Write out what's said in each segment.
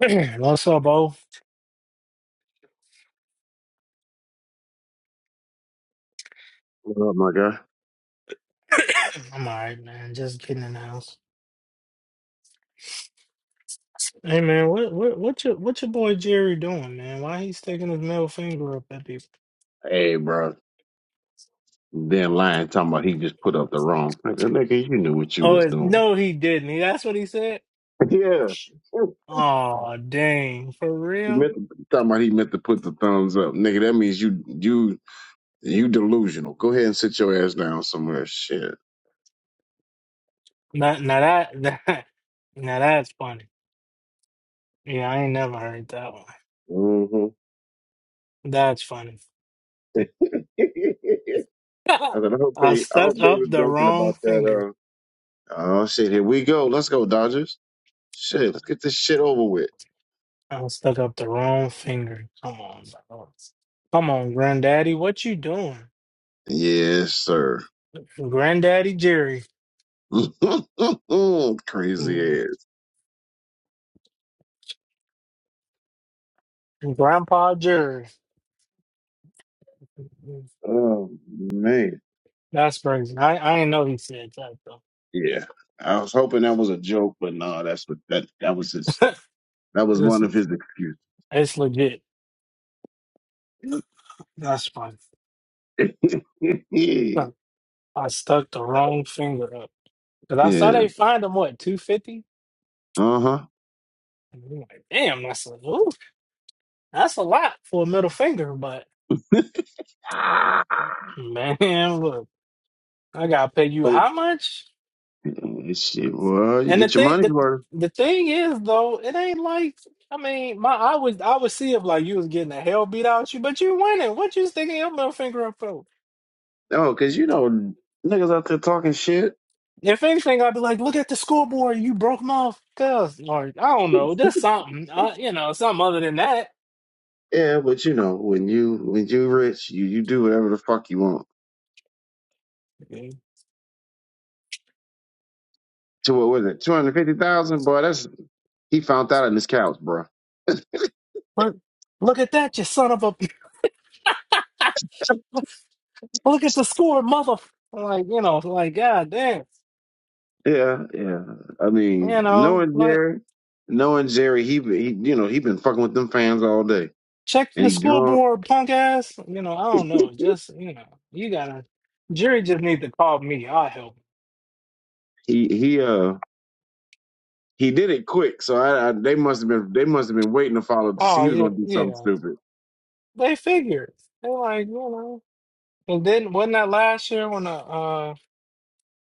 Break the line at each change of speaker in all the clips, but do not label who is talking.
What's up, Bo?
What up, my guy?
I'm all right, man. Just getting in the house. Hey, man, what what what your what your boy Jerry doing, man? Why he sticking his middle finger up at people?
Hey, bro. Then lying, talking about he just put up the wrong. Nigga, nigga you knew what you
Oh,
was
it's,
doing.
no, he didn't. He- That's what he said.
yeah.
Oh, dang, for
He
real?
meant to, talking about he meant to put the thumbs up. Nigga, that means you you you delusional. Go ahead and sit your ass down somewhere. Shit.
Now, now that that now that's funny. Yeah, I ain't never heard that one.
hmm
That's funny.
I said, I hope
I
they I hope
stuck
they
up
were
the
joking
wrong
about
finger.
that. Uh, oh shit, here we go. Let's go, Dodgers. Shit, let's get this shit over with.
I stuck up the wrong finger. Come on, bro. come on, Granddaddy, what you doing?
Yes, sir.
Granddaddy Jerry
Crazy
Mm,
ass.
Grandpa Jerry. Mm-hmm.
Oh man,
That's crazy. I, I didn't know he said that though.
yeah. I was hoping that was a joke, but no, that's what that that was his. That was
it's,
one of his excuses.
it's legit. That's funny. Look, I stuck the wrong finger up. Cause I saw
yeah.
they fined him what, two fifty?
Uh huh.
And I'm like, damn, that's a ooh, that's a lot for a middle finger, but man, look, I gotta pay you
Oh
how much?
yeah, shit. Well, you
And the
get your
thing
money's
the
worth.
the thing is though, it ain't like I mean, my I would I would see if like you was getting the hell beat out of you, but you winning. What you sticking your middle finger up for?
Oh, cause you know niggas out there talking shit.
If anything, I'd be like, look at the scoreboard, you broke my off, cuz or I don't know, just something, uh, you know, something other than that.
Yeah, but you know when you when you rich, you you do whatever the fuck you want.
But
To what was it? Two hundred fifty thousand, boy. That's he found that on his couch, bro.
look look at that, you son of a look at the score, mother. Like you know, like god damn,
Yeah, yeah. I mean,
you know,
knowing
like.
Jerry, knowing Jerry, he, be- he you know, he been fucking with them fans all day,
check
and
the
he drunk.
scoreboard, punk ass. You know, I don't know. Just you know, you gotta. Jury just need to call me. I'll help.
He he uh he did it quick, so I, I they must have been they must have been waiting to follow to see
Oh
he was
yeah,
gonna do something
yeah.
stupid.
They figured. They like you know. And then wasn't that last year when the uh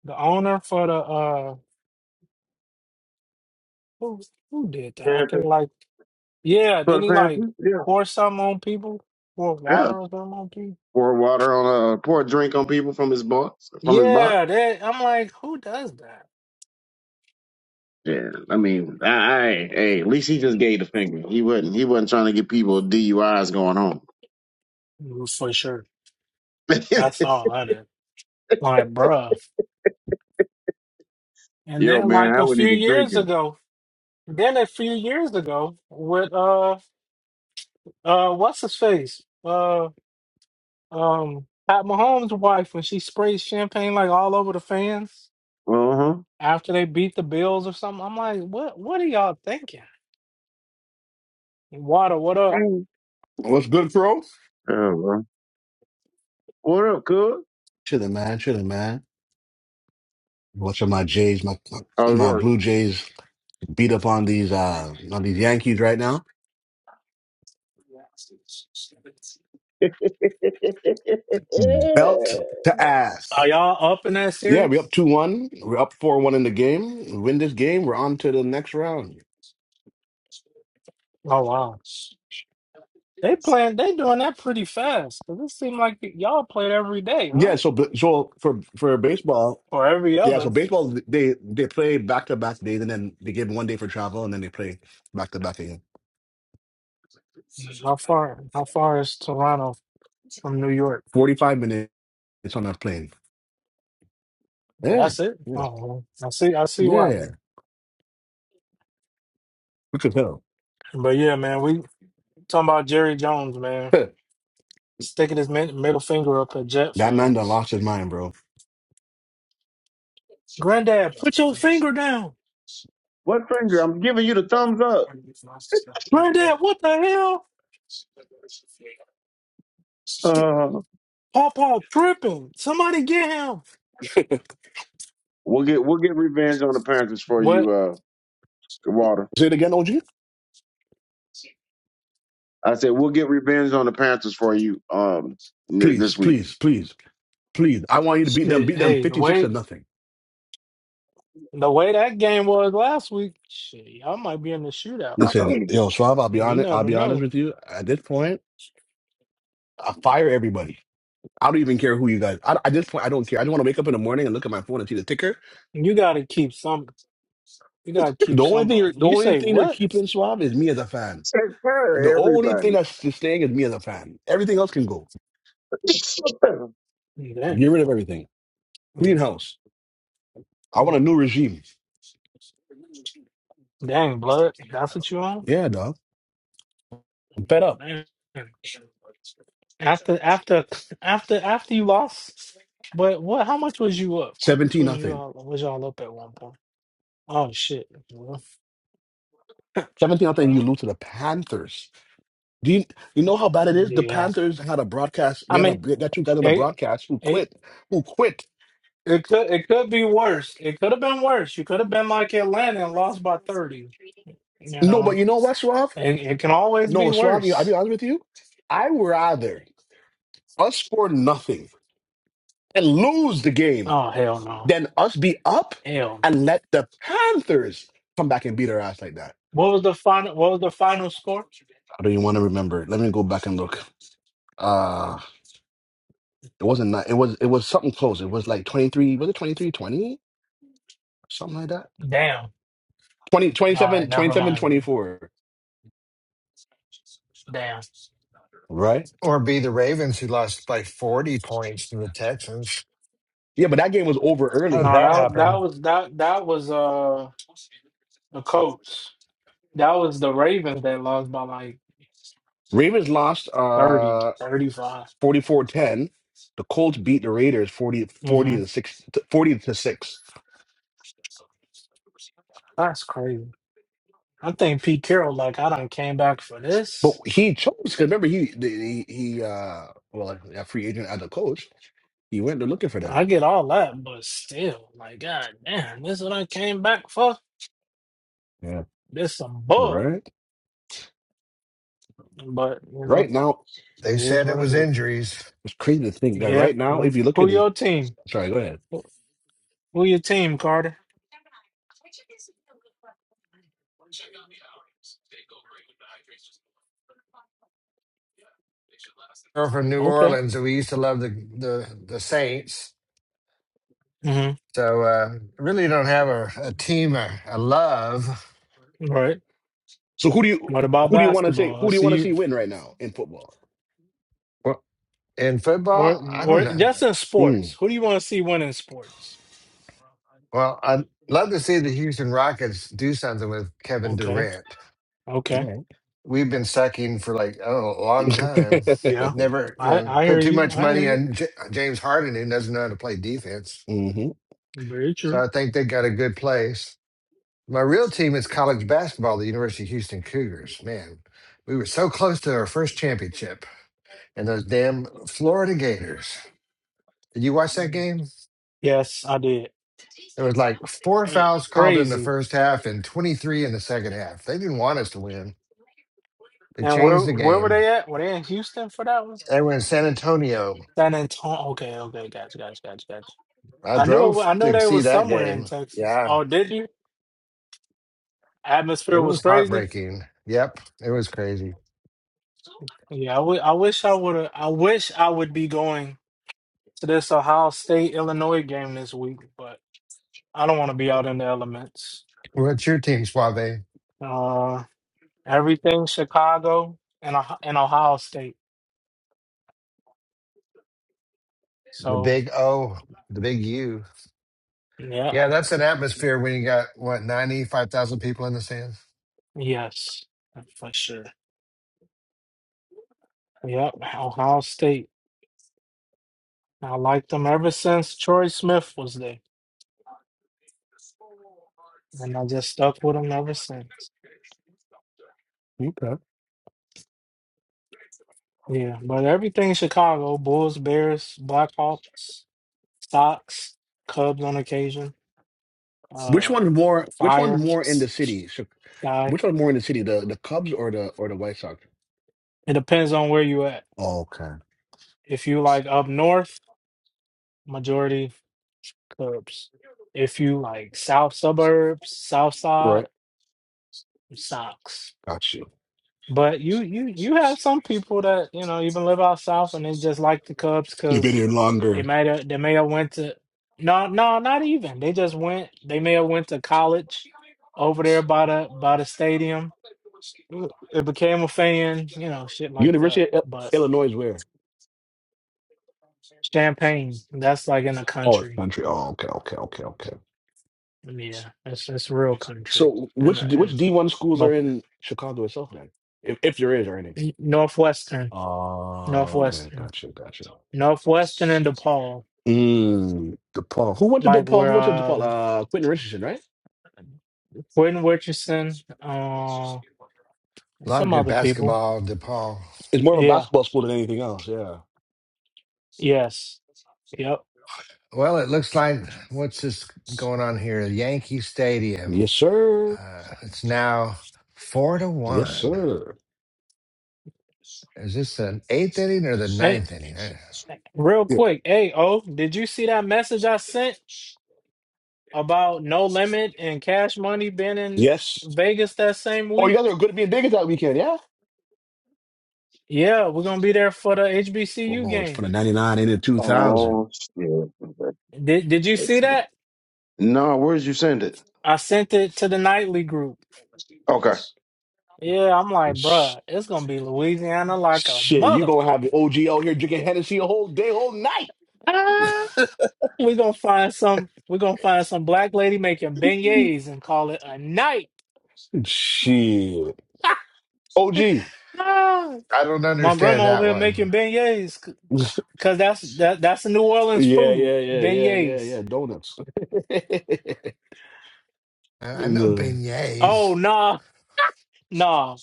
the owner for the uh who who did that? I think
Panthers
like yeah.
for
Then
the
he like
Panthers, yeah,
pour something on people, pour
yeah.
water or something on people.
Pour water on uh pour a drink on people from his box from his box.
Yeah, that I'm like, who does that?
Yeah, I mean, I, I hey, at least he just gave the finger. He wasn't he wasn't trying to get people DUIs going home.
For sure. That's all that is. Like, bruh. And
Yo,
then
man,
like
I
a
wasn't
few
even
years
drinking.
ago, Then a few years ago with uh uh what's his face? Uh um Pat Mahomes' wife when she sprays champagne like all over the fans
Uh huh.
after they beat the Bills or something. I'm like, what what are y'all thinking? Water, what up?
Mm.
What's good, bro?
Yeah, man. What up, cuz?
Chilling, man. Chilling, man. Watching my Jays, my
How's
my
work?
Blue Jays beat up on these uh on these Yankees right now. Belt to
Are
ass.
y'all up in that
Yeah, we
series?
up two one. We're up four one in the game. We win this game, we're on to the next round.
Oh wow. They playing they doing that pretty fast. 'Cause it seemed like y'all played every day,
Yeah.
huh?
So so for for baseball,
Or every
yeah. So
other.
baseball they they play back to back days, and then they give one day for travel, and then they play back to back again.
How far how far is Toronto from New York?
Forty five minutes on a plane. Yeah.
That's it.
Yeah.
Oh I see I see why.
Yeah. Look at hell.
But yeah, man, we talking about Jerry Jones, man, sticking his mid- middle finger up at Jet
That man done
fans.
lost his mind, bro.
Granddad, put your finger down.
what finger? I'm giving you the thumbs up.
Granddad, what the hell?
Uh,
Pawpaw tripping. Somebody get him.
we'll get we'll get revenge on the Panthers for you,
What?
uh, Water.
Say it again, OG.
I said we'll get revenge on the Panthers for you, um, n- this
Please,
week.
please, please, please. I want you to beat them.
Shit.
Beat them
Hey, the
fifty-six to
way
nothing.
the way that game was last week, shit, y'all might be in the shootout.
Listen,
Hey,
yo, Suave. I'll be
And You
honest. I'll
never
be honest
know.
with you. At this point, I fire everybody. I don't even care who you guys. I, at this point, I don't care. I just want to wake up in the morning and look at my phone and see the ticker.
And You gotta keep some. You gotta keep
The only thing,
somebody.
you're, the
You
only
say
thing they're
what?
keeping Suave is me as a fan.
Say
The
fire,
only
everybody.
thing that's staying is me as a fan. Everything else can go. Get
Dang.
rid of everything. Clean house. I want a new regime.
Dang, blood. That's what you on?
Yeah, dog. I'm fed up.
After after after after you lost, but what? How much was you up? How much
Seventeen
was you
nothing.
all was y'all up at one point? Oh shit! Well,
Seventeen nothing. You
well,
lose to the Panthers. Do you you know how bad it is? The
yeah.
Panthers had a broadcast.
I
They had a
mean,
they got two guys on the
it
broadcast who
it
quit. Who quit?
it could it could be worse. It could have been worse. You could have been like Atlanta and lost by thirty. You
No,
know,
but you know what, Swab?
it, it can always be
No, Swab. You, I'll be
worse.
honest with you. I would rather us score nothing and lose the game
Oh hell no,
than us be up
hell.
and let the Panthers come back and beat our ass like that.
What was the final? What was the final score?
I don't even want to remember. Let me go back and look. Uh it wasn't. Not, it was. It was something close. It was like twenty three. Was it twenty three twenty? Something like that.
Damn.
20,
All right,
27,
never
27,
mind. then.
24.
Damn.
right?
Or be the Ravens who lost by 40 points to the Texans.
Yeah, but that game was over
How did
early.
No,
that
that that
happen?
was that that was uh the Colts. That was the Ravens that lost by like
Ravens lost
thirty,
uh
thirty 35.
44-10. The Colts beat the Raiders forty, forty
hmm
to six, forty to- 6.
That's crazy. I think Pete Carroll, like, I done came back for
But
this.
he chose because remember he the- he, he uh well a free agent as a coach, he went there looking for that.
I get all that, but still, like, god damn, this what I came back for?
Yeah.
This some bull.
Right.
But, you know,
Right now,
They
it is
said it
what it
was
is.
injuries.
it's crazy to think that
Yeah.
right now,
yeah.
if you look
Who
at it,
your team?
sorry, go ahead.
Who who your team, Carter?
Girl from New
Okay.
Orleans, and we used to love the the, the Saints.
Mm-hmm.
So uh, really don't have a, a team I, I love.
Right.
So who do you
What about
who do you want to say
basketball? I
who do you
see
want to see
you.
win right now in football?
Well, in
Or
football, I don't
or
know.
just in
Hmm.
sports. Who do you want to see win in sports?
Well, I'd love to see the Houston Rockets do something with Kevin
Okay.
Durant.
Okay.
We've been sucking for like, oh, a long time.
Yeah.
Never, you
I
know,
I hear
put too
you.
much
I hear
money
you.
on J- James Harden, who doesn't know how to play defense.
hmm
Very
So
true.
I think they got a good place. My real team is college basketball, the University of Houston Cougars. Man, we were so close to our first championship and those damn Florida Gators. Did you watch that game?
Yes, I did.
There was like four
Uh,
fouls called in the
Crazy.
first half and 23 in the second half. They didn't want us to win. They
And where
changed the
where were
game.
they at? Were they in Houston for that one?
They were in San Antonio.
San Antonio. Okay, okay, gotcha, gotcha, gotcha, gotcha.
I
I knew it, wa-
drove
I knew
to
they
see
was
that
somewhere in
game.
Texas.
Yeah,
Oh, did you? Atmosphere
it
was
was
crazy.
heartbreaking. Yep, it was crazy.
Yeah, I wi- I wish I would have. I wish I would be going to this Ohio State Illinois game this week, but I don't want to be out in the elements.
What's your team, Suave?
Uh, everything Chicago and Oh- and Ohio State.
The
So
big O, the big U.
yeah,
Yeah, that's an atmosphere when you got what ninety five thousand people in the stands.
yes, for sure. Yep, Ohio State. I liked them ever since Troy Smith was there, and I just stuck with them ever since.
Okay.
Yeah, but everything Chicago: Bulls, Bears, Blackhawks, Sox, Cubs on occasion.
Which
uh
one's more? Which
fire
one's more in
s-
the city? So,
guy.
which one's more in the city? The the Cubs or the or the White Sox?
It depends on where you at.
Okay.
If you like up north, majority Cubs. If you like south suburbs, south side,
Right.
socks.
Got you.
But you you you have some people that you know even live out south and they just like the Cubs
You've been
because
here
they
longer.
might have they may have went to no no not even they just went they may have went to college over there by the by the stadium. It became a fan, you know, shit like that.
University of Il-
But
Illinois is where?
Champagne. That's like in the
Oh, it's
country.
country. Oh, okay, okay, okay, okay.
Yeah, that's that's real country.
So,
And
which
uh,
D- which
and
D one schools are
but
in Chicago itself then, if if there is or any?
northwestern,
Oh,
um,
okay,
northwestern,
gotcha, gotcha.
northwestern, and DePaul.
Mm, DePaul. Who went to
Like
DePaul?
where
Who went to DePaul?
um
Uh, Quentin Richardson, right?
Quentin Richardson, uh,
A lot of
some
good
other people.
basketball, DePaul.
It's more of a
Yeah.
basketball school than anything else. Yeah.
Yes. Yep.
Well, it looks like what's this going on here? Yankee Stadium.
Yes, sir.
Uh, it's now four to
Yes,
one.
sir.
Is this an eighth inning or the
Hey,
ninth inning? I-
real
Yeah.
quick. Hey, oh, did you see that message I sent about No Limit and Cash Money being in
Yes.
Vegas that same
Oh, you guys
week?
are good at being diggers that weekend, yeah?
Yeah, we're gonna be there for the HBCU
Oh, it's
game.
from the 99 into 2000.
oh shit.
Did Did you see that?
No, where did you send it?
I sent it to the nightly group.
Okay,
Yeah, I'm like,
Sh-
bruh, it's gonna be Louisiana like a
Shit, you
mother.
going to have the OG out here drinking Hennessy a whole day, whole night.
Ah, we gonna find some. We're gonna find some black lady making beignets and call it a night.
Shit. OG. yeah,
Ah,
I don't
My
understand
grandma over
that
here making
one.
beignets because that's that that's a New Orleans
yeah,
food.
yeah, yeah, yeah,
Beignets.
yeah. Donuts.
I I know
no.
Oh
beignets.
nah, nah.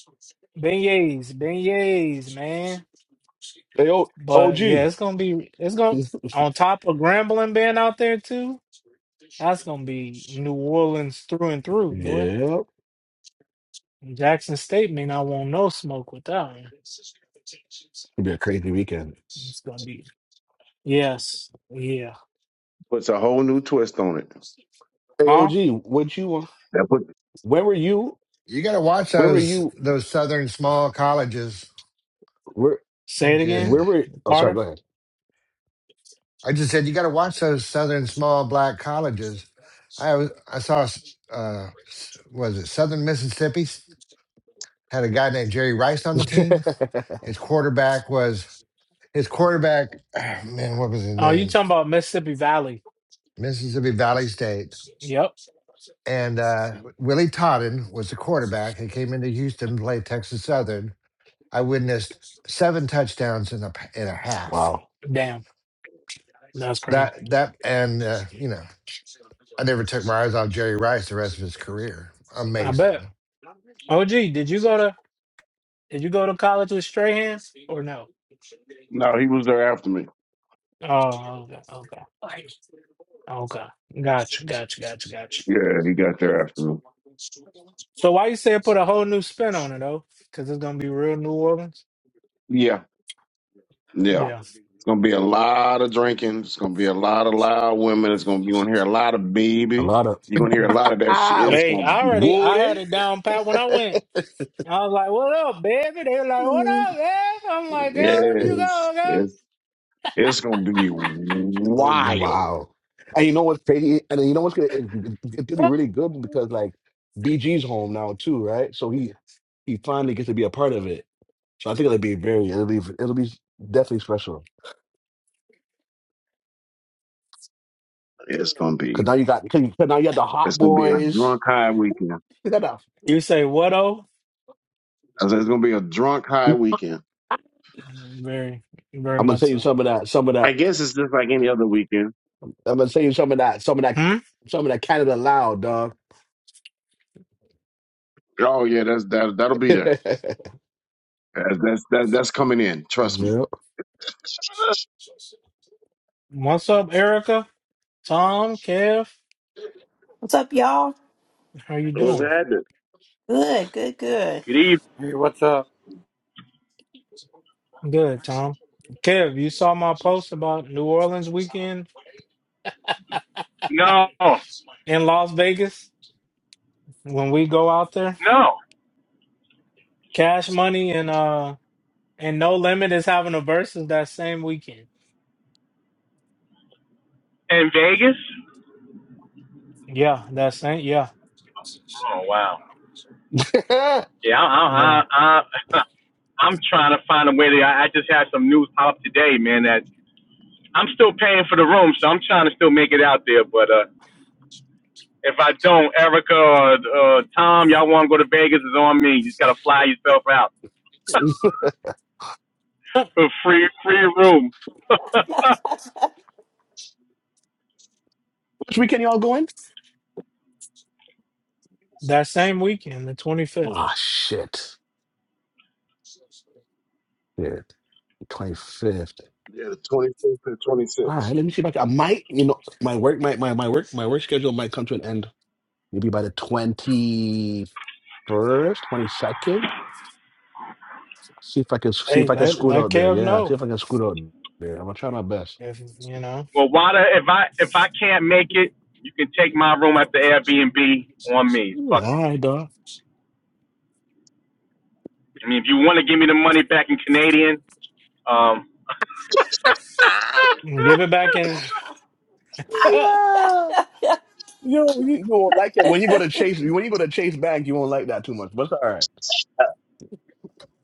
Beignets, beignets, man.
Hey, o- OG.
But yeah, it's gonna be it's gonna on top of Grambling being out there too. That's gonna be New Orleans through and through, boy.
Yeah. It'll
Jackson State may not want no smoke with that one.
be a crazy weekend.
It's gonna be yes, yeah,
puts a whole new twist on it.
Hey,
huh?
OG, what you want?
That put.
Where were you?
You got to watch
Where were
those
you?
those southern small colleges.
Where
They're
Say it again,
where
good.
were? Oh,
You
sorry.
Carter.
Go
I just said you got to watch those southern small black colleges. I was I saw uh was it Southern Mississippi had a guy named Jerry Rice on the
ahead.
team. His quarterback was his quarterback man what was his
Oh, you
name?
talking about Mississippi Valley?
Mississippi Valley State.
Yep.
And uh, Willie Todden was the quarterback. He came into Houston to play Texas Southern. I witnessed seven touchdowns in a in a half.
wow,
Damn, that's
That
crazy.
that and uh, you know I never took my eyes off Jerry Rice the rest of his career.
I bet.
Amazing.
OG, did you go to did you go to college with Strahan or no?
No, he was there after me.
Oh, okay, okay, okay. Gotcha, gotcha, gotcha, gotcha.
Yeah, he got there after me.
So why you say put a whole new spin on it though? Because it's gonna be real New Orleans.
Yeah, yeah.
Yeah.
It's gonna be a lot of drinking. It's gonna be a lot of loud women. It's gonna be gonna hear a lot of
a
baby.
lot of
You're gonna hear
Hmm.
a lot of that shit.
ah,
It's
Hey,
gonna
I
be
already I had
Woody.
it down pat when I went. I was like, "What up, baby?" They were like, "What up, baby?" I'm like,
yeah,
"Girl, where you
it's
go,
it's, it's gonna be wild.
wow. And you know what's crazy? And you know what's gonna it, it, it could be
girl?"
really good because like BG's home now too, right? So he he finally gets to be a part of it. So I think it'll be very it'll be it'll be definitely special.
It's gonna be
Cause now you got cause now you got the
it's
hot
gonna be a
boys.
drunk high weekend.
You got the-
You say what? Oh,
I said it's gonna be a drunk high weekend.
very, very
I'm gonna
much
tell you
so.
some of that. Some of
I
that.
guess it's just like any other weekend.
I'm gonna send you some of that, some of that,
Hmm.
some of that Canada loud, dog.
Oh yeah, that's that that'll be there. That's that's that, that's coming in. Trust me.
Yeah.
What's up, Erica? Tom, Kev,
What's up, y'all?
how you
What's
doing?
happening?
Good, good, good.
Good evening.
Hey, what's up?
Good, Tom. Kev, you saw my post about New Orleans weekend
No,
in Las Vegas when we go out there.
no.
Cash Money and uh and No Limit is having a versus that same weekend.
In Vegas?
Yeah, that same. Yeah.
Oh wow. Yeah, I,
Well,
I, I, I I'm trying to find a way to. I, I just had some news pop up today, man. That I'm still paying for the room, so I'm trying to still make it out there. But uh, if I don't, Erica or uh, Tom, y'all want to go to Vegas? It's on me. You just gotta fly yourself out.
Which
for free, free room.
weekend y'all going?
that same weekend, the 25th.
Ah, shit. Yeah, twenty fifth.
Yeah, the twenty fifth to twenty
All
sixth.
right, let me see if I, can, I might. You know, my work, my, my my work, my work schedule might come to an end. Maybe by the twenty first, twenty second. See if I can see
Hey,
if I
I
can
let
said,
scoot
let
out there.
Kev
Yeah, see
know
if I can scoot out there. I'm gonna try my best.
if you know.
well, Wada, if I if I can't make it, you can take my room at the Airbnb on me. Fuck it.
All right, dog.
I mean, if you want to give me the money back in Canadian, um,
And Give it back in.
Yeah. Yo, you, you won't like that when you go to Chase. When you go to Chase Bank, you won't like that too much. But it's all right.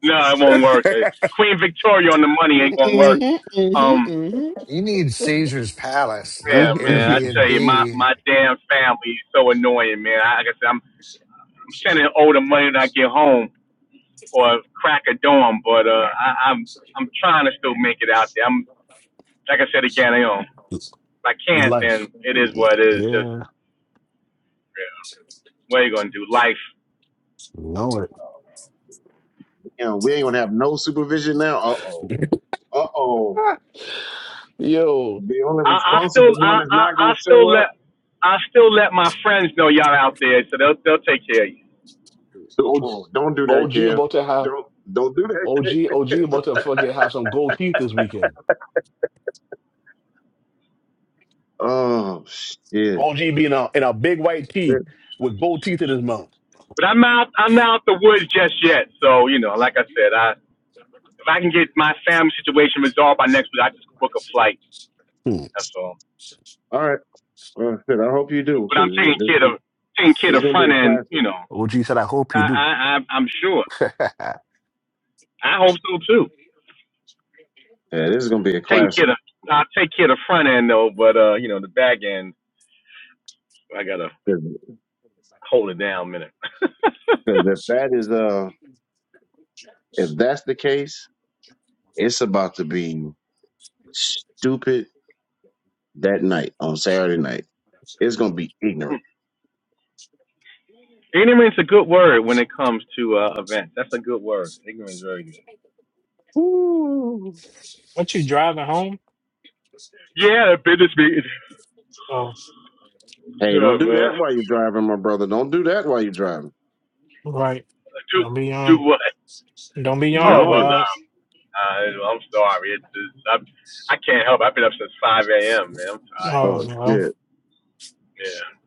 no, it won't work. Uh, Queen Victoria on the money
hmm
ain't gonna work. Um,
You need Caesar's Palace,
yeah,
not
hmm
man, I
mm-hmm.
tell you, my
Airbnb.
my damn family is so annoying, man. I, like I said, I'm, I'm sending all the money when I get home or crack a dawn, but uh, I, I'm I'm trying to still make it out there. I'm like I said again, you know, if
It's
I can't,
life.
then it is what it is. Just
Yeah,
what are you gonna do? Life.
know it.
Damn, we ain't gonna have no supervision now. Uh oh. Uh oh.
Yo,
The only
I, I
responsible
still I,
one is
I
not gonna
I still
show up.
let I still let my friends know y'all out there, so they'll they'll take care of you.
OG,
Oh, don't do that,
OG
Kev.
about to have
Don't don't do that,
OG
Kev.
OG about to fucking have some gold teeth this weekend.
Oh shit.
OG being in a in a big white
Shit.
tee with gold teeth in his mouth.
But I'm not I'm not out the woods just yet. So you know, like I said, I if I can get my family situation resolved by next week, I just book a flight.
Hmm.
That's all.
All right. Well, shit. I hope you
But,
do,
but I'm
because
taking
this
care
is
of taking
this
care
is
of
gonna be
front
a
end.
classic.
You know,
OG said, "I hope
I
you do."
I I'm I'm sure. I hope so too.
Yeah, this is gonna be a
I'm taking
classic.
care of I'll take care of the front end though, but uh, you know, the back end I gotta
Because
hold it down a minute.
if that is uh, if that's the case, it's about to be stupid that night on Saturday night. It's gonna be ignorant.
Ignorance is a good word when it comes to uh, events. That's a good word. Ignorance is very good.
Woo.
what you driving home?
Yeah, the business meeting.
Oh,
Hey, don't
Oh,
do
man.
that while you're driving, my brother. Don't do that while you're driving.
right.
Do,
Don't be
do
yarn.
what?
Don't be
Oh,
yarning,
well,
Yawning.
dog.
no. Uh, I'm sorry. It's, it's, I'm, I can't help it. I've been up since 5 a.m., man. I'm tired.
Oh
Oh
well,
shit.
Yeah.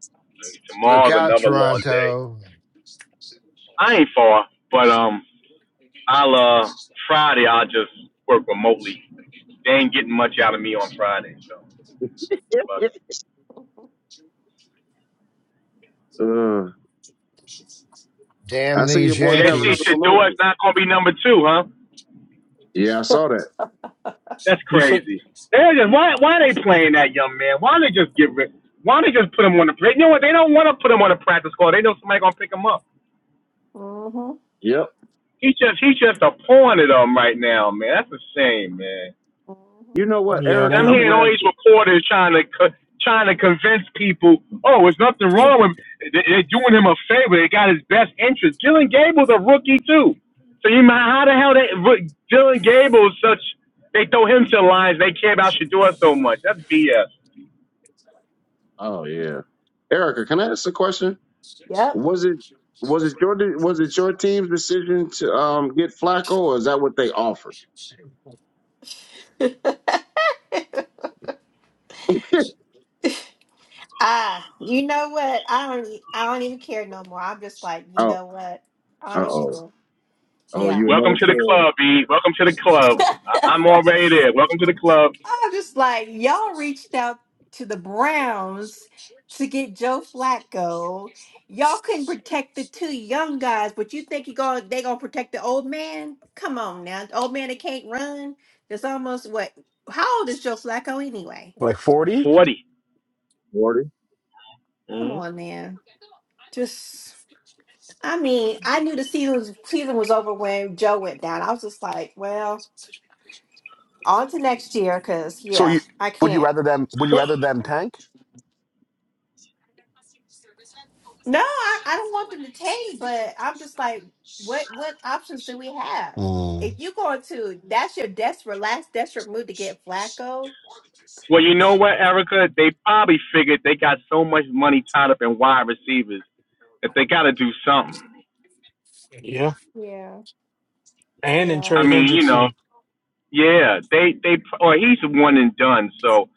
And
Look
tomorrow's
out,
another long day.
Toronto.
I ain't far, but um, I'll, uh, Friday, I'll just work remotely. They ain't getting much out of me on Friday, so. Fuck.
uh, I
Damn
see your
these
See,
boys
they
have
see,
another
Yankees.
should do it's
promotion.
not going to be number two, huh?
Yeah, I saw that.
That's
you said
crazy. They just why why are they playing that young man? Why don't they just get rid? Why don't they just put him on the? You know what? They don't want to put him on a practice squad. They know somebody gonna pick him up.
hmm
Yep.
He's just he's just a pawn to them right now, man. That's a shame, man.
hmm
You know what,
yeah,
And
Erica?
I'm
they
I'm
hearing all
glad.
these
you-
reporters trying to trying to convince people, oh, there's nothing wrong with him. They- They're doing him a favor. They got his best interest. Dylan Gable's a rookie too. So you mind how the hell they Dylan Gable's such? They throw him to the lines. They care about Shador so much. That's BS.
oh yeah, Erica. Can I ask a question?
Yep.
Was it was it your de- was it your team's decision to um get Flacco, or is that what they offered? oh,
Ah, you know what? I don't. e- I don't even care no more. I'm just like, you know what? I
uh
don't even
oh,
care.
oh,
Yeah.
you another
Welcome to the
KO,
club, E. Welcome to the club. I- I'm already there. Welcome to the club.
I'm just like, y'all reached out to the Browns to get Joe Flacco. Y'all couldn't protect the two young guys, but you think you gonna they gonna protect the old man? Come on now, the old man that can't run. That's almost what? How old is Joe Flacco anyway?
like forty.
40.
Wardy?
Come on, man. Just, I mean, I knew the season season was over when Joe went down. I was just like, well, on to next year, cause
So
yeah,
you
I
would you
can't.
rather them? Would you
But-
rather them tank?
no, I, I don't want them to tank, but I'm just like, what what options do we have?
Um,
If you going to, that's your desperate last desperate move to get Flacco.
Well, you know what, Erica? They probably figured they got so much money tied up in wide receivers that they got to do something.
yeah.
Yeah,
And in
yeah,
I
Trey
Yeah.
mean, you know,
Hendrickson,
yeah, they they or he's one and done, so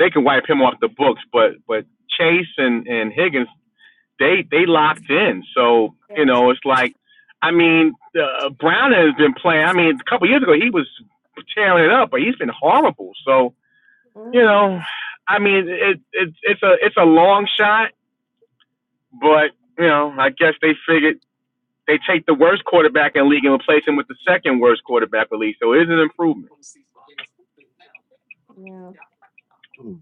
they can wipe him off the books. But but Chase and and Higgins they they locked in. So you
yeah.
know, it's like, I mean, uh, Brown has been playing. I mean, a couple of years ago he was tearing it up, but he's been horrible. So you know,
hmm
I mean, it, it it's a it's a long shot, but you know, I guess they figured they take the worst quarterback in the league and replace him with the second worst quarterback in the league. So it is an improvement.
Hmm.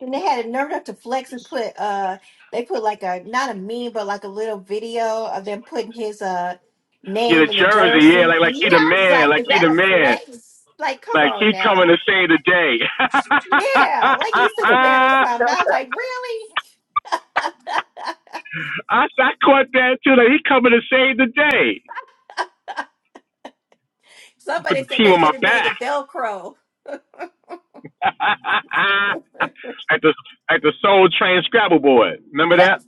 And they had a nerve enough to flex and put uh they put like a not a meme but like a little video of them putting his uh
Yeah, the
name in the
jersey, yeah,
jersey.
like like
Yeah,
he the
I was
man,
like,
like
is
he
that
the
a
man,
flex? Like, come
like
on
he
now.
coming to save the day.
Yeah, like he's Superman or something. I was like, really?
I, I caught that too. Like he coming to save the day. Put
Somebody
the
said
team
they
on my
should have made
back.
it Velcro.
like the like the Soul Train Scrabble board. Remember
Yep.
that?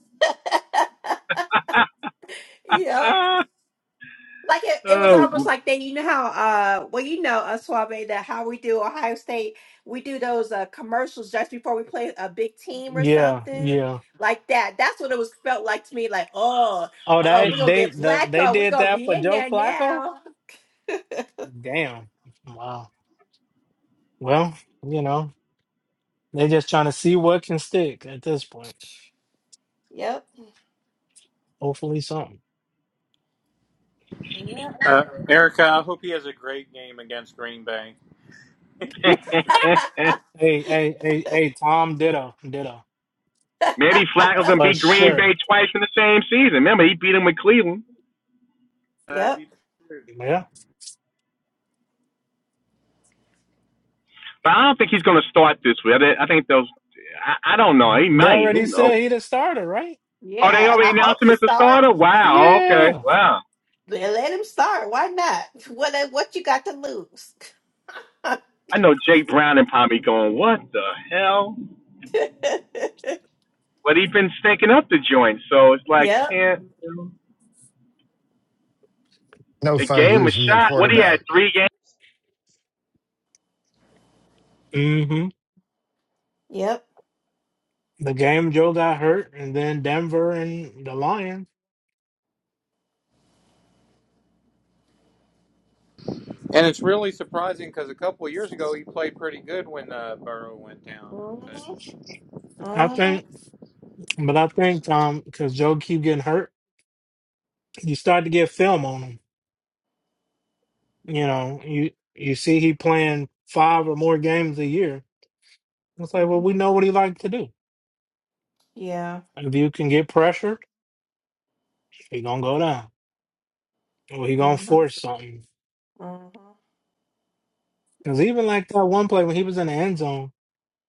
yep. Like it, it was
oh.
almost like that. you know how, uh, well, you know, uh, Suave, that how we do Ohio State, we do those uh, commercials just before we play a big team or
yeah,
something
yeah.
like that. That's what it was felt like to me. Like, oh,
Oh,
uh, we're
that
gonna
they
get
the, they
Flacco. We're
did
gonna
that
be
for
in
Joe
there
Flacco.
now.
Damn. Wow. Well, you know, they just trying to see what can stick at this point.
Yep.
Hopefully, something.
Yep.
Uh, Erica, I hope he has a great game against Green Bay.
Hey, hey, hey, hey, Tom Ditto, Ditto,
Maybe Flacco can
for
beat Green
sure.
Bay twice in the same season. Remember, he beat him with Cleveland.
That'd
Yep.
be true.
Yeah.
But I don't think he's going to start this week. I think those. I, I don't know. He
They
might.
already
Who knows?
said he the starter, right?
Oh, they
Yeah.
already
I hope
announced him
he
as a
starts.
starter. Wow. Okay.
Yeah.
Wow.
Let, let him start. Why not? What What you got to lose?
I know Jake Brown and probably going. What the hell? but he been stinking up the joint. So it's like
yep.
can't
No
a
fun
game a
losing your
shot. What he had
quarterback.
three games.
hmm
Yep.
The game Joe got hurt, and then Denver and the Lions.
And it's really surprising because a couple of years ago he played pretty good when uh, Burrow went down. But,
Mm-hmm.
I
Mm-hmm.
think, but I think Tom, because Joe keep getting hurt, you start to get film on him. You know, you you see he playing five or more games a year. It's like, well,
mm-hmm.
we know what he like to do.
Yeah.
If you can get pressured, he gonna go down, or he gonna
Uh-huh.
force something.
Uh-huh.
Because even like that one play when he was in the end zone,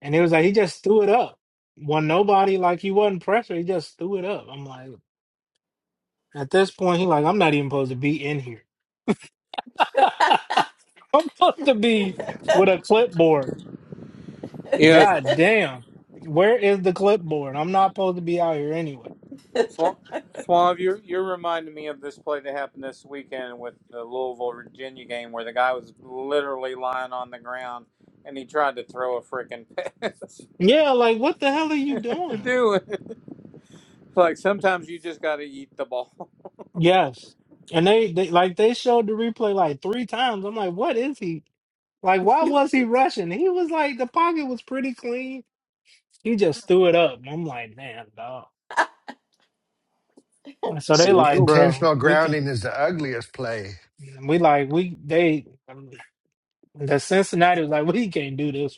and it was like he just threw it up. When nobody like he wasn't pressure, he just threw it up. I'm like, at this point, he like I'm not even supposed to be in here. I'm supposed to be with a clipboard.
yeah,
God damn, where is the clipboard? I'm not supposed to be out here anyway.
Swan, Swan you're, you're reminding me of this play that happened this weekend with the Louisville, Virginia game where the guy was literally lying on the ground and he tried to throw a freaking pass.
Yeah, like what the hell are you doing?
Dude, like sometimes you just got to eat the ball.
Yes, and they, they like they showed the replay like three times. I'm like, what is he? Like, why was he rushing? He was like the pocket was pretty clean. He just threw it up. And I'm like, man, dog. So they
See, him
like,
go.
bro,
Intentional
we can
grounding is the ugliest play.
we like we they the Cincinnati was like, we can't do this.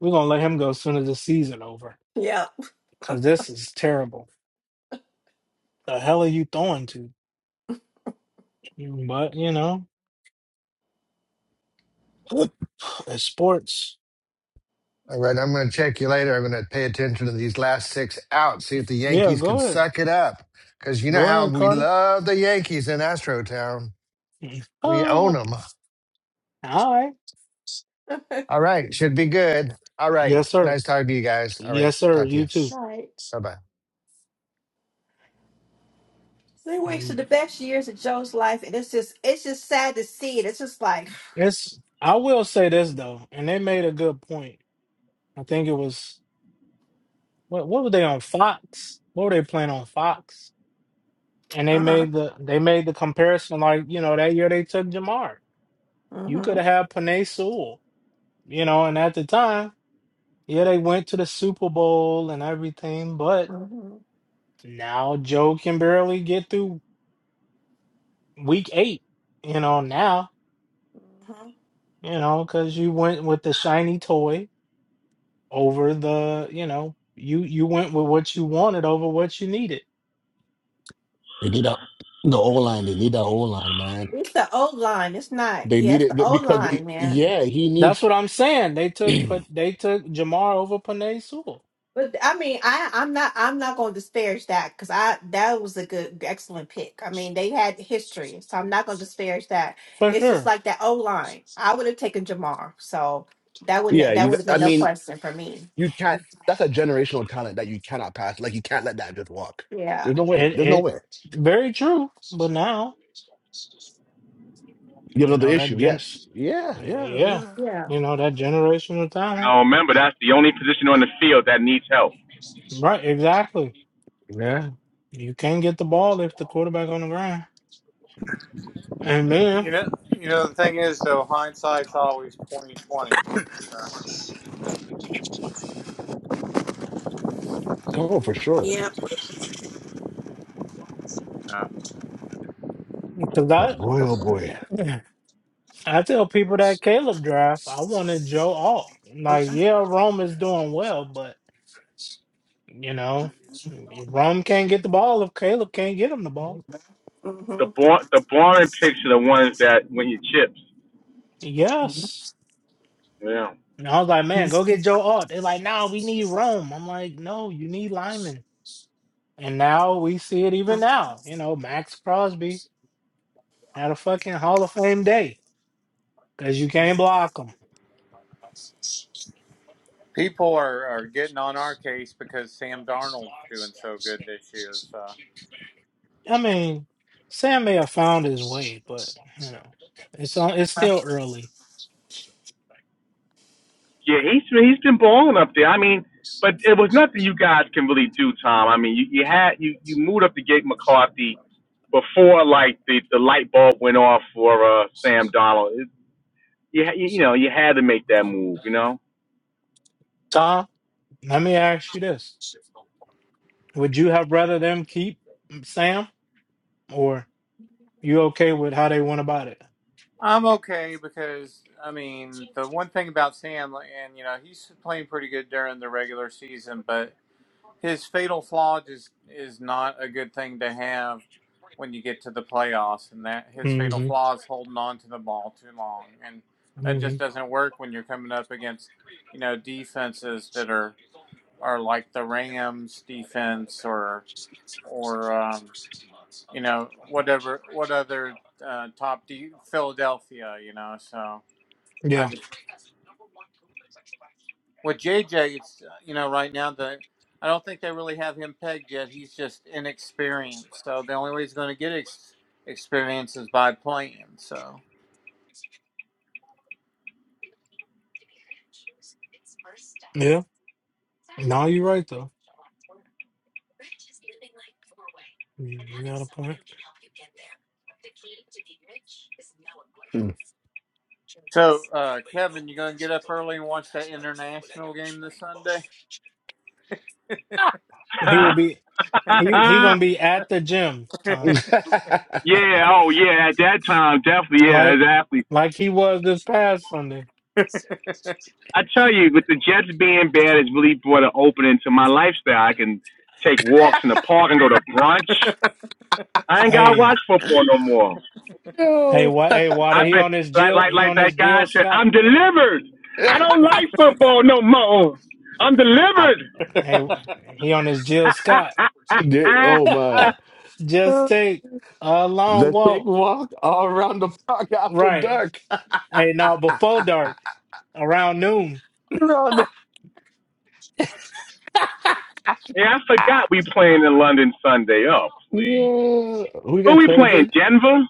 We're gonna let him go as soon as the season over
yeah.
because this is terrible. The hell are you throwing to? But you know, it's sports.
All right, I'm going to check you later. I'm going to pay attention to these last six outs, see if the
Yeah,
Yankees can
go ahead,
suck it up. Because you know
go
how
ahead,
we
Carter.
love the Yankees in Astrotown. We
Uh,
own
all
them.
right,
All right. Should be good. All right.
yes sir,
Nice talking to you guys. All right.
yes sir.
Talk to
You
you.
too.
Right.
Bye bye.
So They wasted the best years of Joe's life, and it's just it's just sad to see it. It's just like,
It's. I will say this though, and they made a good point. I think it was. What what were they on Fox? What were they playing on Fox? And they
uh huh,
made the they made the comparison like, you know, that year they took Jamar.
mm
You could have
hmm,
had Panay Sewell, you know, and at the time, yeah, they went to the Super Bowl and everything, but
mm hmm,
now Joe can barely get through week eight, you know, now,
hmm
you know, because you went with the shiny toy over the, you know, you you went with what you wanted over what you needed.
they need a the O line. They need that O line, man.
It's the old line. It's not.
They
Yeah,
need
it's
it
the
be-
old
because
line, man.
yeah, he
That's
needs.
what I'm saying. They took put they took Jamar over Panay Sewell
But I mean, I I'm not I'm not going to disparage that because I that was a good excellent pick. I mean, they had history, so I'm not going to disparage that.
for
It's just
sure.
like that old line. I would have taken Jamar, so that
yeah,
wouldn't that
you.
would
got-
have
I
been no
mean,
question for me.
you can't. That's a generational talent that you cannot pass. Like you can't let that just walk.
Yeah.
There's no way.
It
There's no
it
way.
very true. But now
You have
you
another
know that
issue.
gen
Yes. Yeah. Yeah.
yeah
Yeah.
Yeah.
you know that generational talent
No, remember that's the only position on the field that needs help.
right exactly.
Yeah.
You can't get the ball if the quarterback on the ground. And then
You know, you know the thing is though, hindsight's always twenty twenty. Uh,
Oh, for sure.
Yep.
uh,
because
But
I
boy, oh boy.
I tell people that Caleb draft I wanted Joe Alt. Like yeah, Rome is doing well, but you know Rome can't get the ball if Caleb can't get him the ball.
The
Mm-hmm.
bar, the boring picks are the ones that when you chips.
Yes.
Yeah,
And I was like, man, go get Joe Alt. They're like, no, we need Rome. I'm like, no, you need Lyman. And now we see it even now. You know, Max Crosby had a fucking Hall of Fame day because you can't block him.
people are, are getting on our case because Sam Darnold's doing so good this year. So
I mean, Sam may have found his way, but you know, it's on. It's still early.
yeah, he's he's been balling up there. I mean, but it was nothing you guys can really do, Tom. I mean, you you had you you moved up to Gabe McCarthy before like the the light bulb went off for uh, Sam Donald. It, you you know you had to make that move. You
Tom, let me ask you this: Would you have rather them keep Sam, or you okay with how they went about it?
I'm okay because I mean the one thing about Sam, and you know he's playing pretty good during the regular season, but His fatal flaw just is not a good thing to have when you get to the playoffs, and that his fatal
Mm-hmm.
flaw is holding on to the ball too long, and that just
Mm-hmm.
doesn't work when you're coming up against you know defenses that are are like the Rams defense or or um, you know whatever what other uh, top de- Philadelphia, you know. So I
Yeah.
just. With JJ, it's uh, you know right now the I don't think they really have him pegged yet. He's just inexperienced. So the only way he's going to get ex- experience is by playing. So
Yeah. No, you're right though. You, you got a point.
Hmm.
so uh, Kevin, you going to get up early and watch that international game this Sunday?
He will be he he
know.
gonna be at the gym, Tom.
Yeah, oh yeah, at that time, definitely, yeah,
Like
exactly.
like he was this past Sunday.
I tell you, with the Jets being bad, it's really brought an opening to my lifestyle. I can take walks in the park and go to brunch. I ain't gotta
Hey,
watch football no more.
hey,
Yo.
what? Hey, water.
I've
He
been
on his
like
Jill.
like
He
like
on
that
his
guy
Jill
said,
Scott.
I'm delivered. I don't like football no more. I'm delivered.
Hey, Wa- he on his Jill Scott.
They- oh my.
Just take a long
The chick
walk.
walk all around the park after
Right.
dark.
Hey, now before dark, around noon.
around the-
yeah, I forgot we playing in London Sunday. Oh please.
yeah. we you
Who
guys
we
playing
playing?
again?
Denver?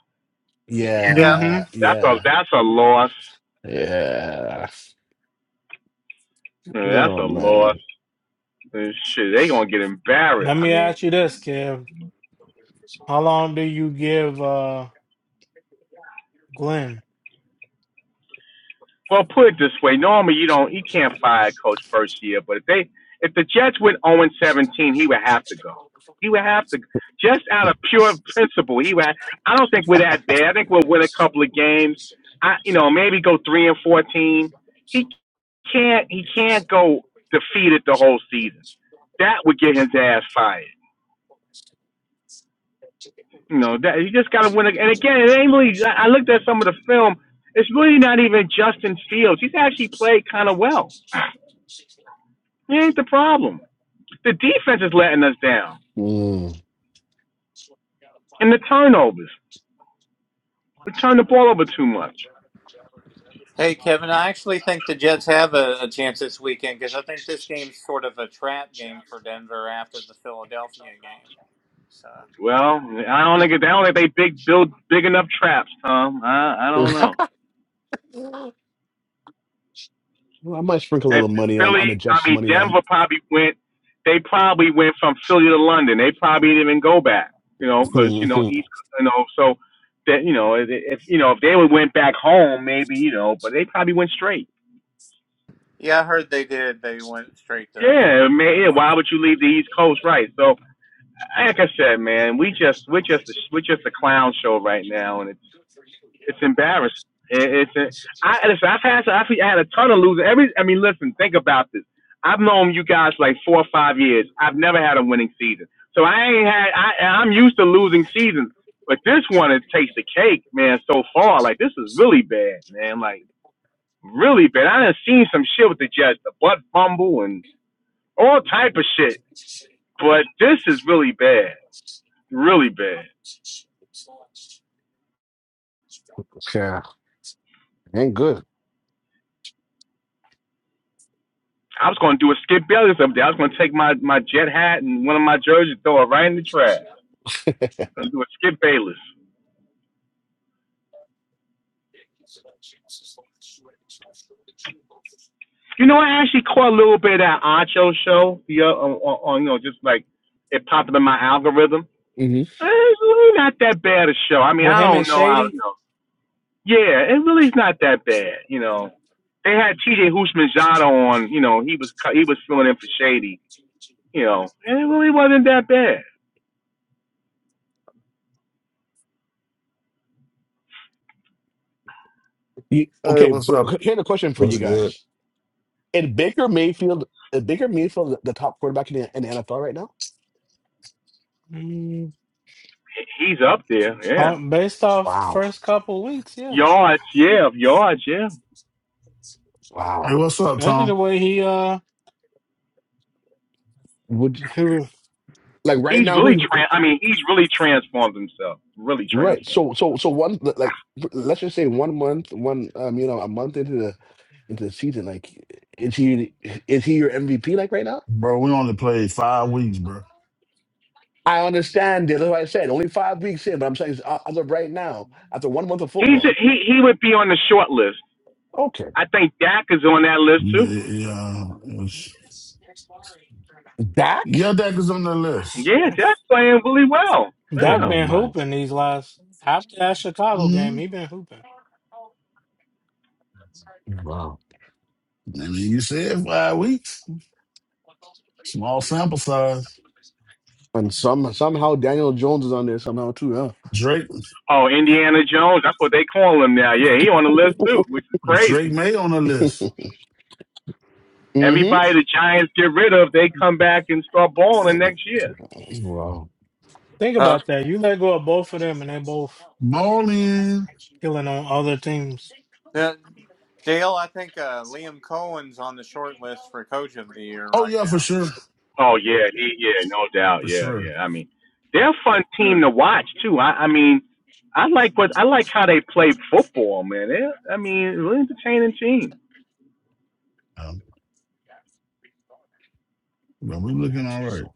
Yeah.
hmm
Yeah,
That's a
yeah,
that's a loss.
yeah.
Yeah, that's a
Oh
loss.
man.
and shit, they gonna get
Let
embarrassed.
I
me
mean,
ask you this, Kev. How long do you give uh Glenn
Well, put it this way: normally you don't, you can't fire a coach first year, but if they, if the Jets went 0 and 17, he would have to go. He would have to, just out of pure principle. He would. Have, I don't think we're that bad. I think we'll win a couple of games. I, you know, maybe go three and 14. He can't, he can't go defeated the whole season. That would get his ass fired. You know that you just gotta win. And again, it ain't really. I I looked at some of the film. It's really not even Justin Fields. He's actually played kind of well. He ain't the problem. The defense is letting us down,
Mm.
and the turnovers. We turn the ball over too much.
hey Kevin, I actually think the Jets have a, a chance this weekend because I think this game's sort of a trap game for Denver after the Philadelphia game. So
Well, I don't think I don't think they big build big enough traps, Tom. I I don't know.
Well, I might sprinkle a
If
little money on
Philly,
on the
I
Jets
mean
money line.
Denver probably went. They probably went from Philly to London. They probably didn't even go back, you know, because you know East, you know, so that you know if if, you know if they would went back home, maybe you know, but they probably went straight.
yeah, I heard they did. They went straight to.
Yeah, man. Yeah, why would you leave the East Coast, right? So, like I said, man, we just we're just a, we're just a clown show right now, and it's. It's embarrassing. It's a, I listen. I've had I've had a ton of losing. Every I mean, listen. Think about this. I've known you guys like four or five years. I've never had a winning season, so I ain't had. I I'm used to losing seasons, but this one it takes the cake, man. So far, like this is really bad, man. Like really bad. I done seen some shit with the Jets, the butt fumble and all type of shit, but this is really bad, really bad.
yeah, ain't good.
I was gonna do a Skip Bayless up there. I was gonna take my, my jet hat and one of my jerseys, throw it right in the trash. Gonna do a Skip Bayless. You know, I actually caught a little bit of that Ancho show. The uh, on, on you know, just like it popped up in my algorithm.
hmm
Eh, It's really not that bad a show. I mean,
with
I
him and
don't know how.
Shady?
You know, yeah, it really's not that bad. You know, they had T.J. Houshmandzada on. You know, he was he was filling in for Shady. You know, and it really wasn't that bad.
You,
Hey,
okay,
what's up,
qu- here's a question for you
What's good?
guys: Is Baker Mayfield, is Baker Mayfield, the top quarterback in the, in the NFL right now?
Mm,
He's up there,
uh,
yeah.
based off the
Wow,
first couple weeks, yeah.
Yards, yeah, yards, yeah.
wow.
Hey, what's up,
Especially the
Tom?
way he uh
would
he was
like right
He's
now
really
who, who
trans. I mean, he's really transformed himself. Really
right
transformed
so so
himself.
so one like let's just say one month one um you know a month into the into the season like is he is he your mvp like right now
Bro, we only played five weeks, bro.
i understand that like i said only five weeks in but i'm saying uh, as of right now after one month of
He's a,
football
he he would be on the short list.
okay
I think Dak is on that list
You, uh,
too.
yeah, it's-
Dak?
your deck is on the list.
Yeah, Dak's playing really well.
Hmm.
that
Yeah.
been hooping these last after that Chicago game,
hmm
he been hooping.
wow
I mean, you said five weeks. Small sample size.
and some somehow daniel jones is on there somehow too huh
Drake,
Oh, Indiana Jones. That's what they call him now. Yeah, he on the list too, which is
Drake
crazy.
May on the list.
mm-hmm
Everybody the Giants get rid of, they come back and start balling next year.
wow
Think
Uh,
about that. You let go of both of them and they both
Morning.
killing on other teams.
Uh, Dale, I think uh, Liam Cohen's on the short list for coach of the year
Oh
right
yeah, for
now.
sure,
Oh yeah, he yeah, no doubt,
for
yeah,
sure.
yeah. I mean, they're a fun team to watch too. I, I mean, I like what I like how they play football, man. They, I mean, really entertaining team.
Um, but we looking all right.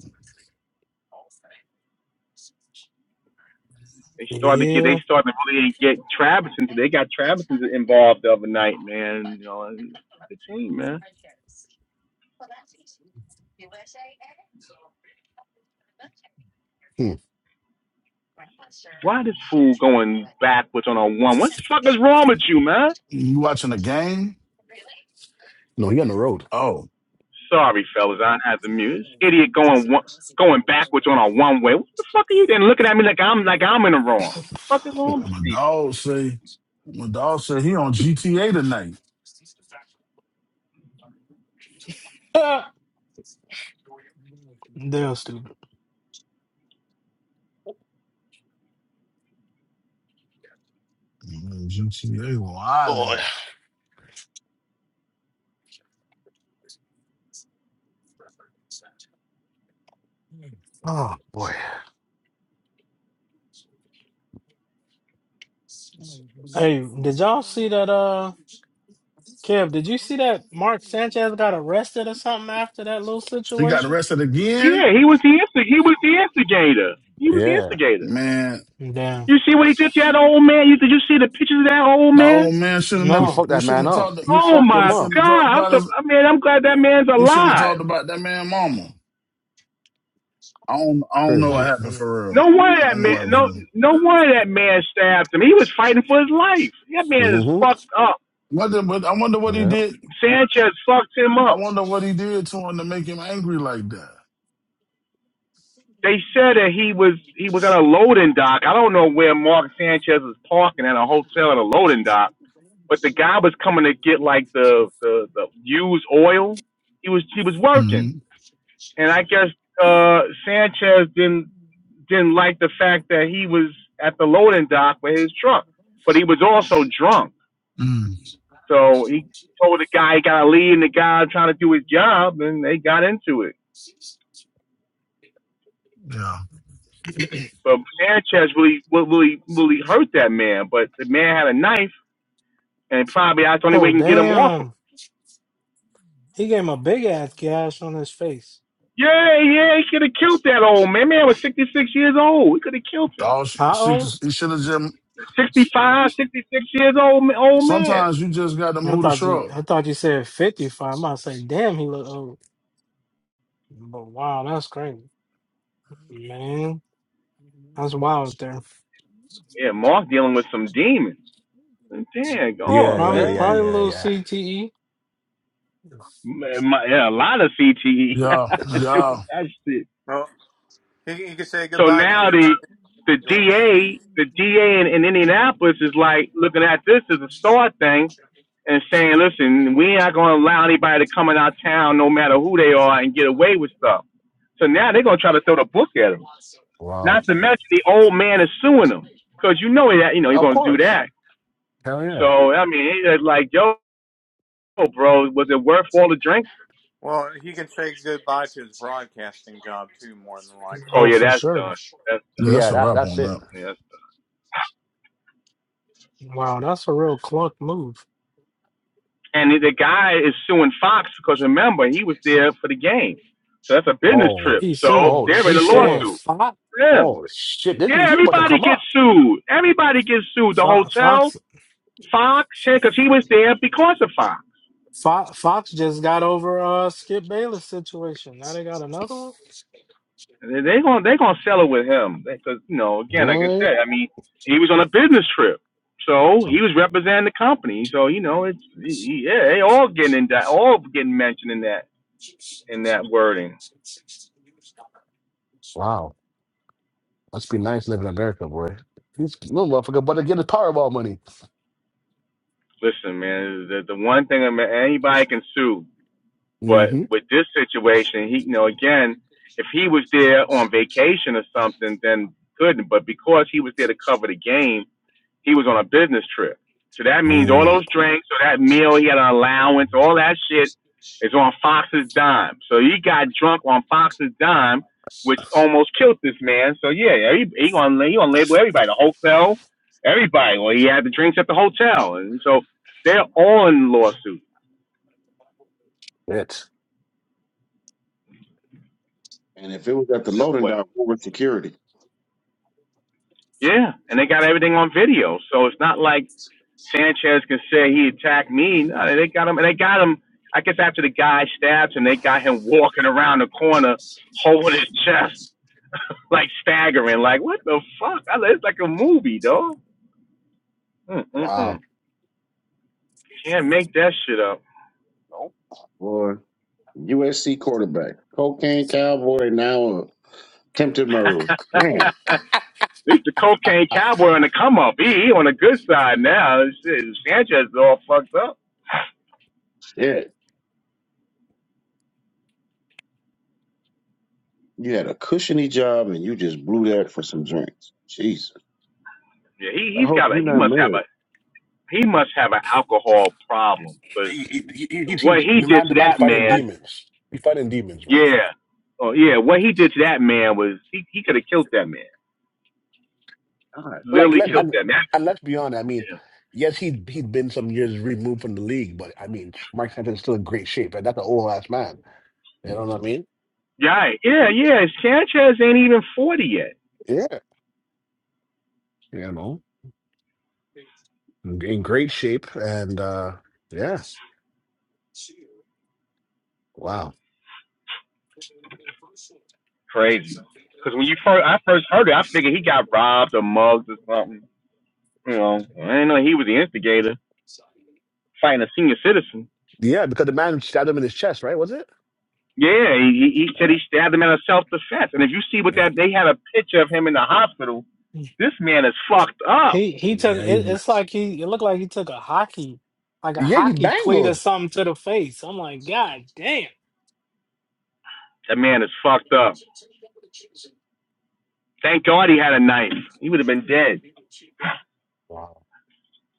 They start to get they
Yeah.
start to really get Travis into. They got Travis into- involved the other night, man. You know, and the team, man.
hmm.
Why this fool going backwards on a one? What the fuck is wrong with you, man?
You watching the game?
no he on the road
Oh,
Sorry, fellas, I had the muse. Idiot going one, going backwards on a one way. What the fuck are you then looking at me like I'm like I'm in the wrong? What the fuck is wrong with
my
people?
dog say, my dog said he on GTA tonight.
They're stupid.
I'm like, GTA, why now?
oh boy
Hey, did y'all see that uh Kev, did you see that Mark Sanchez got arrested or something after that little
He got
situation?
arrested again?
Yeah, he was the instig- he was the instigator. He was the
Yeah.
instigator.
Man,
Damn.
You see what he did to that old man? You did you see the pictures of that old
the
man?
old man should have
He
never
No.
fucked
he
that
shouldn't
man
have
up.
talked to,
He
Oh
fucked
he
him
my
shouldn't
up.
god!
have talked
I'm
about
so
his
I mean I'm glad that man's
he shouldn't have talked
alive.
about that man mama. I don't I don't know what
Crazy.
Left,
happened
right.
for real.
No wonder
I
that
don't know
man
what happened
no
for real.
no wonder that man stabbed him. He was fighting for his life. That man is
hmm
fucked up.
Wonder, but I wonder what he
Yeah.
did.
Sanchez fucked him
I
up.
wonder what he did to him to make him angry like that.
they said that he was he was at a loading dock. I don't know where Mark Sanchez was parking at a hotel at a loading dock, but the guy was coming to get like the the, the used oil. He was he was
hmm
working, and I guess uh, Sanchez didn't didn't like the fact that he was at the loading dock with his truck, but he was also drunk.
Mm,
So he told the guy he got to leave, and the guy trying to do his job, and they got into it.
yeah.
But Sanchez really, really, really hurt that man. But the man had a knife, and probably that's the only way
Oh
he can get him off him.
damn. He gave him a big ass gash on his face.
Yeah, yeah, he could have killed that old man. Man was 66 years old. He could have killed him.
Dog, sh-
How
she
old?
just- he should have just.
65, 66 years old, old man.
Sometimes you just got to
I
move the
thought you
truck.
I thought you said 55. I'm about to say, damn, he look old. But wow, that's crazy. Man, that's wild there.
Yeah, Mark dealing with some demons. Damn, go
Yeah,
on,
yeah,
Probably
yeah,
probably
man.
a
yeah,
little
yeah.
CTE.
man my, yeah, a lot of CTE
Yeah,
do with
yeah,
that shit.
Well, he, he can say
So
goodbye
now
to.
the the
Go ahead.
DA, the DA in, in Indianapolis is like looking at this as a star thing and saying, listen, we ain't going to allow anybody to come in our town, no matter who they are, and get away with stuff. So now they're going to try to throw the book at him.
Wow.
Not to mention the old man is suing him because you know that you know you're
Of
going to do
course.
that.
Hell yeah.
So I mean, it's like, yo, bro, was it worth all the drink?
Well, he can say goodbye to his broadcasting job too, more than likely.
Oh
Oh,
yeah,
for
that's
sure.
done. That's
yeah. That's
Yeah,
a
that's
wrap
that's
on
it.
that.
yeah, that's
Wow, that's a real clunk move.
And the guy is suing Fox because remember he was there for the game, so that's a business
Oh.
trip.
He's
So
Oh
suing
they're in a
he's suing
lawsuit.
shit.
Fox.
Yeah,
Oh shit. This,
yeah.
he about to
Everybody
Damn.
come
gets
up.
sued. Everybody gets sued. The
Fox
hotel,
Fox
Fox, because he was there because of Fox.
Fox, Fox just got over uh Skip Bayless situation. Now they got another one.
They're they are going they're gonna sell it with him because you know again, like I
Boy.
said, I mean he was on a business trip, so he
Um,
was representing the company. So you know it's yeah, they all getting in that, all getting mentioned in that in that wording.
wow. Must be nice living in America, boy. This little motherfucker about to get his Powerball money.
Listen, man, the the one thing I mean, anybody can sue, but
Mm-hmm.
with this situation, he, you know, again, if he was there on vacation or something, then couldn't. But because he was there to cover the game, he was on a business trip. So that means all
Mm.
those drinks, so that meal, he had an allowance, all that shit is on Fox's dime. So he got drunk on Fox's dime, which almost killed this man. So yeah, yeah, he, he gonna he gonna label everybody, the hotel, everybody. Well, he had the drinks at the hotel, and so they're all in lawsuit.
Shit.
and if it was at the loading
Well,
dock, what was security?
yeah, and they got everything on video. So it's not like Sanchez can say he attacked me. No, they got him. and They got him. I guess after the guy stabs him, they got him walking around the corner, holding his chest, like staggering. Like what the fuck? I, it's like a movie, dog.
Wow.
Mm-mm-mm. Can't make that shit up.
Boy. USC quarterback, cocaine cowboy, now a attempted murderer. Man,
At least the cocaine cowboy on the come up. He, he on the good side now. Shit, Sanchez is all fucked up.
shit. You had a cushiony job and you just blew that for some drinks. Jesus.
Yeah, he
I
he's
hope
got
you're
a. He
not
must have
married.
a. He must have an alcohol problem because
He, he, he, he,
what
he,
he
the
did
man,
to
the man's
that
fighting
man
demons. He's fighting demons, man.
Yeah. Oh yeah. What he did to that man was he, he could have killed that man.
God damn.
Like
Literally
let
killed
and
that man.
and let's be honest. I mean,
Yeah.
yes, he he'd been some years removed from the league, but I mean, Mark Sanchez is still in great shape, and that's an old ass man. You know what I mean?
Right. Yeah. Yeah. Sanchez ain't even forty yet.
Yeah, you know, in in great shape, and uh yes, wow,
Crazy. Because when you first I first heard it, I figured he got robbed or mugged or something. You know, I didn't know he was the instigator fighting a senior citizen.
yeah, because the man stabbed him in his chest, right? Was it?
Yeah, he, he said he stabbed him out of self defense. And if you see what
Yeah,
that they had a picture of him in the hospital, this man is fucked up.
He he took
yeah,
it,
he's ma-
it's like he it looked like he took a hockey like a
yeah, he's
hockey cleat or
mangled.
something to the face. I'm like, God damn.
That man is fucked up. Thank God he had a knife. He would have been dead.
Wow,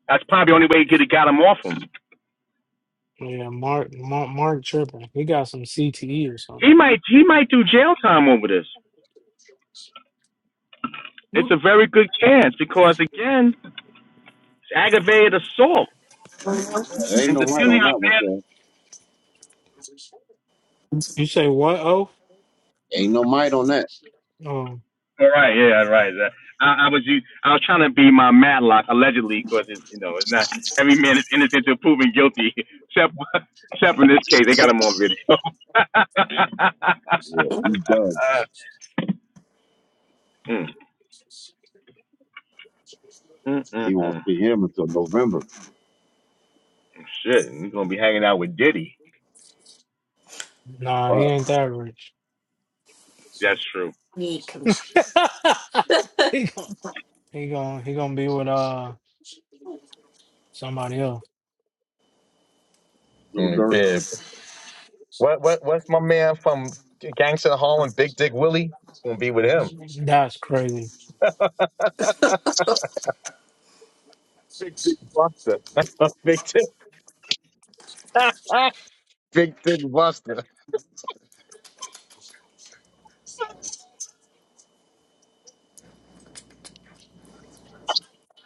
That's probably the only way he could have got him off him.
Yeah, Mark, Mark, Mark tripping. He got some CTE or something.
He might he might do jail time over this.
Hmm.
It's a very good chance because again, it's aggravated assault,
Man, there ain't
and
no might
depending
on
how
that one,
bad.
Cam.
You say what? Oh,
Ain't no might on that.
oh,
All right, yeah, right. Uh, I, I was I was trying to be my Madlock allegedly because you know it's not every man is innocent until proven guilty except except in this case they got him on video.
Yeah, you done.
mm, mm, mm,
He won't
mm.
see him until November.
Shit, we're gonna be hanging out with Diddy.
nah, he
Fuck,
ain't that rich.
That's true.
Need commission.
he gon' he gon' he gonna be with uh somebody else.
little
Yeah.
dirt.
Well, um, Boom, boom.
That's crazy.
Big Dick Buster. That's a Big Dick, Big Dick.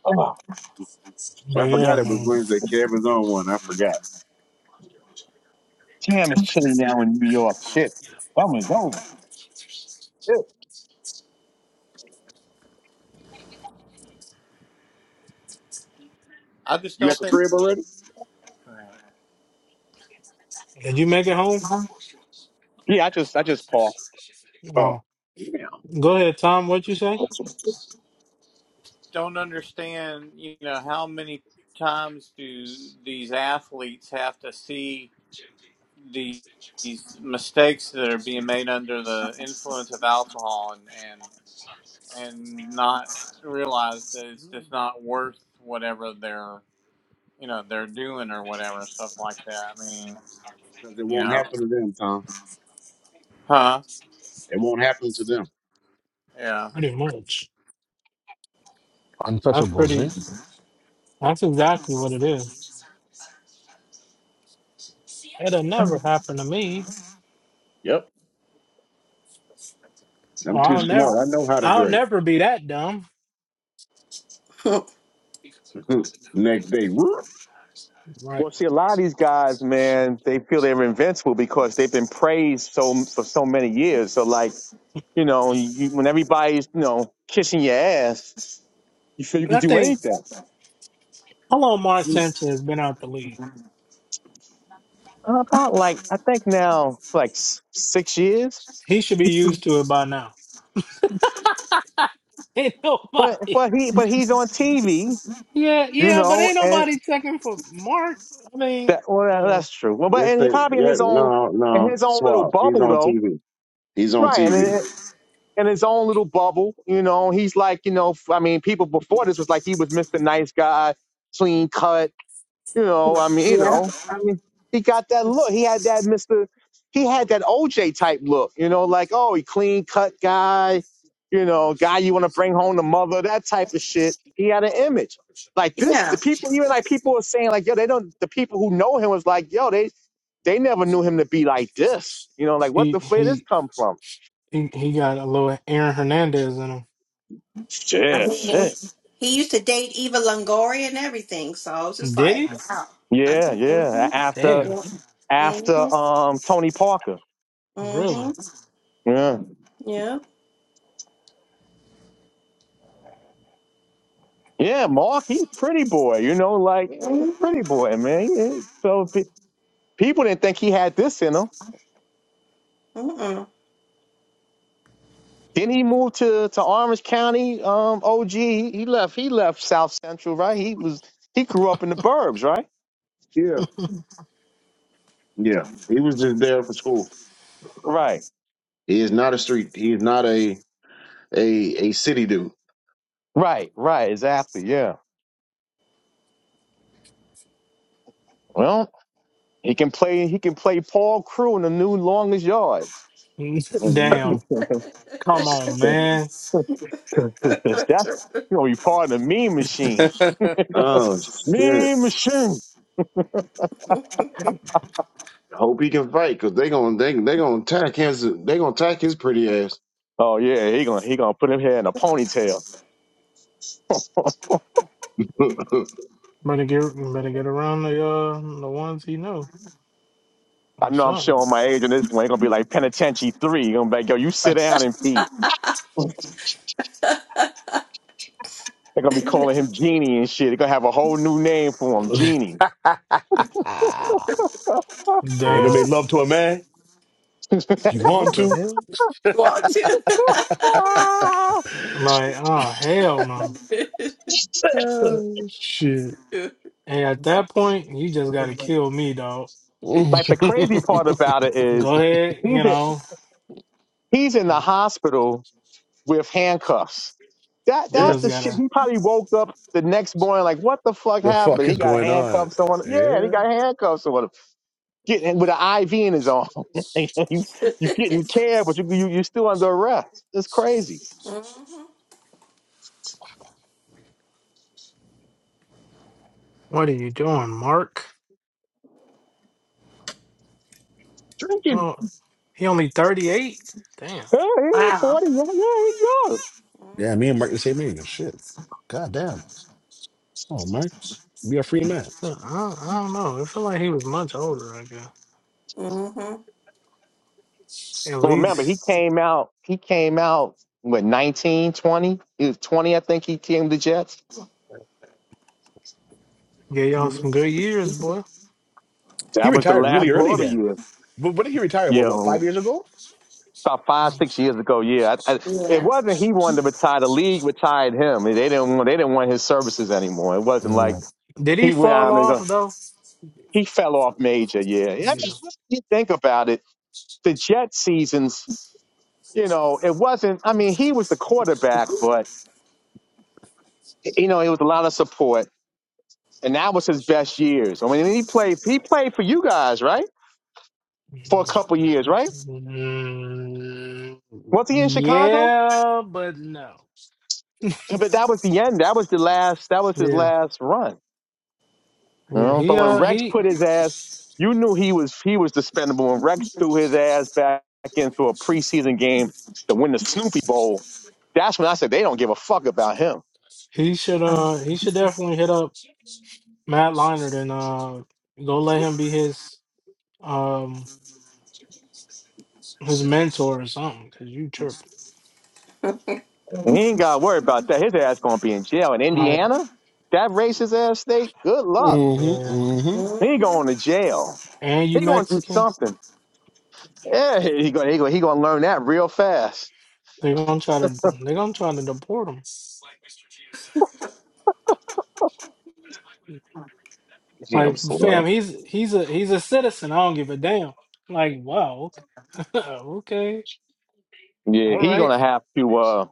Oh,
I
But yeah,
forgot it was
man.
Wednesday. Kevin's on one. I forgot.
damn, it's chilly now in New York. Shit. I'm going go. Shit.
I just
You at
don't
the
think,
crib already?
Did you make it home?
Yeah, I just, I just paused.
Oh,
Oh,
yeah.
go ahead, Tom. What you say?
don't understand. You know how many times do these athletes have to see the, these mistakes that are being made under the influence of alcohol and and and not realize that it's just not worth whatever they're you know they're doing or whatever stuff like that. I mean,
Because it
you
won't
know,
happen to them, Tom.
huh?
It won't happen to them.
Yeah.
Pretty much. That's
untouchables,
pretty.
eh?
That's exactly what it is. It'll never happen to me.
Yep. I'm
Or
too
I'll never.
smart. I know how to
I'll
drink.
never be that dumb.
Next day, whoop.
Right.
Well, see, a lot of these guys, man, they feel they're invincible because they've been praised so for so many years. So, like, you know, you, when everybody's, you know, kissing your ass, you feel you can
I
do
think.
anything.
How long Mark Sanchez has been out the league?
Uh, About like, I think now, like s- six years.
He should be used to it by now. Ain't
But
nobody.
but he but he's on TV,
Yeah,
you
yeah, but
know,
ain't
and.
nobody checking for Mark. I mean,
That well, that-
well,
that's true. Well, but
That's
and he
it.
probably in
Yeah,
his own
no,
in
no,
his own little
Swab. He's
bubble
on
though,
TV. He's on
right? And
TV.
in, in his own little bubble, you know, he's like, you know, f- I mean, people before this was like he was Mister Nice Guy, clean cut. You know, I mean, you
yeah.
know, I mean, he got that look. He had that Mr. He had that OJ type look, you know, like, oh, he clean cut guy, you know, guy you want to bring home to mother, that type of shit. He had an image. Like this,
Yeah.
the people, even like people were saying, like, yo, they don't, the people who know him was like, yo, they, they never knew him to be like this. You know, like, what
he
the fuck this
he
come from?
he, he got a little Aaron Hernandez in
I
Shit,
mean,
shit.
he used to date Eva Longoria and everything, so I was
him.
just
Did
like,
he?
wow. I,
Yeah,
think.
yeah. After,
Damn,
Yeah. mm-hmm.
after, um, Tony Parker.
Mm-hmm.
really?
Yeah.
Yeah.
Yeah, Mark, he's a pretty boy, you know, like
Mm-hmm.
pretty boy, man. Yeah. So pe- people didn't think he had this in him.
Mm-mm.
Then he moved to to Orange County. Um, OG, he, left. He left South Central, right? He was he grew up in the burbs, right?
Yeah, yeah. He was just there for school.
Right,
He is not a street. He is not a a a city dude.
right, right. Exactly. Yeah. Well, he can play. He can play Paul Crew in the new longest yards.
Damn, come on, man.
That's you know, you part of the meme machine.
Oh shit!
Meme machine.
Hope he can fight because they gonna they they gonna attack his they gonna attack his pretty ass.
Oh yeah, he gonna he gonna put him here in a ponytail.
Better get better get around the uh the ones he know
I
or
know I'm
something.
showing my age on this one. It's gonna be like Penitentiary Three. You're gonna be like, yo, you sit down and feed. They're gonna be calling him Genie and shit. They're gonna have a whole new name for him, Genie.
you ever
Damn,
made love to a man? You
what
want
the
to?
hell?
Walk to.
Like, oh hell no.
Oh, shit.
And at that point, you just gotta kill me, dog.
like the crazy part
the
about it is
Go ahead, you
he's in,
know.
he's in the
I
hospital with handcuffs. That
yeah,
that's
just
the shit.
gotta.
He probably woke up the next morning like, what the fuck happened?
fuck
He
is
got
going on?
handcuffs on. him. Yeah, he
Yeah.
got handcuffs on. him. getting with an IV in his arm. you, you're getting care, but you, you, you're still under arrest. It's crazy.
mm-hmm.
What are you doing, Mark?
drinking.
Oh, he only 38? Damn.
Hey, he ain't
Wow.
40. Yeah, yeah, he's young.
Yeah, me
Mm-hmm.
and Mark the same age. Shit. God damn. Oh, Mark. Be a free man.
I, I don't know. It feel like he was much older, I guess.
Mm-hmm.
At
But remember,
least
he came out, he came out, what, 19, 20. He was 20, I think he came to Jets.
gave y'all some good years, boy.
He
That was the
retired really
last
early
glory
then.
year.
But when did he retire?
You
About what, five
know,
years ago?
about five, six years ago. Yeah. I, I, it
Yeah.
wasn't he wanted to retire. The league retired him. They didn't want, they didn't want his services anymore. It wasn't like
Yeah.
Did he
he went
fall
out and uh,
off, though?
he fell off major. Yeah. I mean,
Yeah.
you think about it the Jet seasons, you know, it wasn't. I mean, he was the quarterback, but you know, it was a lot of support, and that was his best years. I mean, he played. He played for you guys, right? For a couple years, right?
Mm,
Was he in Chicago?
yeah, but no.
Yeah, But that was the end. That was the last. That was his
Yeah.
last run. You
Yeah.
know?
He,
But when
uh,
Rex
he,
put his ass, you knew he was he was dispendable. When Rex threw his ass back into a preseason game to win the Snoopy Bowl, that's when I said they don't give a fuck about him
he should, uh, he should definitely hit up Matt Leinart and, uh, go let him be his. um his mentor or something because you chirp
He ain't got to worry about that. His ass going to be in jail in
all right
Indiana. That racist ass state. Good luck.
yeah
Mm-hmm.
He
Mm-hmm.
going to jail.
and
He
you
going to do
mexican
something. Yeah, he going he going he going to learn that real fast.
they're gonna try to they're gonna try to deport him
Damn
like fam
slow.
he's he's a he's a citizen i don't give a damn like wow okay, okay.
Yeah,
all
he
right
going to have to. uh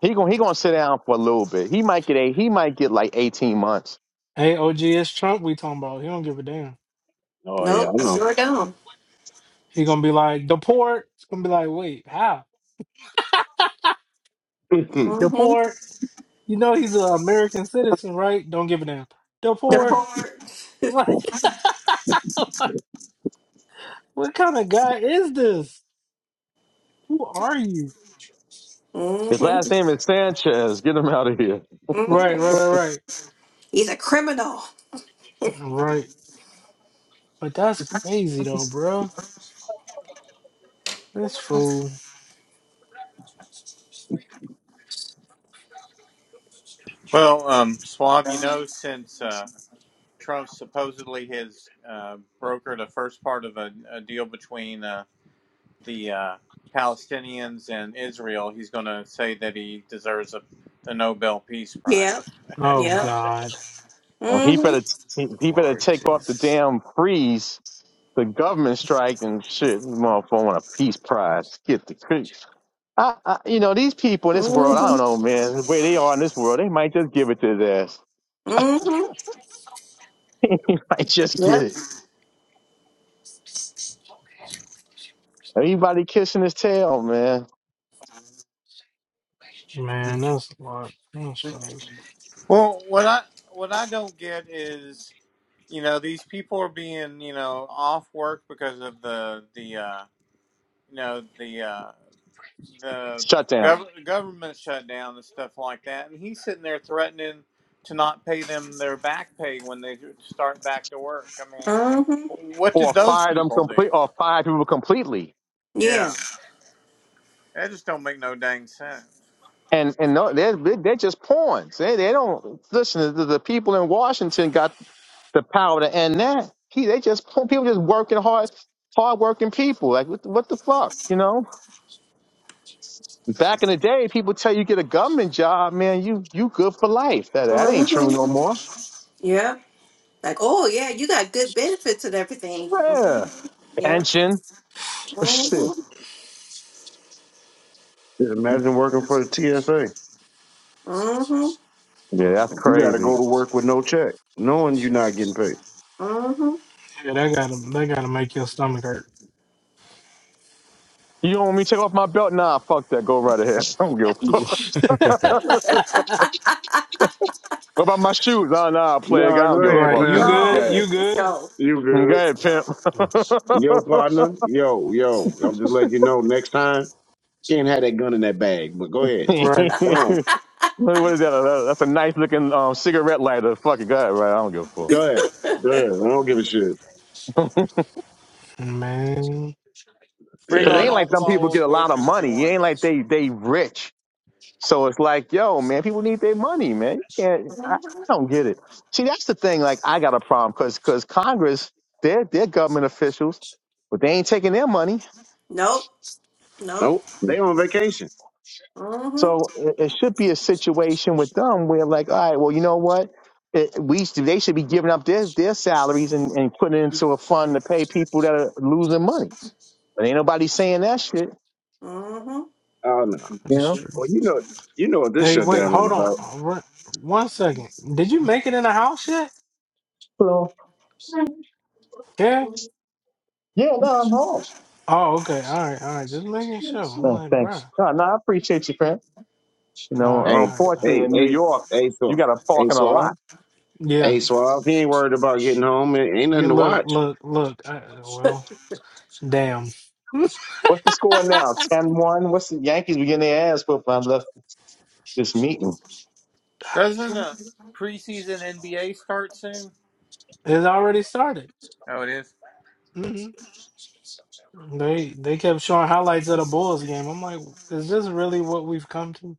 He going he going to sit down for a little bit. He might get a he might get like eighteen months.
hey og it's trump we talking about he don't give a damn
Oh yeah, I
Nope,
know.
sure don't.
he gonna be like deport it's gonna be like wait how
just
deport you know he's an american citizen right don't give a damn deport
Deport.
like what kind of guy is this Who are you?
hmm
His last name is Sanchez. Get him out of here.
Right,
hmm
right, right,
He's a criminal.
right. Right. But that's crazy though, bro. This fool.
Well, um, Swab, you know, since uh, Trump supposedly has uh, brokered a first part of a, a deal between uh, the uh, Palestinians and Israel, he's going to say that he deserves a, the Nobel Peace Prize.
Yep.
Oh
Yep.
God.
Oh, he
hmm
better he, he better
Lord
take off the
Jesus.
damn freeze the government strike and shit. This motherfucker want a peace prize. Get the creeps. I, I, you know, these people in this world, I
hmm
don't know, man. The way they are in this world, they might just give it to his ass.
hmm
he might just get
Yep.
it. Anybody kissing his tail, man.
Man, that's a lot. That's crazy.
Well, what I what I don't get is, you know, these people are being, you know, off work because of the the uh, you know the uh, the
Shut down.
gov- government shutdown and stuff like that, and he's sitting there threatening to not pay them their back pay when they start back to work. I mean,
hmm
what did
Or
those
fire them
people do?
complete or fire people completely.
Yeah.
Yeah, that just don't make no dang sense.
And and no, they're they're just pawns. They they don't listen. The, the people in Washington got the power to end that. He they just people just working hard, hard working people. Like what the, what the fuck, you know? Back in the day, people tell you get a government job, man, you you good for life. That that ain't true
hmm
no more.
Yep. Like, oh yeah, you got good benefits and everything. hmm
Yeah,
Yep.
pension. Shit.
hmm
imagine working for the TSA.
hmm
Yeah, that's
You got to go
crazy.
to work with no check, knowing you're not getting paid.
hmm
Yeah, that gotta that gotta make your stomach hurt.
You don't want me to take off my belt? Nah, fuck that. Go right ahead. I don't give a fuck.
Mm-hmm.
What about my shoes? Nah, nah, plague.
No,
I
go
don't give a
ahead,
Right,
fuck.
you
pimp.
Go
No.
good?
ahead.
You good?
So.
You
Go
good.
ahead,
No.
pimp.
Yo, partner. Yo, yo. I'm just letting you know next time, can't have that gun in that bag, but go ahead.
Right.
Go on.
what is that? That's a nice looking um, cigarette lighter. Fuck it, go ahead, right? I don't give a fuck.
Go ahead. Go ahead. I don't give a shit.
Man,
Bring
Cause it
on
ain't
Yeah.
all
like
the
them people
bottle
get a
of
lot of
lotions you
money. It
want.
ain't like they they rich. So it's like, yo, man, people need their money, man. You can't. I,
Mhm.
I don't get it. See, that's the thing. Like, I got a problem because because Congress, they're they're government officials, but they ain't taking their money.
Nope. Nope.
Nope. They on vacation.
Mm-hmm.
So it, it should be a situation with them where, like, all right, well, you know what? It, we should- they should be giving up their their salaries and and putting it into a fund to pay people that are losing money. But ain't nobody saying that shit,
Mm-hmm.
Oh no.
you
that's
know.
true.
Well you know you know what this
Hey, wait,
shutdown is
hold on.
about.
Uh, run- One second. Did you make it in the house yet?
So
Yeah.
yeah, no, I'm home.
Oh, okay. All right, all right. Just making sure. I'm
No,
like,
thanks.
bruh.
No, no, I appreciate you, friend. You
All right,
know,
Hey
all right, all right.
unfortunately
hey
in New
hey
York,
hey
you
so
got to park
hey
in a
Swab.
lot.
Yeah.
Hey Swab. He ain't worried about getting home. It ain't nothing
Yeah,
to
look,
watch.
look, look. I, well, damn.
What's the score now? Ten-one. What's the Yankees were getting their ass whooped when I left this meeting?
Doesn't a preseason NBA start soon?
It's already started.
Oh, it is.
hmm They they kept showing highlights of the Bulls game. I'm like, is this really what we've come to?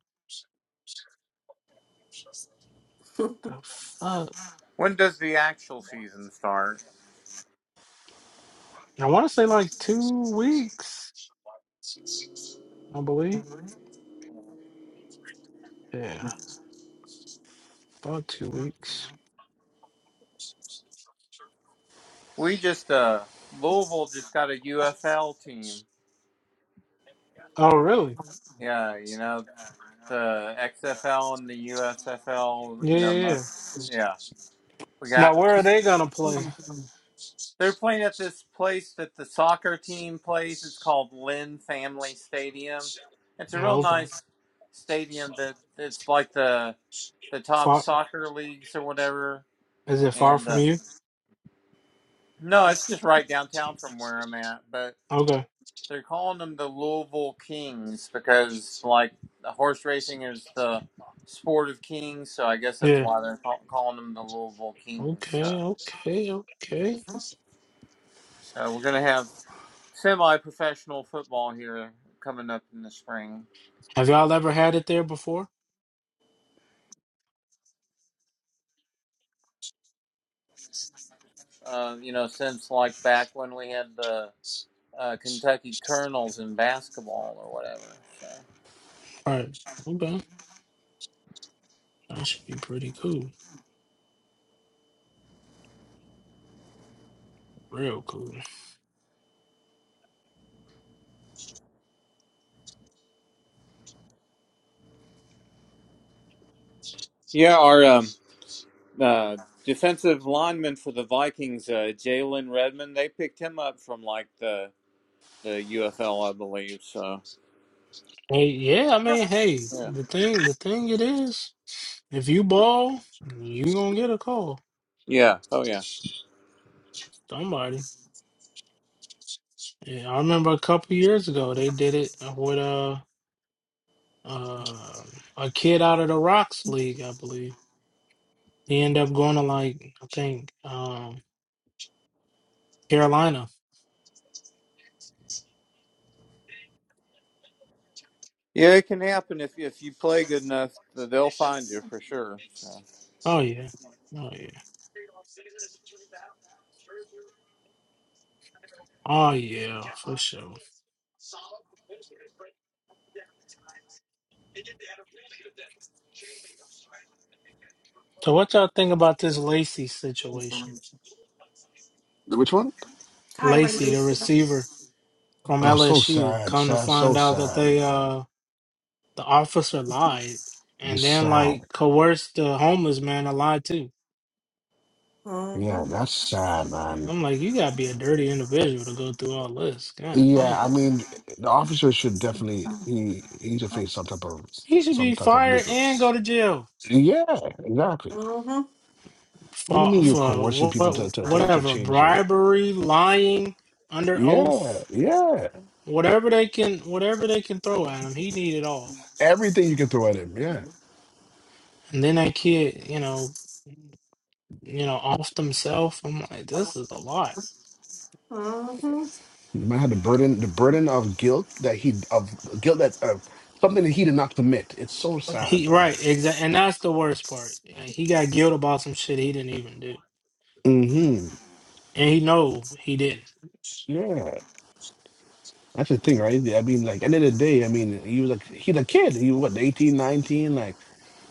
The fuck?
When does the actual season start?
I want to say like two weeks, I believe. Yeah, about two weeks.
We just uh Louisville just got a UFL team.
Oh, really?
Yeah, you know the XFL and the USFL.
Yeah,
You know,
yeah, yeah.
yeah, we
Now,
got.
where are they gonna play?
They're playing at this place that the soccer team plays. It's called Lynn Family Stadium. It's a real
Oh, Okay,
nice stadium. That it's like the the top
far.
soccer leagues or whatever.
Is it far
And
from
uh,
you?
no, it's just right downtown from where I'm at. But
Okay.
They're calling them the Louisville Kings because, like, horse racing is the sport of kings, so I guess that's
Yeah.
why they're call- calling them the Louisville Kings.
Okay.
So,
Okay.
Yeah.
Okay.
so we're gonna have semi-professional football here coming up in the spring.
Have y'all ever had it there before?
Uh, you know, since like back when we had the uh, Kentucky Colonels in basketball or whatever. So
Right. Okay. That should be pretty cool. Real cool.
Yeah, our um, uh, defensive lineman for the Vikings, uh, Jalen Redmond, they picked him up from like the the UFL, I believe. So
Hey, yeah, I mean, hey,
yeah,
the thing the thing it is, if you ball, you gonna get a call.
yeah, oh yeah,
Somebody. Yeah, I remember a couple years ago they did it with a uh, a kid out of the Rocks League, I believe. He ended up going to like I think um Carolina.
yeah. It can happen if if you play good enough, they'll find you for sure. So
Oh yeah. Oh yeah. Oh yeah, for sure. So what y'all think about this Lacy situation?
Which one?
Hi, Renee.
Lacy, the
Mm-hmm.
receiver. from
Oh, so
LSU.
sad.
Come to
Sad.
find
So
out that
sad,
they
man.
uh the officer lied and
It's
then
sad.
like coerced the homeless man to lie too.
Yeah,
Mm-hmm.
that's sad, man.
I'm like, you gotta be a dirty individual to go through all this. God
Yeah,
damn.
I mean, the officer should definitely he he should face some type of
He should
some
be
type of
fired
legal.
and go to jail
Yeah, exactly.
Mm-hmm.
What do you mean
for
you're
for
coercing people to
what
to to, to
whatever
change your?
bribery, lying, under
Yeah,
oath,
yeah.
whatever they can whatever they can throw at him. He need it all.
Everything you can throw at him. Yeah,
And then that kid, you know, you know, off himself. I'm like, this is a lot.
hmm
the man had the burden the burden of guilt that he of guilt that uh, something that he did not commit. It's so sad,
He
man.
right, exactly, and that's the worst part. Like, He got guilt about some shit he didn't even do,
hmm
and he know he didn't.
Yeah. That's the thing, right? I mean, like, end of the day, I mean, he was like, he's a kid. He was, what, 18, 19? Like,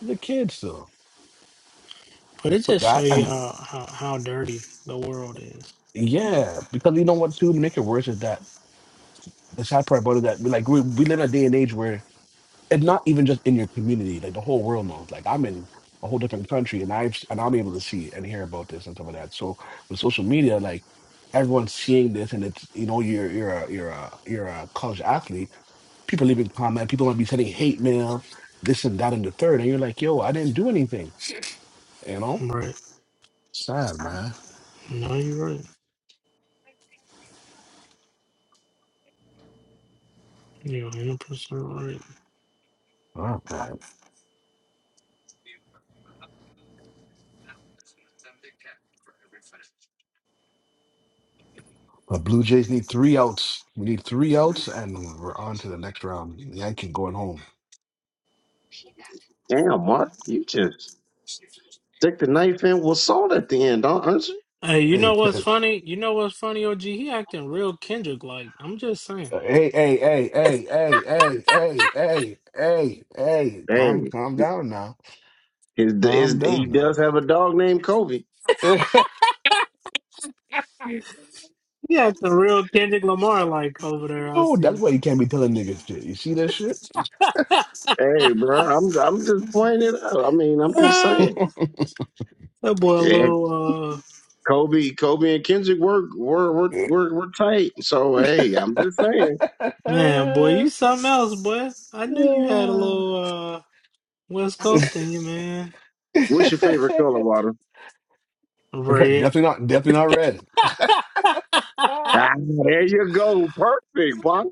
he's a kid still.
But it
Put
just show
that,
you
and
how how, how dirty the world is.
Yeah, because you know what, too, to make it worse is that the sad part about it that we like we, we live in a day and age where it's not even just in your community, like the whole world knows. Like I'm in a whole different country and I've and I'm able to see and hear about this and stuff like that. So with social media, like everyone's seeing this and it's you know, you're you're a you're a you're a college athlete, people leaving comment, people might be sending hate mail, this and that and the third, and you're like, yo, I didn't do anything, you know?
Right?
Sad, man.
No, you're right. You're 100 percent right.
Oh, man. The Blue Jays need three outs. We need three outs, and we're on to the next round. Yankee going home.
Damn, Mark. You just stick the knife in with salt at the end, don't aren't you?
Hey, you
Hey,
know what's funny? You know what's funny, OG? He acting real Kendrick like. I'm just saying,
hey, hey, hey, hey, hey, hey, hey, hey, hey, hey. Calm,
Hey.
calm down now.
His,
Calm
his, he
down now.
does have a dog named Kobe.
he acting real Kendrick Lamar like over there. I
Yo, that's
see.
why you can't be telling niggas shit. You see that shit?
Hey, bro, I'm I'm just pointing it out. I mean, I'm just
that
saying.
boy, a
Yeah,
little uh
Kobe, Kobe and Kendrick were were were were, were tight. So hey, I'm just saying.
man, boy, you something else, boy. I knew you had a little. uh, West Coasting you, man.
What's your favorite color, Water?
Red.
definitely not. Definitely not red.
Ah, there you go. Perfect, box.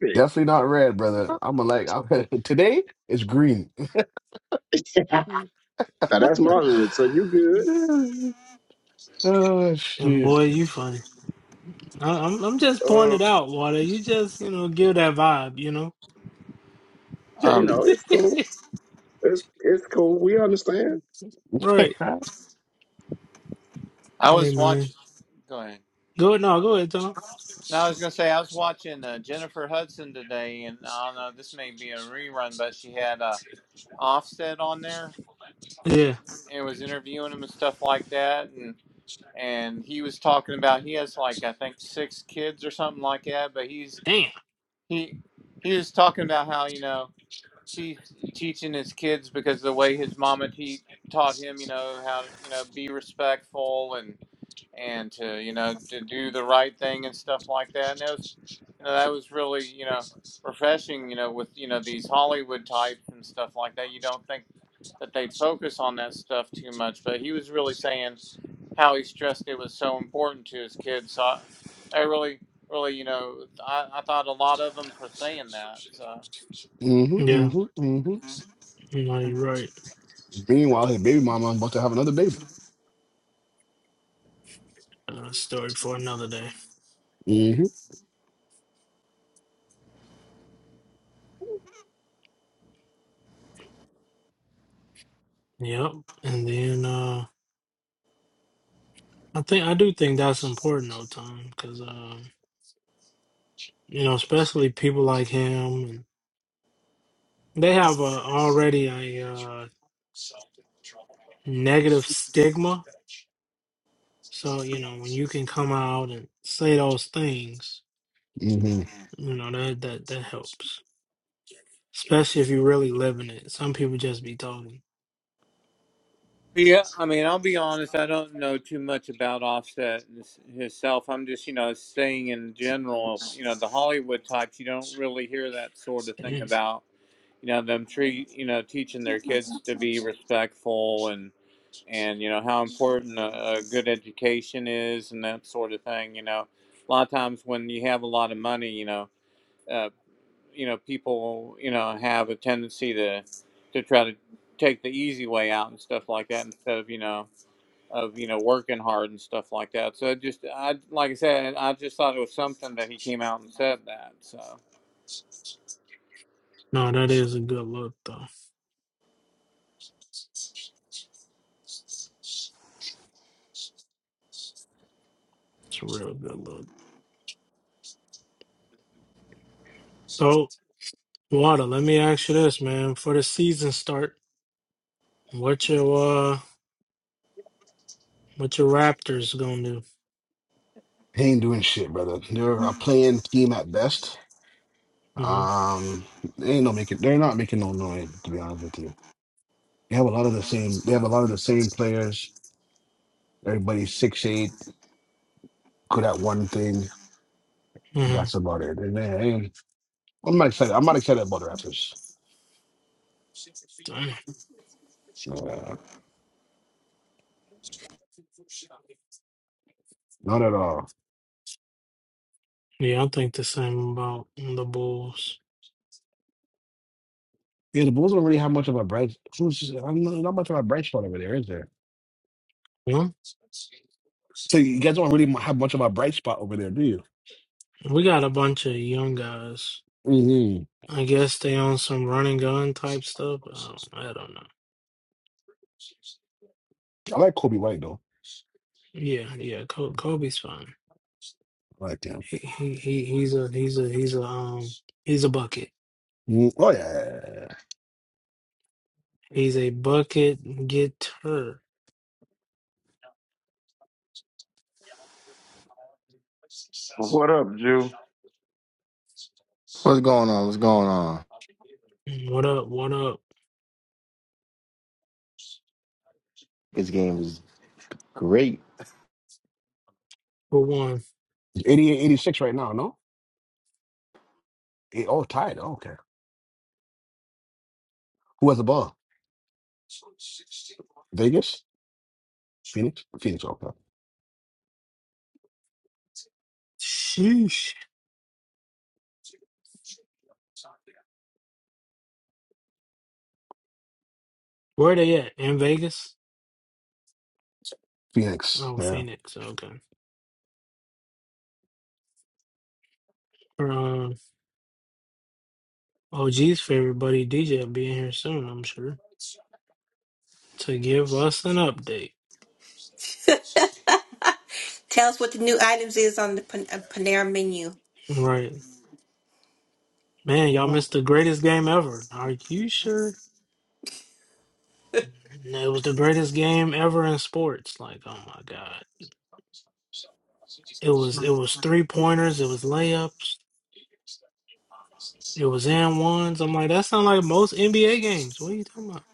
Definitely not red, brother. I'm like today. is green.
now that's my hood. So you good?
oh
and boy, you
shit.
funny. I, I'm I'm just pointing it
Uh,
out, Water. You just, you know, give that vibe, you know?
you know,
Um,
it's cool. It's it's cool. We understand.
right.
Mm-hmm,
I
Hey,
was
man.
watching. Go ahead.
Go ahead. No, go ahead, Tom.
No, I was gonna say I was watching uh, Jennifer Hudson today, and I don't know. This may be a rerun, but she had uh, Offset on there
Yeah.
and was interviewing him and stuff like that, and and he was talking about he has like I think six kids or something like that, but he's
Damn.
he he was talking about how you know he's teaching his kids because of the way his mama te- taught him, you know, how you know be respectful and and to you know to do the right thing and stuff like that. And that was you know that was really you know refreshing. You know, with you know these Hollywood types and stuff like that, you don't think that they'd focus on that stuff too much. But he was really saying how he stressed it was so important to his kids. So I, I really, really, you know, I, I thought a lot of them for saying that. So.
Yeah.
mm-hmm, hmm
No, you're right.
Meanwhile, his baby mama about to have another baby.
Uh, story for another day.
Mm-hmm,
Yep. And then uh, I think I do think that's important, though, Tom, because, um, you know, especially people like him, and they have uh, already a. uh, negative stigma. So you know when you can come out and say those things,
mm-hmm.
you know that that that helps. Especially if you really live in it. Some people just be talking.
Yeah, I mean, I'll be honest. I don't know too much about Offset and his- himself. I'm just, you know, saying in general, you know, the Hollywood types. You don't really hear that sort of thing
Mm.
about, you know, them treat, you know, teaching their kids to be respectful and, and you know how important a, a good education is and that sort of thing. You know, a lot of times when you have a lot of money, you know. uh, you know people you know have a tendency to to try to take the easy way out and stuff like that instead of you know of you know working hard and stuff like that so it just i like i said i just thought it was something that he came out and said that so
No, that is a good look though. It's a real good look. So Wada, let me ask you this, man. For the season start, what your uh what your Raptors gonna do?
He ain't doing shit, brother. They're a playing team at best.
Mm-hmm.
Um, they ain't no making. They're not making no noise. To be honest with you, they have a lot of the same. They have a lot of the same players. Everybody's six eight, good at one thing.
Mm-hmm.
That's about it. And, they- they- I'm not excited. I'm not excited about the Raptors. Uh, not at all.
Yeah, I think the same about the Bulls.
Yeah, the Bulls don't really have much of a bright. Who's I'm not, not much of a bright spot over there, is there?
Yeah.
So you guys don't really have much of a bright spot over there, do you?
We got a bunch of young guys
hmm
I guess they on some run and gun type stuff. Um, I don't know.
I like Kobe White though.
Yeah, yeah. Col- Kobe's fine.
I like him.
He, he he he's a he's a he's a um he's a bucket.
Mm, Oh yeah,
He's a bucket getter.
What up, Jew?
What's going on? What's going on?
What up? What up?
This game was great.
For one,
88, 86. right now. No, Eh, oh tied. Oh, okay, who has the ball? Vegas, Phoenix, Phoenix. Okay,
sheesh. Where they at? In Vegas?
Phoenix.
Oh,
Yeah.
Phoenix. Okay. Um, OG's favorite buddy DJ will be in here soon. I'm sure to give us an update.
Tell us what the new items is on the Pan- uh, Panera menu.
Right, man. Y'all missed the greatest game ever. Are you sure? And It was the greatest game ever in sports. Like, oh my God. It was it was three pointers, it was layups, it was and ones. I'm like, that sounds like most NBA games. What are you talking about?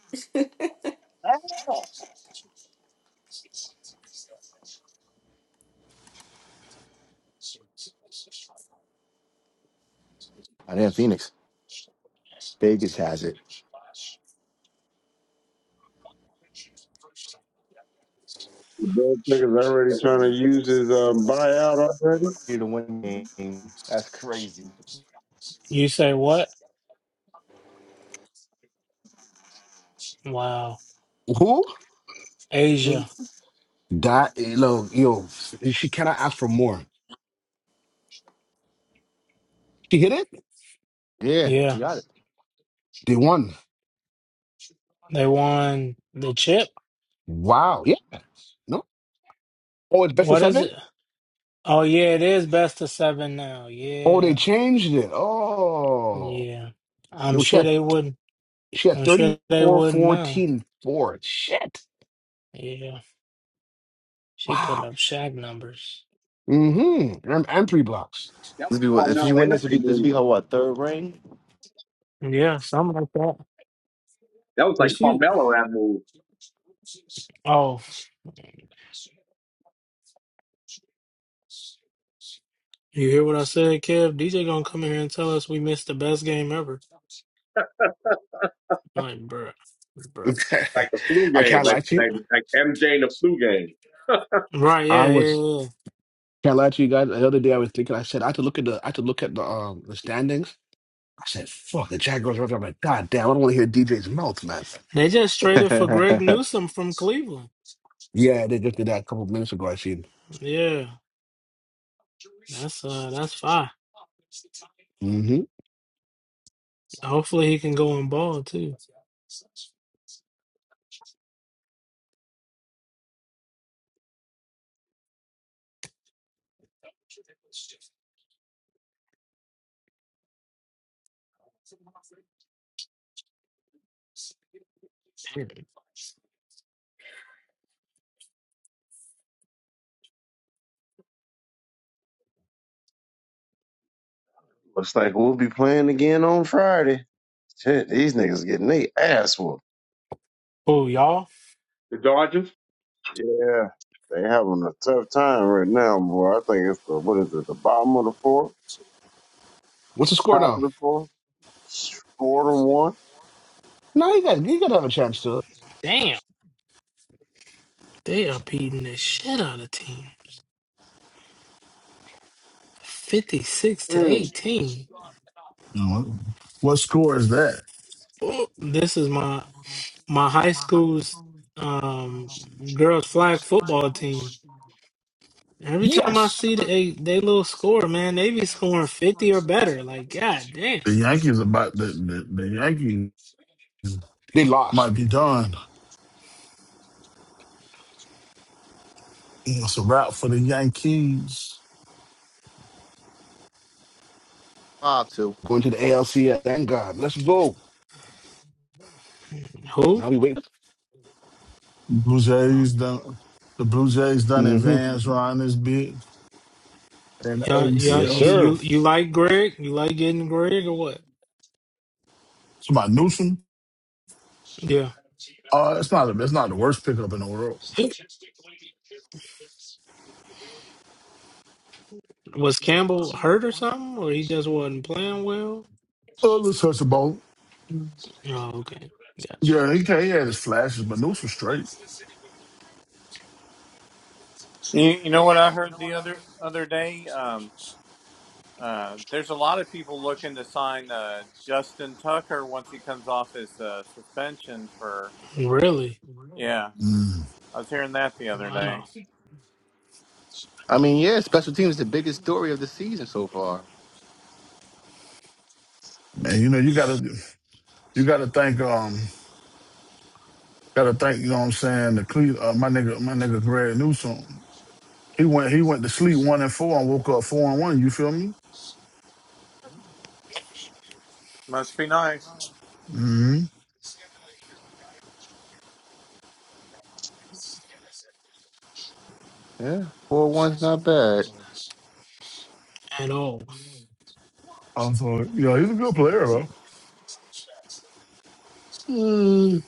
I didn't Phoenix. Vegas has it.
The nigga's already trying to use his um, buyout already.
Three to one game. That's crazy.
You say what? Wow.
Who?
Asia.
That eh, look, yo, she cannot ask for more. She hit it.
Yeah,
Yeah.
you got it.
They won.
They won the chip.
Wow. Yeah. No. Oh, it's best of
What is
seven.
it? Oh yeah, it is best of seven now.
Oh, they
Yeah.
changed it. Oh,
Yeah. I'm
yo, she
sure
had
they wouldn't
she had
I'm sure they
34,
wouldn't mind.
14, 4. Shit.
Yeah. She put
Wow.
up Shaq numbers.
Mm-hmm. And, and three blocks.
That was
This be
the
what if she
Carmelo
win this would
Anthony
be this
move.
be her what third ring?
Yeah, something like that.
That was
Did
like
she?
Carmelo that move,
Oh. You hear what I said, Kev? DJ gonna come in here and tell us we missed the best game ever. like, bruh, bruh,
like the flu
I
game,
can't
like
lie to you.
like
yeah,
like MJ in the flu game.
right,
I
yeah, yeah,
was
yeah. yeah.
can't lie to you guys. The other day I was thinking, I said I had to look at the I had to look at the um the standings. I said, fuck, the Jaguars are up there." I'm like, God damn, I don't want to hear DJ's mouth, man.
They just
Shit.
traded for
Five
Greg Newsom from Cleveland.
Yeah, they just did that a couple minutes ago, I seen.
Yeah, that's uh, that's fine.
Mm-hmm.
Hopefully he can go and ball too.
Looks like we'll be playing again on Friday. Shit, these niggas getting they ass whooped.
Oh, y'all,
The Dodgers.
Yeah, they having a tough time right now, boy. I think it's the what is it, the bottom of the fourth,
What's the score
top of
now?
the fourth, It's four to one.
No, you got you gotta have a chance to.
damn, they are beating the shit out of team, fifty-six to
Mm,
eighteen.
You know, what score is that?
Oh, this is my my high school's um girls flag football team. Every time I
Yes.
see they they little score, man, they be scoring fifty or better. Like, god damn.
The Yankees about the the, the Yankees
They lost.
might be done. It's a wrap for the Yankees.
two.
Going to the ALC. Thank God. Let's go.
Who?
Now we wait.
Blue Jays done. The Blue Jays done
Mm-hmm.
advanced around this bit, and the
Y'all, y'all,
Yes,
ACL.
you,
sir.
So
you you like Greg? You like getting Greg or what?
somebody Newsom.
Yeah.
Uh, it's not. It's not the worst pickup in the world.
Was Campbell hurt or something, or he just wasn't playing well?
Uh, let's touch the ball.
Oh, okay, gotcha.
Yeah, he, ca- he had his flashes, but Newsom straight.
you, you know what i heard the other other day um uh, there's a lot of people looking to sign uh, Justin Tucker once he comes off his uh, suspension for.
Really?
Yeah,
Mm.
I was hearing that the other day.
Wow.
I mean, yeah, special teams is the biggest story of the season so far.
And you know you gotta you gotta thank um gotta thank you know what I'm saying the Cle- uh, my nigga my nigga Greg Newsom. He went he went to sleep one and four and woke up four and one. You feel me?
Must be nice.
Mm-hmm.
Yeah. Four one's not bad.
At all?
Um, so yeah, he's a good player though. Mm,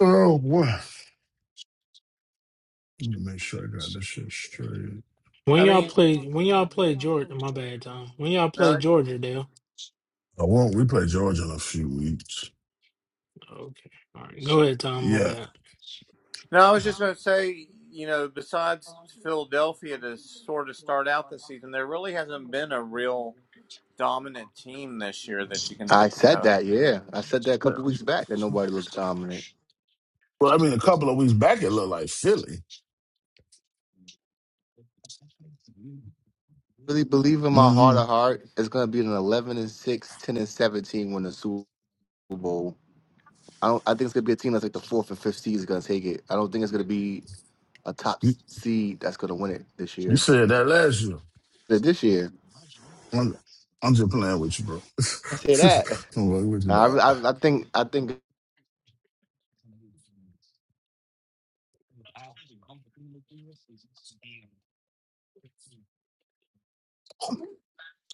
oh boy, let me make sure I got this shit straight.
When
I
y'all
mean,
play? When y'all play Georgia? My bad, Tom. When y'all play Georgia, Dale?
I won't. We play Georgia in a few weeks.
Okay. All right. Go ahead, Tom. My
Yeah.
bad.
No, I was just going to say, you know, besides Philadelphia to sort of start out the season, there really hasn't been a real dominant team this year that you can
I
think
said
of.
that, yeah. I said that a couple weeks back that nobody looks dominant.
Well, I mean, a couple of weeks back, it looked like Philly.
Really believe in my heart
Mm-hmm.
of heart, it's gonna be an eleven and 6, 10 and seventeen when the Super Bowl. I don't. I think it's gonna be a team that's like the fourth or fifth seed is gonna take it. I don't think it's gonna be a top
You,
s- seed that's gonna win it this
you
year.
said that last year.
Th- This year,
I'm, I'm just playing with you, bro.
I say
I'm
that.
playing with you,
Nah,
dog.
I, I, I think I think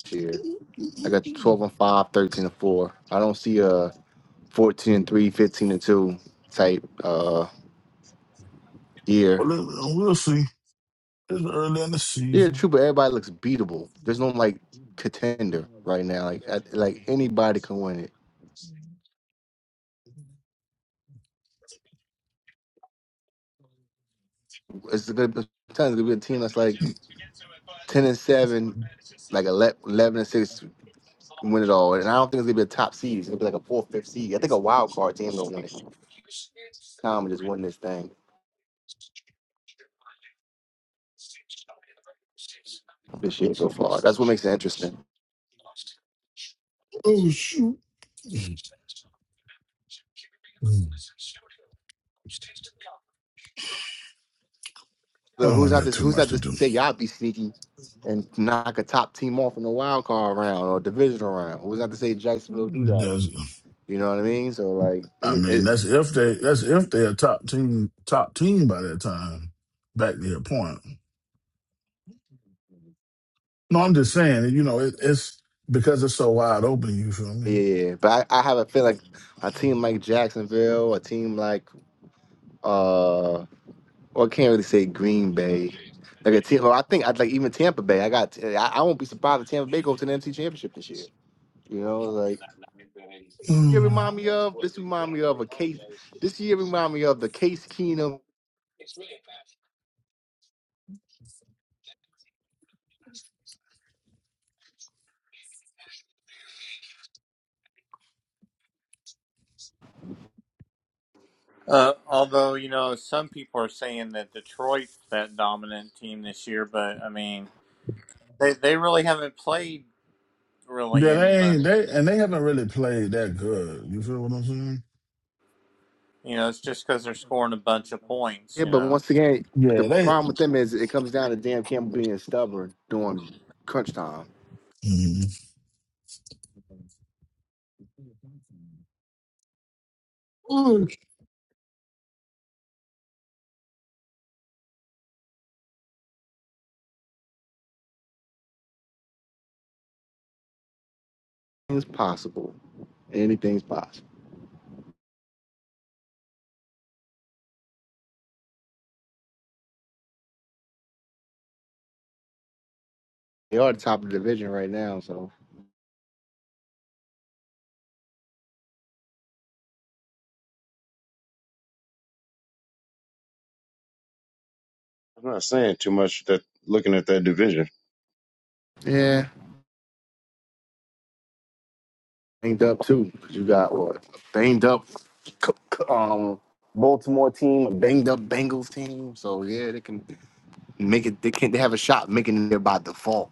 this year I got 12 and 5, 13 and 4. I don't see a 14 and 3, 15 and 2 type uh year.
Well, then, uh, we'll see. It's early in the
Yeah,
season.
true, but everybody looks beatable. There's no like contender right now. Like at, like anybody can win it. It's gonna be, it's gonna be a team that's like 10 and 7, like 11 11 and 6 and win it all. And I don't think it's gonna be a top seed. It's gonna be like a fourth, fifth seed. I think a wild card team gonna win it. Tom just won this thing this year so far. That's what makes it interesting.
Oh shoot.
So
Oh,
who's
we
not
got
this?
too
Who's
much
not
to
to
do.
say y'all be sneaky and knock a top team off in the wild card round or divisional round? Who's not to say Jacksonville do that?
Does
You know what I mean? So like,
I
any,
mean
it,
that's if they that's if they're a top team top team by that time. Back to your point. No, I'm just saying. You know, it, it's because it's so wide open. You feel me?
yeah. But I, I have a feel like a team like Jacksonville, a team like uh Well, I can't really say Green Bay. Like a team, well, I think I'd like even Tampa Bay. I got. I, I won't be surprised if Tampa Bay goes to the NFC Championship this year. You know, like it
Mm.
remind me of this. Remind me of a case. This year remind me of the Case Keenum.
Uh, although, you know, some people are saying that Detroit's that dominant team this year, but I mean, they, they really haven't played really
Yeah, they ain't
anybody.
they and they haven't really played that good. You feel what I'm saying?
You know, it's just because they're scoring a bunch of points,
Yeah,
you
but
know.
once again, but the
Yeah, they.
problem with them is it comes down to damn Campbell being stubborn during crunch time.
Mm,
It's possible. Anything's possible. They are the top of the division right now, so
I'm not saying too much. That looking at that division,
yeah. banged up too. 'cause you got what banged up, c- c- um, Baltimore team, a banged up Bengals team. So yeah, they can make it. They can. They have a shot making it there by default.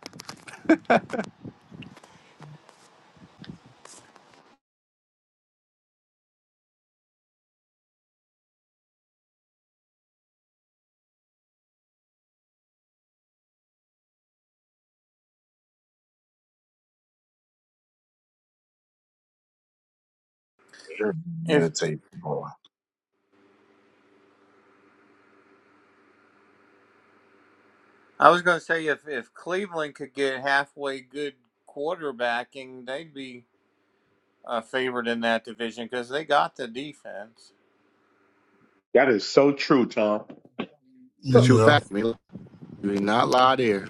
Sure,
If
meditate, boy.
I was going to say if if Cleveland could get halfway good quarterbacking, they'd be uh, favored in that division because they got the defense.
that is so true, Tom.
The true
yeah,
fact, man. You ain't not lie there.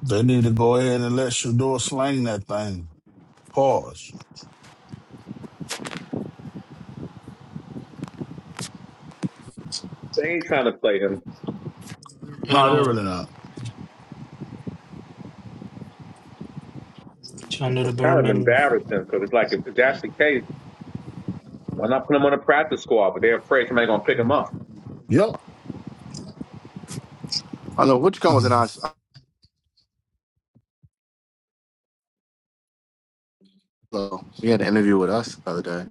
they need to go ahead and let Shador slang that thing. Pause.
They ain't trying to play him.
At
No, they're
all?
really not.
Trying to do the
It's
bare
kind of
minimum.
embarrassing because it's like if that's the case, why not put him on a practice squad? But they're afraid somebody's gonna pick him up.
Yep.
I know which one was in our.
Mhm.
Though he had an interview with us the other day.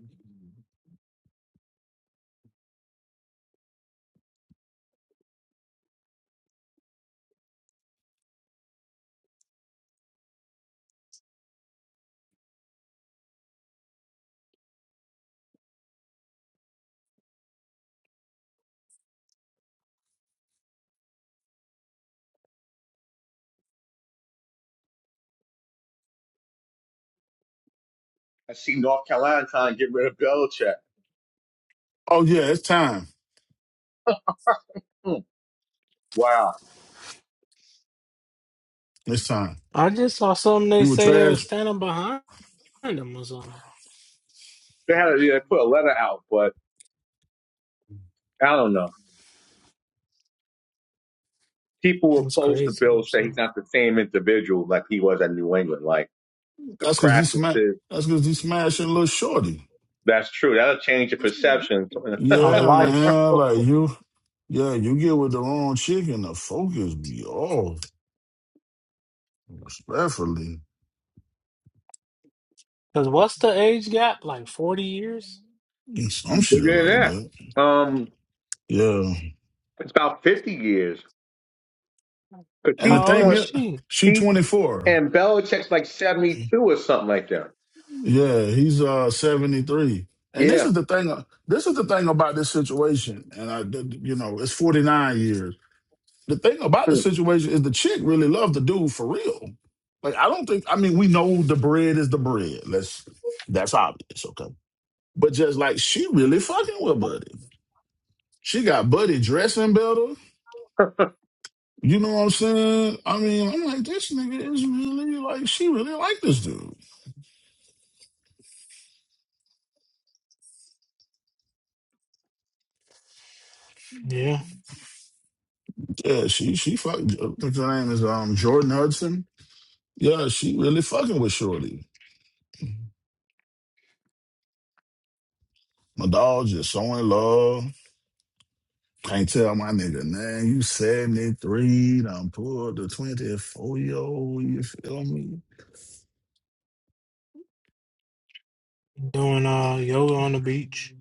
I see North Carolina trying to get rid of Belichick.
Oh yeah, it's time.
Hmm. Wow.
It's time.
I just saw something they
We were
say they
trash
were standing behind. random was like,
They had they put a letter out, but I don't know. People were
was
close to
crazy
Bill
or
say he's
something.
not the same individual like he was at New England. Like the
That's because he smashed.
practices,
That's because he smashing little shorty.
that's true. That'll change your perception. Bigger
Of
Yeah,
life.
man. Like you. Yeah, you get with the wrong chick and the focus be off, respectfully.
Because what's the age gap? Like 40 years?
And Some shit like
than
that.
that. Um,
Yeah.
it's about fifty years. But
And
he,
the
How old
thing
is
is,
she?
she
he
24.
and Belichick's like seventy-two or something like that.
Yeah, he's uh 73. And this
Yeah.
is the thing. uh, This is the thing about this situation. And I, you know, it's 49 years. the thing about the
Hmm.
situation is the chick really loved the dude for real. Like I don't think I mean we know the bread is the bread. Let's that's obvious, okay. But just like she really fucking with Buddy. She got Buddy dressing better. You know what I'm saying? I mean, I'm like, this nigga is really like she really like this dude.
Yeah.
Yeah, she she fucking I think her name is um Jordan Hudson. Yeah, she really fucking with Shorty. My dog just so in love. Can't tell my nigga, man, you 73, done pulled the 24 year old, you feel me?
Doing uh yoga on the beach.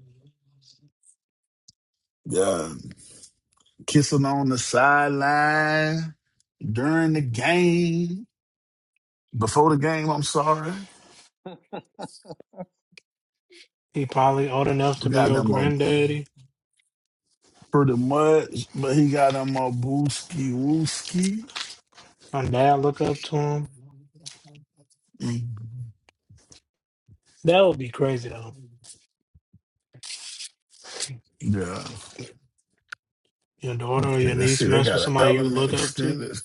Yeah. Kissing on the sideline during the game. Before the game, I'm sorry.
He probably old enough to
We
be
got
your
them up
granddaddy.
pretty much, but he got them up booski wooski.
My dad look up to him.
Mm.
That would be crazy though.
Yeah.
Your daughter or
Okay,
your
let's
niece
see. They
mess with
got an
somebody you
element
look up to.
extended.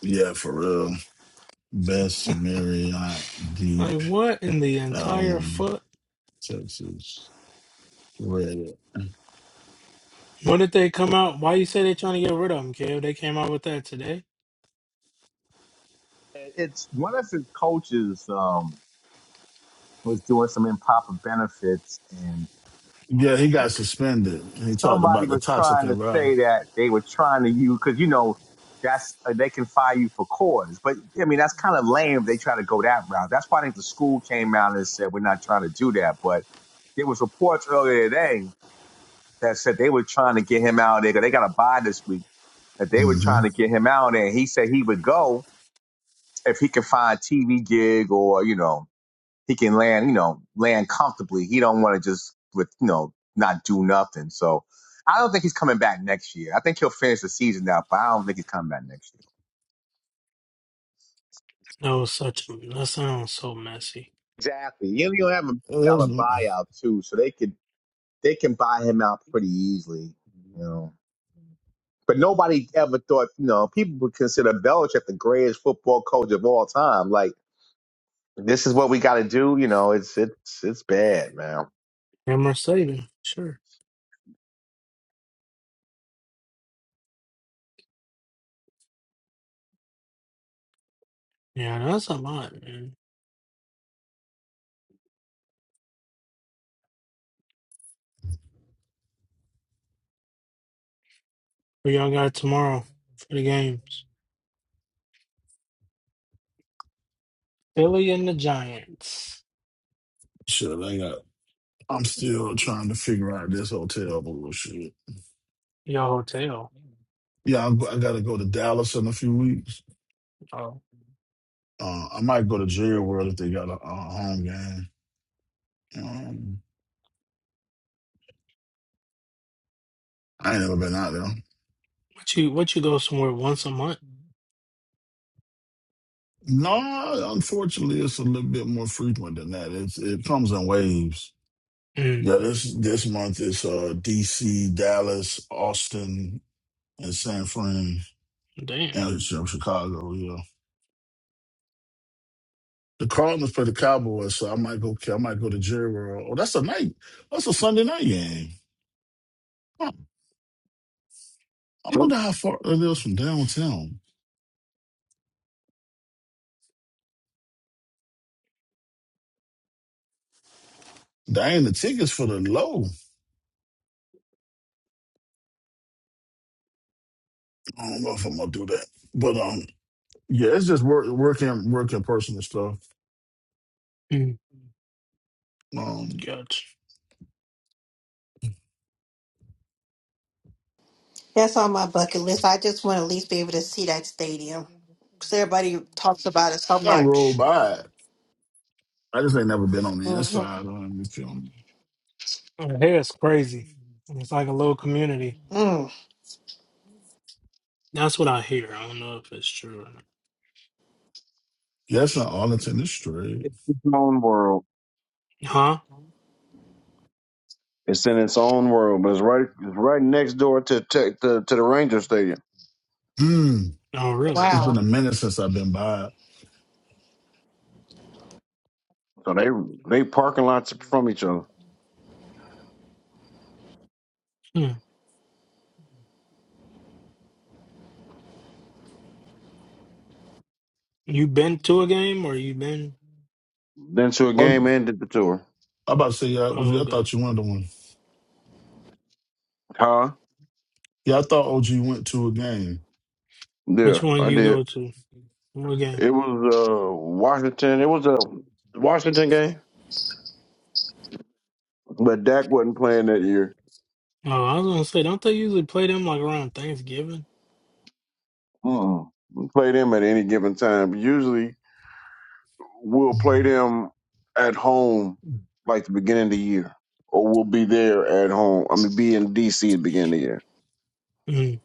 Yeah, for real. Best Marriott deep.
Like what in the entire
Um,
foot?
Texas. Red.
When did they come out? Why you say they trying to get rid of him, Kev? They came out with that today?
It's one of his coaches um, was doing some improper benefits, and.
Yeah,
Oh,
he got
Lord.
suspended. And he talked
somebody
about the
was
toxic
trying to
environment.
say that they were trying to use because you know that's uh, they can fire you for cause, but I mean that's kind of lame. If they try to go that route. That's why I think the school came out and said we're not trying to do that. But there was reports earlier today that said they were trying to get him out of there. 'cause They got a buy this week that they were
Mm-hmm.
trying to get him out of there. He said he would go if he could find a TV gig or you know he can land you know land comfortably. He don't want to just with you know not so. I he'll finish the season out, but I don't think he's coming back next year.
That was such. That sounds so messy.
I'm a
Well,
dollar Bob
that's-
ridiculous, you know. But nobody ever thought, you know, people would consider Belichick the greatest football coach of all time. Like, this is what we got to do, you know. It's it's it's bad, man.
Yeah, Mercedes. Sure. Yeah, no, that's a lot, man. Who y'all got tomorrow for the games? Philly and the Giants.
Shit, I got. I'm still trying to figure out this hotel bullshit.
Your hotel.
Yeah, I'm, I got to go to Dallas in a few weeks.
Oh,
Uh, I might go to Jerry World if they got a, a home game. Um, I ain't never been out there.
what you what you go somewhere once a month?
No, unfortunately, it's a little bit more frequent than that. It's, it comes in waves.
Mm,
Yeah, this this month is uh, D.C., Dallas, Austin, in San Fran,
damn.
and Chicago. You know, the Cardinals play the Cowboys, so I might go. I might go to Jerry World. Oh, that's a night. That's a Sunday night game. Huh. I wonder how far it is from downtown. Dang, the tickets for the low. I don't know if I'm gonna do that, but um, yeah, it's just work, working, working personal stuff.
Mm,
Um,
gotcha.
That's on my bucket list. I just want to at least be able to see that stadium because everybody talks about it so
I don't roll
much.
by it. I just ain't never been on the
hmm
inside. Um, if you
Well, Here it's crazy. It's like a little community.
Mm,
That's what I hear. I don't know if it's true or not.
yeah, it's not Arlington. It's straight.
It's its own world.
Huh?
It's in its own world, but it's right, it's right next door to tech, to, to the Ranger Stadium.
Mm,
Oh, really?
it's
wow.
been a minute since I've been by
So they they parking lots from each other.
Hmm. You been to a game or you been?
Then to a
it.
game and did the tour,
I'm about to say, yeah, was
Oh,
you, I
okay.
thought you wanted the one.
huh?
Yeah, I thought OG went to a game.
Yeah,
Which one
I
you
did.
go to? What game?
It was uh Washington. It was a Washington game, but Dak wasn't playing that year.
Oh, I was gonna say, don't they usually play them like around Thanksgiving?
Mm-mm. We Played him at any given time. Usually, we'll play them at home, like the beginning of the year, or we'll be there at home. I mean, be in DC at the beginning of the year.
Mm.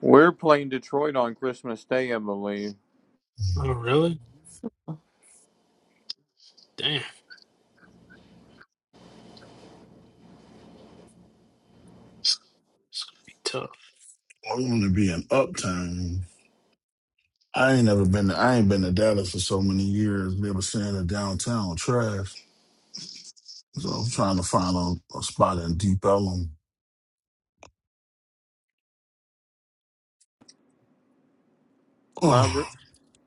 We're playing Detroit on Christmas Day, I believe.
Oh, really? Damn, it's gonna be tough.
I want to be in Uptown. I ain't never been to, I ain't been to Dallas for so many years. Never seen a downtown trash. So I'm trying to find a, a spot in Deep Ellum.
My
Oh,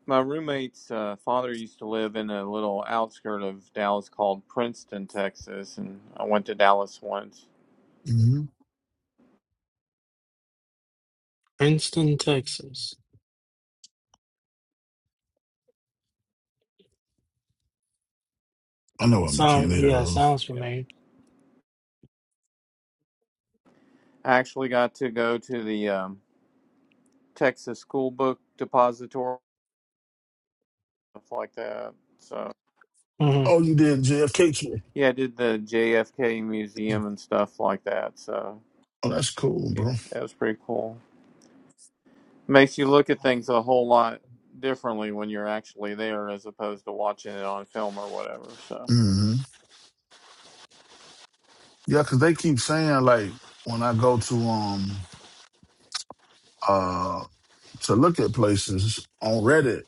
my roommate's uh, father used to live in a little outskirt of Dallas called Princeton, Texas, and I went to Dallas once.
mhm.
Princeton, Texas.
I know I'm in
Sound
Canada.
yeah,
Hill.
sounds
Yeah,
familiar.
I actually got to go to the um, Texas School Book Depository, stuff like that. So
hmm
Oh, you did JFK
yeah, I did the JFK
trip.
Museum and stuff like that. So
Oh, that's cool,
yeah,
bro.
that was pretty cool. Makes you look at things a whole lot differently when you're actually there as opposed to watching it on film or whatever. So,
hmm Yeah, because they keep saying like when I go to um uh, to look at places on Reddit,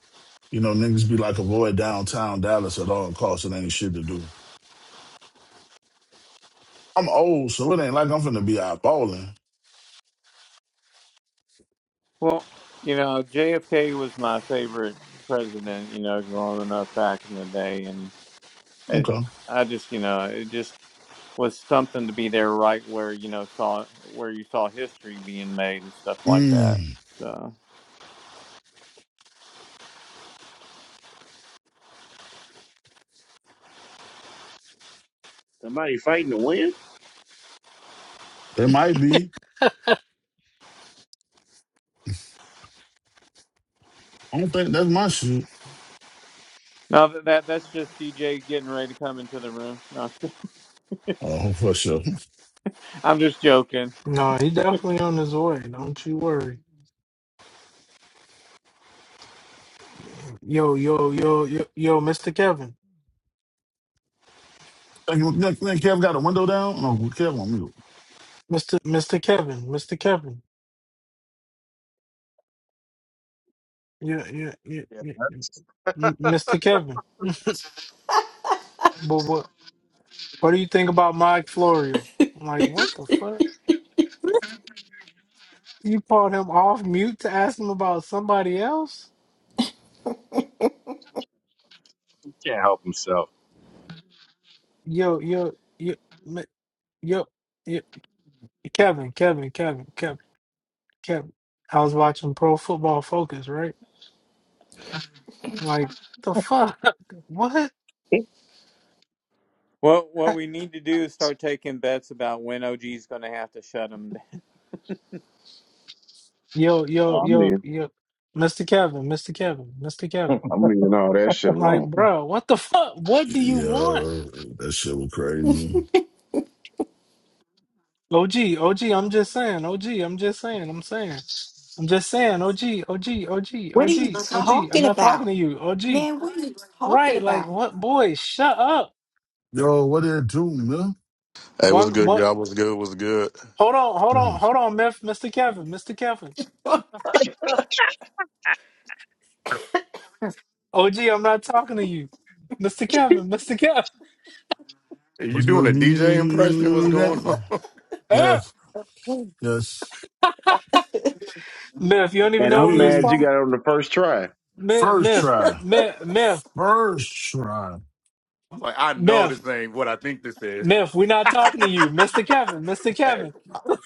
you know, niggas be like avoid downtown Dallas at all costs. It ain't shit to do. I'm old, so it ain't like I'm finna be eyeballing.
well, you know, JFK was my favorite president, you know, growing up back in the day. And it,
Okay.
I just, you know, it just was something to be there right where, you know, saw where you saw history being made and stuff like
Mm,
that. So,
Somebody fighting to win?
it might be. I don't think that's my shit.
no, that, that that's just DJ getting ready to come into the room. No, I'm just
Oh, for sure.
I'm just joking.
No, he definitely on his way. Don't you worry. Yo, yo, yo, yo, yo, Mr. Kevin,
Think, think think Kev got a window down? No, Kev on mute.
Mr. Mr. Kevin, Mr. Kevin. Yeah, yeah, yeah, yeah. yeah. M- Mr. Kevin. But what, what do you think about Mike Florio? I'm like, what the fuck? You called him off mute to ask him about somebody else?
So
Yo, yo, yo, mi- yo, yo. Kevin, Kevin, Kevin, Kevin, Kevin. I was watching Pro Football Focus, right? Like the fuck, what?
What what
I-
we need to do is start taking bets about when OG's going to have to shut him down.
Yo,
Oh,
yo,
I'm
yo,
leaving.
yo, Mr. Kevin, Mr. Kevin, Mr. Kevin.
I'm leaving all that shit
Like,
alone.
bro, what the fuck? What do you want?
Yeah, that shit was crazy.
OG, OG. I'm just saying. OG, I'm just saying. I'm saying. I'm just saying. OG, OG, OG,
What are
OG,
you
OG. I'm
talking
not talking
about?
to you. OG.
Man, what are you talking
Right? Like,
about?
what? Boy, shut up.
Yo, what did it do, man?
Hey, what's
One,
good,
one.
y'all? What's good? What's good?
Hold on, hold on,
Goodness.
hold on, Mif- Mr. Kevin, Mr. Kevin. OG, I'm not talking to you. Mr. Kevin, Mr. Kevin.
Hey, You
What you,
doing a
you,
DJ impression? What's
you, you got?
going on?
Ah!
Yes, yes.
Myth, you don't even
And
You-
know what
I'm
we
you-
was
mad
you-
you
talking.
got it on the first try.
Myth,
First
myth,
try.
myth, myth,
First try.
I'm like, I know
myth,
this ain't what I think this is.
myth. We're not talking to you, Mr. Kevin, Mr.
Hey,
Kevin,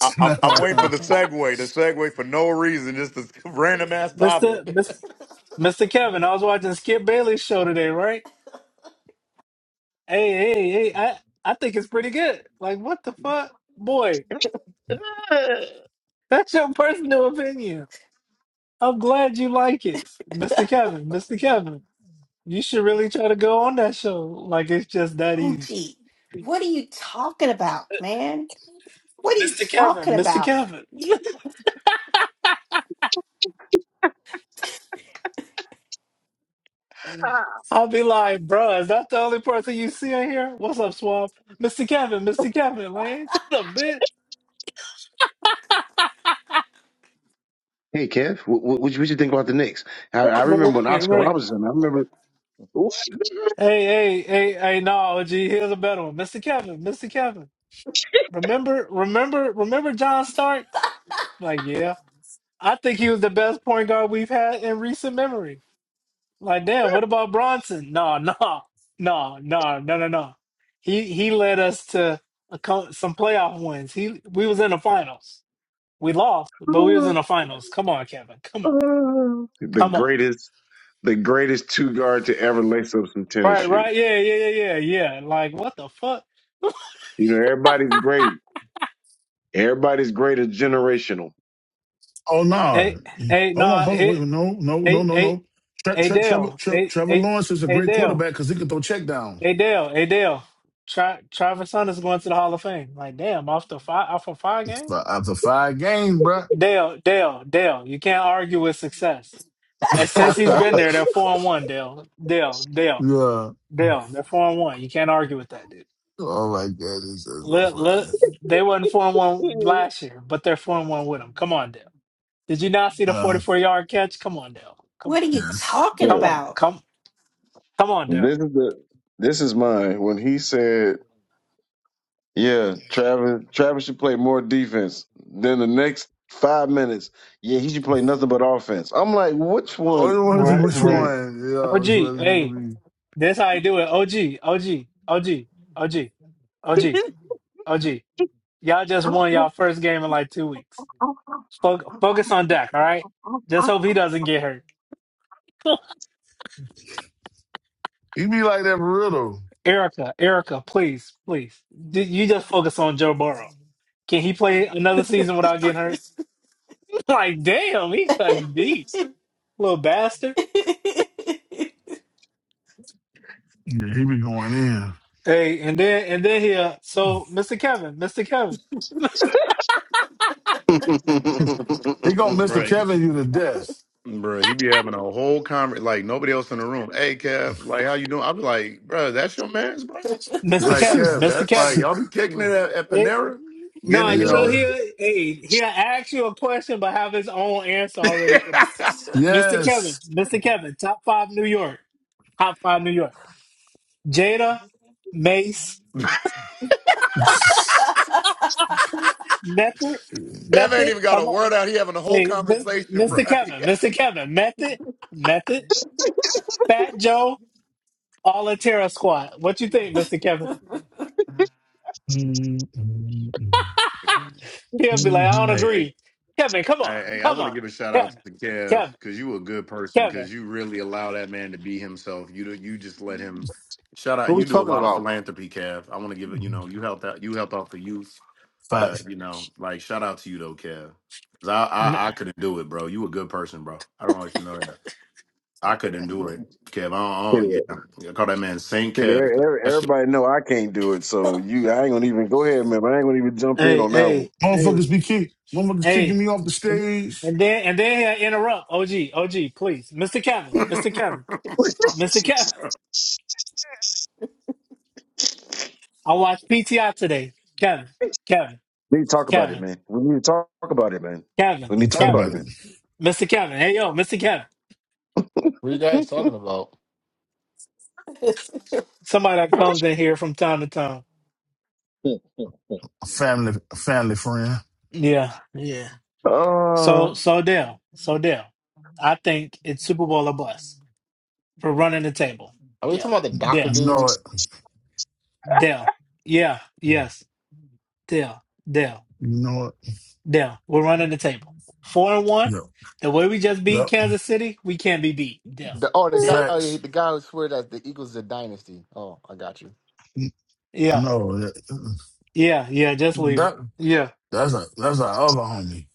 I, I'm, I'm waiting for the segue. The segue for no reason, just a random ass
Mr.
topic.
Mr. Mr. Kevin. I was watching Skip Bailey's show today, right? Hey, hey, hey. I I think it's pretty good. Like, what the fuck, boy? That's your personal opinion. I'm glad you like it, Mr. Kevin, Mr. Kevin. You should really try to go on that show. Like, it's just that easy.
OG, what are you talking about, man? What are you
Mr.
talking
Kevin, Mr.
about?
Kevin. I'll be like, bruh, is that the only person you see in here? What's up, Swamp? Mr. Kevin, Mr. Kevin, man. a bit.
Hey, Kev, what, what, you what you think about the Knicks? I, I remember when
Right,
Oscar
right.
Robertson. I remember
Hey, hey, hey, hey, no, G, here's a better one. Mr. Kevin, Mr. Kevin. Remember, remember, remember John Starks? Like, yeah. I think he was the best point guard we've had in recent memory. Like, damn, what about Bronson? No, no, no, no, no, no, no. He he led us to a, co- some playoff wins. He we was in the finals. We lost, but we was in the finals. Come on, Kevin. Come on.
the
Come on.
greatest, the greatest two guard to ever lace up some tennis
Right,
shoes.
right. Yeah, yeah, yeah, yeah, yeah. Like, what the fuck?
You know, everybody's great. Everybody's great is generational.
Oh no!
Hey, hey,
Hold on,
nah,
hold on. Wait,
hey,
no, no, no,
hey,
no,
hey,
no. Tre-
hey,
Tre- Trevor,
Dale,
Tre-
hey,
Trevor
hey,
Lawrence is a
hey,
great
Dale,
quarterback because he can throw checkdowns.
hey, Dale, hey, Dale. Tra- Travis Hunter's going to the Hall of Fame. Like, damn, off the five, off of five games.
F- After five games, bruh.
Dale, Dale, Dale, you can't argue with success. And since he's been there, they're four and one, Dale. Dale, Dale,
yeah.
Dale, they're four and one. You can't argue with that, dude.
Oh my god, this is so
Look,
funny.
look, they wasn't four and one last year, but they're four and one with him. Come on, Dale. Did you not see the
Yeah.
forty-four yard catch? Come on, Dale. Come on,
What are you
Yes.
talking
come
The,
on,
about?
come, come on, Dale.
this is the this is mine. When he said, "Yeah, Travis, Travis should play more defense." Then the next five minutes, yeah, he should play nothing but offense. I'm like, which one
What was it?
Right,
Which
is
right.
one? Yeah,
OG,
which one is it
hey,
gonna be?
this how you do it. OG, OG, OG, OG, OG,
it?
OG. Y'all just won y'all first game in like two weeks. Fo- Focus on Dak, all right? Just hope he doesn't get hurt.
He be like that for real though.
Erica, Erica, please, please. D- You just focus on Joe Burrow. Can he play another season without getting hurt? like, damn, he cutting deep, little bastard.
Yeah, he be going in.
Hey, and then and then here, so Mr. Kevin, Mr. Kevin,
He gonna Mr.
Right,
Kevin you to death.
bro. He be having a whole conversation, like nobody else in the room. Hey, Kev, like how you doing? I'll be like, bro, that's your man's, bro.
Mr.
Like,
Kevin,
Kev,
Mr.
that's like
Kevin.
y'all be kicking it at, at
Eh,
Panera,
no,
getting it, you
you know
know.
yeah.
he hey he'll ask you a question but have his own answer already.
Kev
Mr. Kevin,
Yes.
Mr. Kevin, top five New York, top five New York. Jada, Mace, Method,
Facts.
ain't
Method.
even got a
Come on,
word out. He having a whole
hey,
conversation, bro.
Mr. Kevin, Mr. Kevin, Method, Method, Fat Joe, all a Terra squad. What you think, Mr. Kevin? He'll be like, I don't agree. Kevin, come
Hey,
on,
hey, I
come
want to
on,
give a shout out
Kevin,
to Kev
Kevin,
because you a good person
Kevin.
because you really allow that man to be himself. You do, you just let him. Shout
Who
out,
we
you do a
talking
lot of
about?
philanthropy, Kev. I want to give it. You know, you helped out. You helped out the youth. That you know, like shout out to you though, Kev. 'Cause I,
M-
I I couldn't do it, bro. You a good person, bro. I don't want you to know that. I couldn't do it, Kev. I don't, I
Anyway,
don't- yeah. I call that man Saint
Shit,
Kev.
er- er-
That shit.
Everybody know I can't do it, so you, I ain't gonna even go ahead, man. But I ain't gonna even jump in
Hey,
on that
hey,
one.
hey,
Motherfuckers be kicked. Motherfuckers kicking
hey.
me off the
And,
stage.
and then and then he'll interrupt. OG, OG, please. Mr. Kevin, Mr. Kevin, Mr. Kevin. I watched PTI today. Kevin, Kevin,
we need to talk about it,
Kevin,
man. We need to talk about it, man. We
Kevin,
You
need to talk
talk
about
Kevin.
about
it,
it.
man.
Mr. Kevin. Hey, yo, Mr. Kevin.
What are you guys talking about?
Somebody that comes in here from time to time.
A family, a family friend.
Yeah, yeah. So,
uh,
so Dale, so Dale, I think it's Super Bowl or bust for running the table.
Are we talking
Dale,
about the doctor
Dale,
You know
dude?
it.
Dale. Yeah,
You
yes, Dale, Dale,
know it.
Dale. We're running the table. Four and one.
Yep.
The way we just beat
Yep.
Kansas City, we can't be beat. Dale,
The, oh, the
Dale.
guy. Oh, yeah,
Facts.
the guy who swear that the Eagles is a dynasty. Oh, I got you.
Yeah,
No, that,
yeah, yeah. Just leave it.
that-
Yeah,
that's a that's our other homie.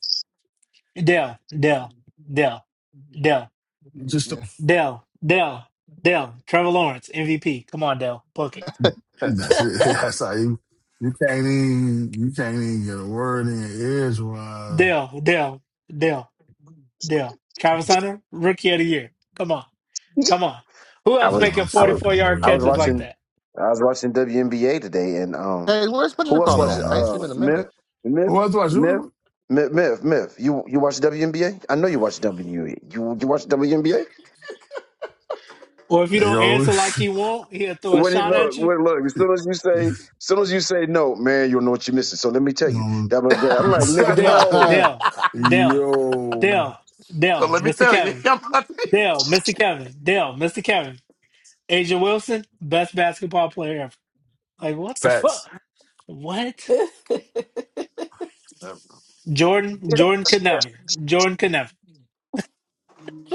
Dale, Dale, Dale, Dale.
Just
Yeah.
Dell, Dell, Dell, Trevor Lawrence, MVP. Come on, Dell, book it.
that's it. That's how you you can't even you can't even get a word in your ears. Why?
Dell, Dell, Dell, Dell. Travis Hunter, Rookie of the Year. Come on, come on. Who
I
else
Man,
was,
making
I'm
I was,
44
fucking
yard
with
I was
catches like
him.
watching,
that?
I was watching WNBA today, and um,
Hey, where's what
who
you
You
else
call it
watches?
at? I
know.
ain't seen him
Uh,
in a
Myth,
minute.
Myth,
Who else watch?
Myth,
Who-
Myth, Myth, Myth. You you watch WNBA? I know you watch WNBA. You you watch WNBA?
Or if you don't
Yo,
answer like he won't, he'll throw a
When it
shot
look,
at you.
when look, as soon as you say, as soon as you say no, man, you'll know what you're missing. So let me tell you,
um,
that was that. I'm like, nigga,
Dell,
no.
Dell, Dell,
yo,
Dell,
so
Dell,
let me
Mr.
tell you,
Kevin.
I'm about
Dell, Mr. Kevin. Dell, Mr. Kevin. Asia Wilson, best basketball player ever. Like, what the fuck?
facts.
What? Jordan,
Yeah.
Jordan could never. Jordan could never.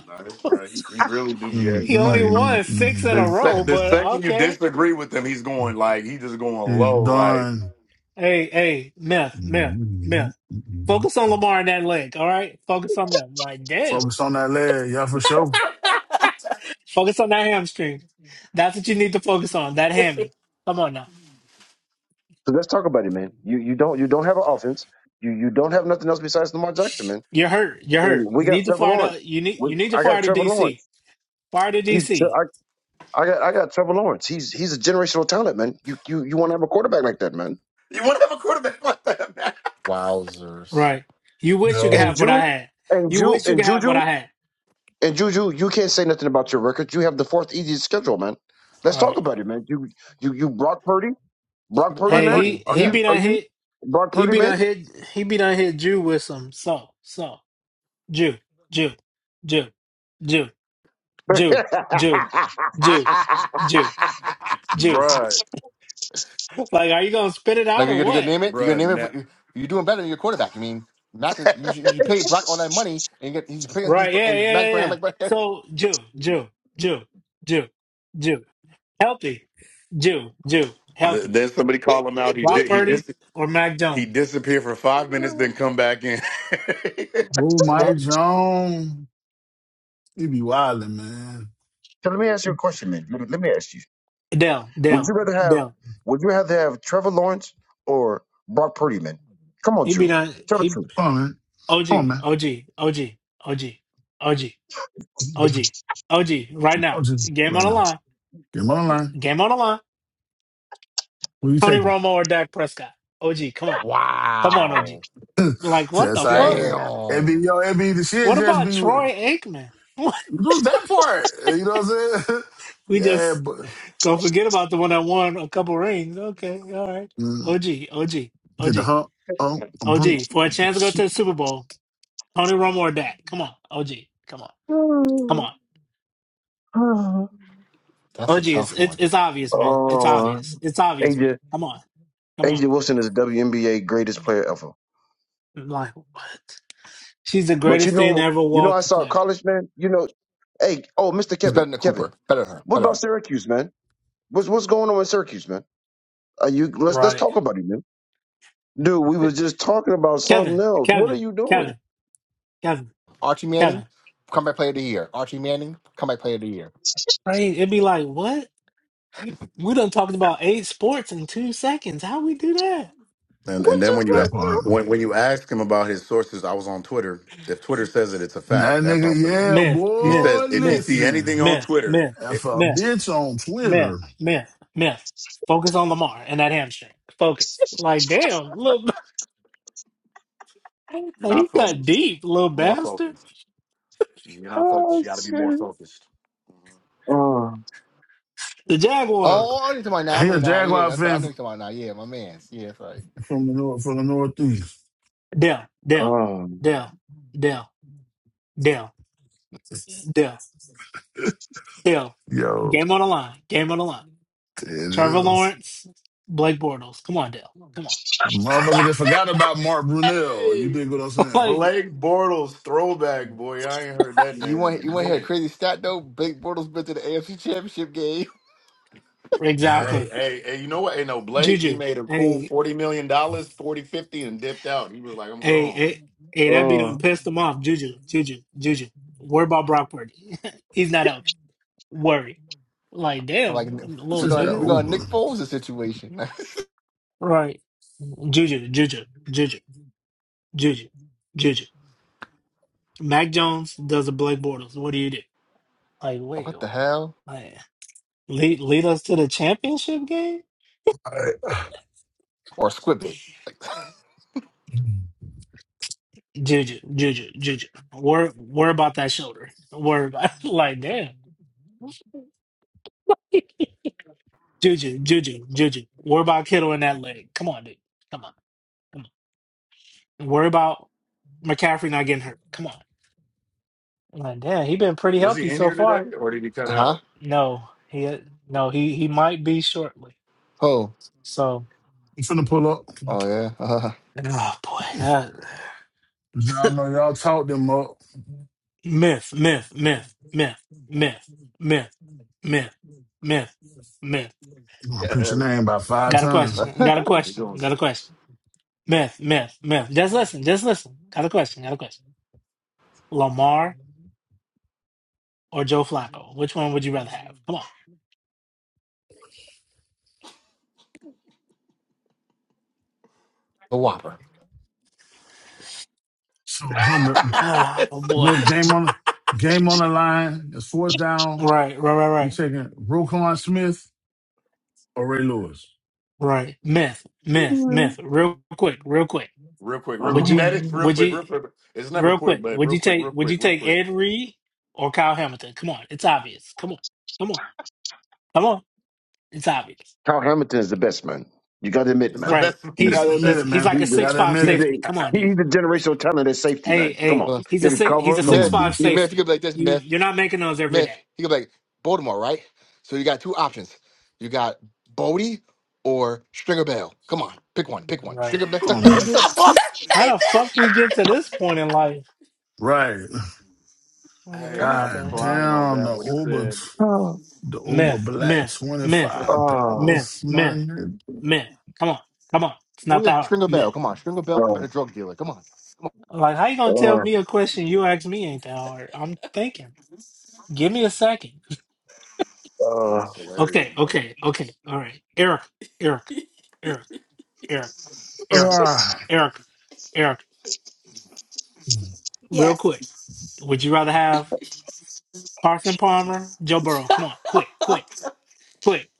Nah, this bro, he, he really do be
Mm,
acting
He only
like
mm, mm,
won six in
the,
a
mm,
row,
sec- the
but
mm.
second you
okay.
disagree with him, he's going like he just going
He's
low. Like
done.
Hey, hey, myth, myth,
Mm, mm,
myth.
mm.
Focus on Lamar and that leg, all right? Focus on them. Like, damn.
Focus on that leg, yeah, for sure.
Focus on that hamstring. That's what you need to focus on. That hammy. Come on now.
So let's talk about it, man. You you don't you don't have an offense. You you don't have nothing else besides Lamar Jackson, man.
You're hurt. You're
And
hurt.
we
You need
got
to
Trevor
fire
Lawrence.
the you need
We,
you need to
I
fire
got
the
Trevor
DC.
Lawrence.
Fire the
He's
DC.
I, I got I got Trevor Lawrence. He's he's a generational talent, man. You you you want to have a quarterback like that, man.
you want to have a quarterback like that, man?
Wowzers.
Right. You wish you could
Yo,
And
have what
Ju
I had.
and
You
Ju
wish you
and
could have what
Juju
I had.
and Juju, you can't say nothing about your record. You have the fourth easiest schedule, man.
All
Let's talk
right.
about it, man. You you you block Purdy. Brock Purdy,
Black
Hey,
man?
he
party,
Are
he
yeah.
you
be
are
done
you
hit
Brock
he
Purdy,
be
man?
done hit he be done hit Jew with some so so. Jew, Jew, Jew, Jew, Jew, Jew, Jew, Jew, Jew.
Bruh,
Like, are you gonna spit it
like you're
out
gonna,
or what?
name it? You're
bruh.
gonna name it
Nah.
for you you're doing better than your quarterback. I mean, Mac is you, you you pay Brock all that money and you get, he's playing he's
Right? Yeah,
and
yeah,
Mac's
yeah,
playing
yeah.
like Brock.
So Jew, Jew, Jew, Jew, Jew, healthy, Jew, Jew,
Th-
healthy.
Then somebody call him out. He
Brock
did. He
Purdy
dis-
or Mac
He
Jones?
disappeared for five minutes, then
so
come back in.
oh
Huh?
Mike Jones? He be wildin', man.
let me ask you a question, man. Let me, let me ask you:
Dell,
Would
Dell,
you rather have
Dell.
Would you rather have Trevor Lawrence or Brock Purdy, man? Come on,
He be
Drew.
done.
Tell the
He
Come on, man.
OG,
Come on, man.
OG, OG, OG, OG, OG,
Mm.
OG. Right now,
I'll just
game on
right
the
now.
line.
Get him on the line.
Game on the line.
Who you
Tony
taking?
Romo or Dak Prescott. OG, come on. Come on, OG.
Wow.
Like, what
That's
the
all
fuck?
right. It be
Damn.
yo, it be the shit.
What
Just
about
be.
Troy Aikman?
Do that part. You know what I'm saying?
we
yeah,
just
but
go forget about the one that won a couple rings. Okay, all right.
mm,
OG, OG, OG,
did the hump, hump, hump,
OG. For a chance to go to
shoot,
the Super Bowl, Tony Romo or Dak. Come on, OG. Come on. Come
truth.
on.
That's a
OG, it's,
tough
it's,
one.
it's obvious, man. It's
Oh,
obvious. It's obvious, man.
AJ
Come on. Come on.
AJ Wilson is WNBA greatest player ever.
like, what? She's the
But you
greatest thing that
know,
ever
you know, I
walked the
saw a
planet.
college man. You know, hey, oh, Mister
He's
Kevin,
better than
Kevin,
Cooper. Better than her.
what
Better than
about
her.
Syracuse, man? What's what's going on in Syracuse, man? Are you let's let's
Right.
talk about it, man. Dude, we was just talking about something
Kevin,
else. What
Kevin,
are you doing?
Kevin, Kevin.
Archie Manning,
Kevin.
comeback player of the year. Archie Manning, comeback player of the year.
Right? It'd be like, what? We done talked about eight sports in two seconds. How we do that?
and
What
and then
just
when you a-
that part.
when when you ask him about his sources, I was on Twitter. If Twitter says it, it's a fact.
That
That's all.
nigga,
for me.
yeah,
Myth,
He
myth,
boy,
says if he
myth,
see anything
listen.
on
myth,
Twitter,
myth,
If
it,
a
myth,
bitch on
myth,
Twitter,
myth, myth. Focus on Lamar and that hamstring. Focus. Like, damn, little
you're
like he
not
got
focused.
deep, little
More
bastard.
focused. You're
happened?
not focused.
Oh
You got to be more
shit.
focused.
Oh,
The Jaguars.
Oh,
uh,
oh, I need to my now. I
he
remember
a
now. Yeah,
Jaguar
that's right.
fan
I know
f-
you're talking about now. Yeah, my man's. Yeah, that's right.
from the north, from the Northeast.
Dell, Dell,
oh,
Dell, Dell, Dell, Dell, Dell.
Yo,
Game on the line. Game on the line.
it
Trevor
is.
Lawrence, Blake Bortles. Come on, Dell. Come on.
Motherfucker just forgot about Mark Brunell. You
hey,
dig what I'm saying?
like,
Blake Bortles throwback boy. I ain't heard that
You
name in a
want you want to hear a
minute.
crazy stat though? Blake Bortles been to the AFC Championship game.
Yeah.
Hey,
Exactly.
hey, hey, you know what? Hey, no, Blake, he
Juju,
made a cool
hey,
$40 million, dollars, 40 50, and dipped out. He was like, I'm
hey,
gone.
hey, hey, that be done
oh,
pissed him off. Juju, Juju, Juju. Worry about Brock Purdy. He's not out. Worry. Like,
I'm
damn,
like,
It's
we're
little
just
gonna
that
we're
nigga.
gonna
Uber.
Nick Foles the situation.
Right. Juju, Juju, Juju, Juju, Juju. Mac Jones does a Blake Bortles. What do you do? Like, wait,
what the hell?
like, lead, lead us to the championship game?
All right,
Or Squibbit? Like,
Juju, Juju, Juju. Worry, worry about that shoulder. Worry about, like, damn. Juju, Juju, Juju. Worry about Kittle in that leg. Come on, dude. Come on. Come on. And Worry about McCaffrey not getting hurt. Come on. Man, damn, he been pretty
Was he
healthy
in
so
here
far.
today or did he cut
huh?
out?
No, he no, he he might be shortly.
Oh,
So
I'm finna pull up.
oh yeah. Uh,
oh boy. that-
'Cause Y'all know y'all talked them up.
myth, myth, myth, myth, myth, myth, myth, myth, myth.
I'm gonna put your name about five
Got a
times.
question. Got a
He
question.
goes
Got a question. Myth, myth, myth. Just listen. Just listen. Got a question. Got a question. Lamar or Joe Flacco? Which one would you rather have? Come on.
a whopper.
So no mi-
Ah, oh boy.
miss game on game on the line. It's fourth down.
Right, right, right,
You
right,
taking Roquan Smith or Ray Lewis?
right. Myth, myth, myth. Real quick, real quick.
real quick, real
Would
quick.
you?
That is
oh.
real
Would
quick,
you?
real quick. It's never
Real
quick,
quick.
but
Would
real
you
quick,
take?
real
Would
quick,
you
real
take
quick.
Ed Reed or Kyle Hamilton? Come on, it's obvious. Come on, come on, come on. It's obvious,
Carl Hamilton is the best man. You gotta admit,
It's the
man.
right?
best.
He's
He's
It's the
Gotta admit
he's
it,
best.
he's like a
It's
man.
he's the
six
the
Gotta
five
admit
best.
he's
it.
safety.
the
Come on,
he-
dude.
he's the generational talent at safety,
Hey,
man. Come
hey.
on.
Uh,
He's
He
a
could
six. He's a
cover.
Come
six
Myth,
on,
you,
five
man.
you Myth, you could
safety.
be like this,
You
Myth,
you're not making those every
Myth.
day.
You could be like Baltimore, right? So you got two options. You got Bodie or Stringer Bell. Come on, pick one, pick one.
Right.
Stringer Bell.
Come on, man.
Like, how the
Boss,
fuck we get to this point in life?
Right.
Like,
Hey,
what
I'm
the
God
hell?
crying on
damn
that
the
one. He
Uber
said,
t-
Oh,
the Uber
Myth,
black
myth,
twenty
myth,
five
oh,
myth,
dollars,
myth,
man.
myth. Come on, come on. It's
Oh
not
yeah,
that hard.
Stringer
Myth.
Bell. Come on, Stringer Bell,
oh,
better drug dealer. Come on, come on.
Like, how you gonna tell
oh,
me a question you asked me ain't that hard? I'm thinking. Give me a second.
oh, "That's hilarious,
Okay,
bro."
okay, okay. All right, Eric, Eric, Eric, Eric, Eric,
Ah,
Eric, Eric.
these
Real
yes.
quick. Would you rather have Carson Palmer, Joe Burrow? Come on, quick, quick, quick.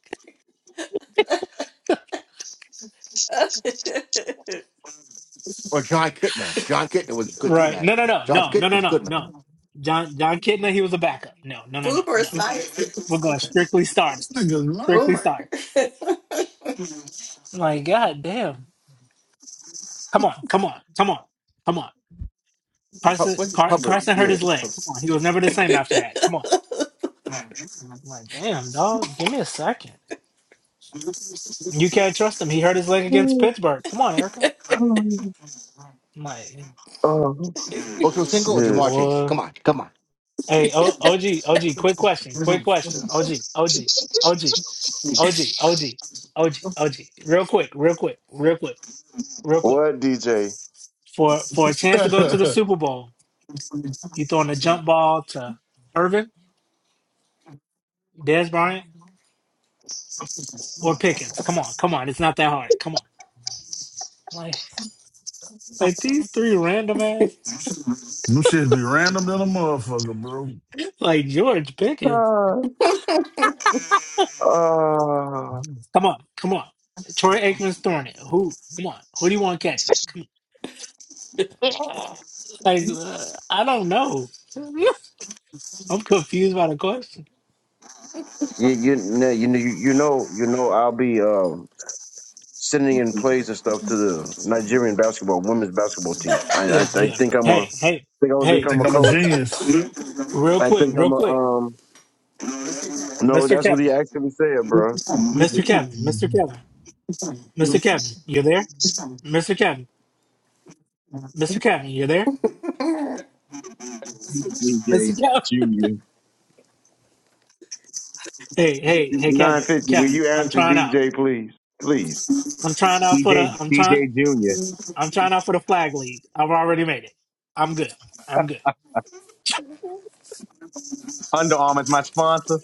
Or John Kitna. John Kitna was good too,
Right?
man.
No, no, no,
John
no, no,
Kitna
no,
was
no,
good,
no.
man.
John John Kidna, he was a backup. No, no, no, no,
Boomer
no.
science.
We're going strictly starters.
niggas
Strictly
Boomer.
lying.
starters. Like, god damn. Come on, come on, come on, come on.
Hu-
Carson
Was it
Car-
Hubbard?
Carson hurt
Yeah.
his leg. Come on. He was never the same after that. Come on. I'm like, damn, dog, give me a second. You can't trust him. He hurt his leg against
oh,
Pittsburgh. Come on, Erica. I'm like,
oh, oh.
Ultra single or
shit.
Jamar Chase?
boy.
Come on, come on.
Hey, o- OG, OG, quick question. Quick question. OG, OG, OG, OG, OG, OG, OG. Real quick, real quick, real quick, real quick.
What DJ?
For for a chance to go to the
Them
Super Bowl, You throwing a jump ball to Irvin, Dez Bryant, or Pickens. Come on, come on. It's not that hard. Come on. Like like these three random ass
shits be random than a motherfucker, bro.
like George Pickens.
Ah, ah.
Come on, come on. Troy Aikman's throwing it. Who? Come on. Who do you want catching it? Come on. Like uh, I don't know. I'm confused by the question.
You you know you know you know you know I'll be um sending in plays and stuff to the Nigerian basketball women's basketball team. I I,
Yeah,
I
yeah.
think I'm a
Hey, hey,
think I'm gonna
hey.
become
Think
a
I'm a
coach.
genius.
Real
I
quick,
think I'm
real
a
quick.
um no
Mr.
that's what he
Kevin.
actually said, bro.
Mr. Kevin. Mr.
Mhm.
Kevin. Mr. Kevin. You there? Mr. Kevin. Mr. Kevin. You there?
DJ,
Mr. Kevin. Hey, hey, hey,
Nine
Kevin,
fifty. Will
Kevin,
you
I'm
answer
trying out.
DJ please please?
I'm trying out for the.
DJ,
I'm trying.
DJ Junior.
I'm trying out for the flag league. I've already made it. I'm good. I'm good.
Under Armour is my sponsor.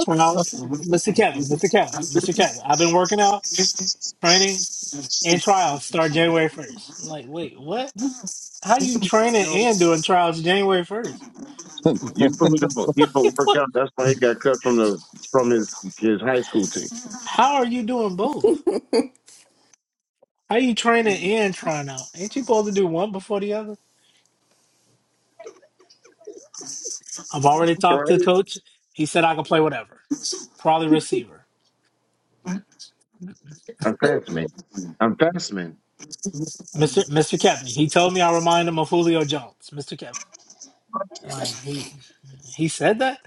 Tryouts, Mr. Kevin, Mr. Kevin, Mr. Kevin. I've been working out, training, and trials start January first. I'm like, wait, what? How you training
No.
and doing trials January first?
You put me to he don't work
What?
out. That's why he got cut from the from his his high school team.
How are you doing both? How you training and trying out? Ain't you supposed to do one before the other? I've already talked to
Right.
the coach. He said I can play whatever, probably receiver.
I'm fast man. I'm fast man.
Mr. Mr. Kevin. He told me I remind him of Julio Jones. Mr. Kevin. Like he he said that?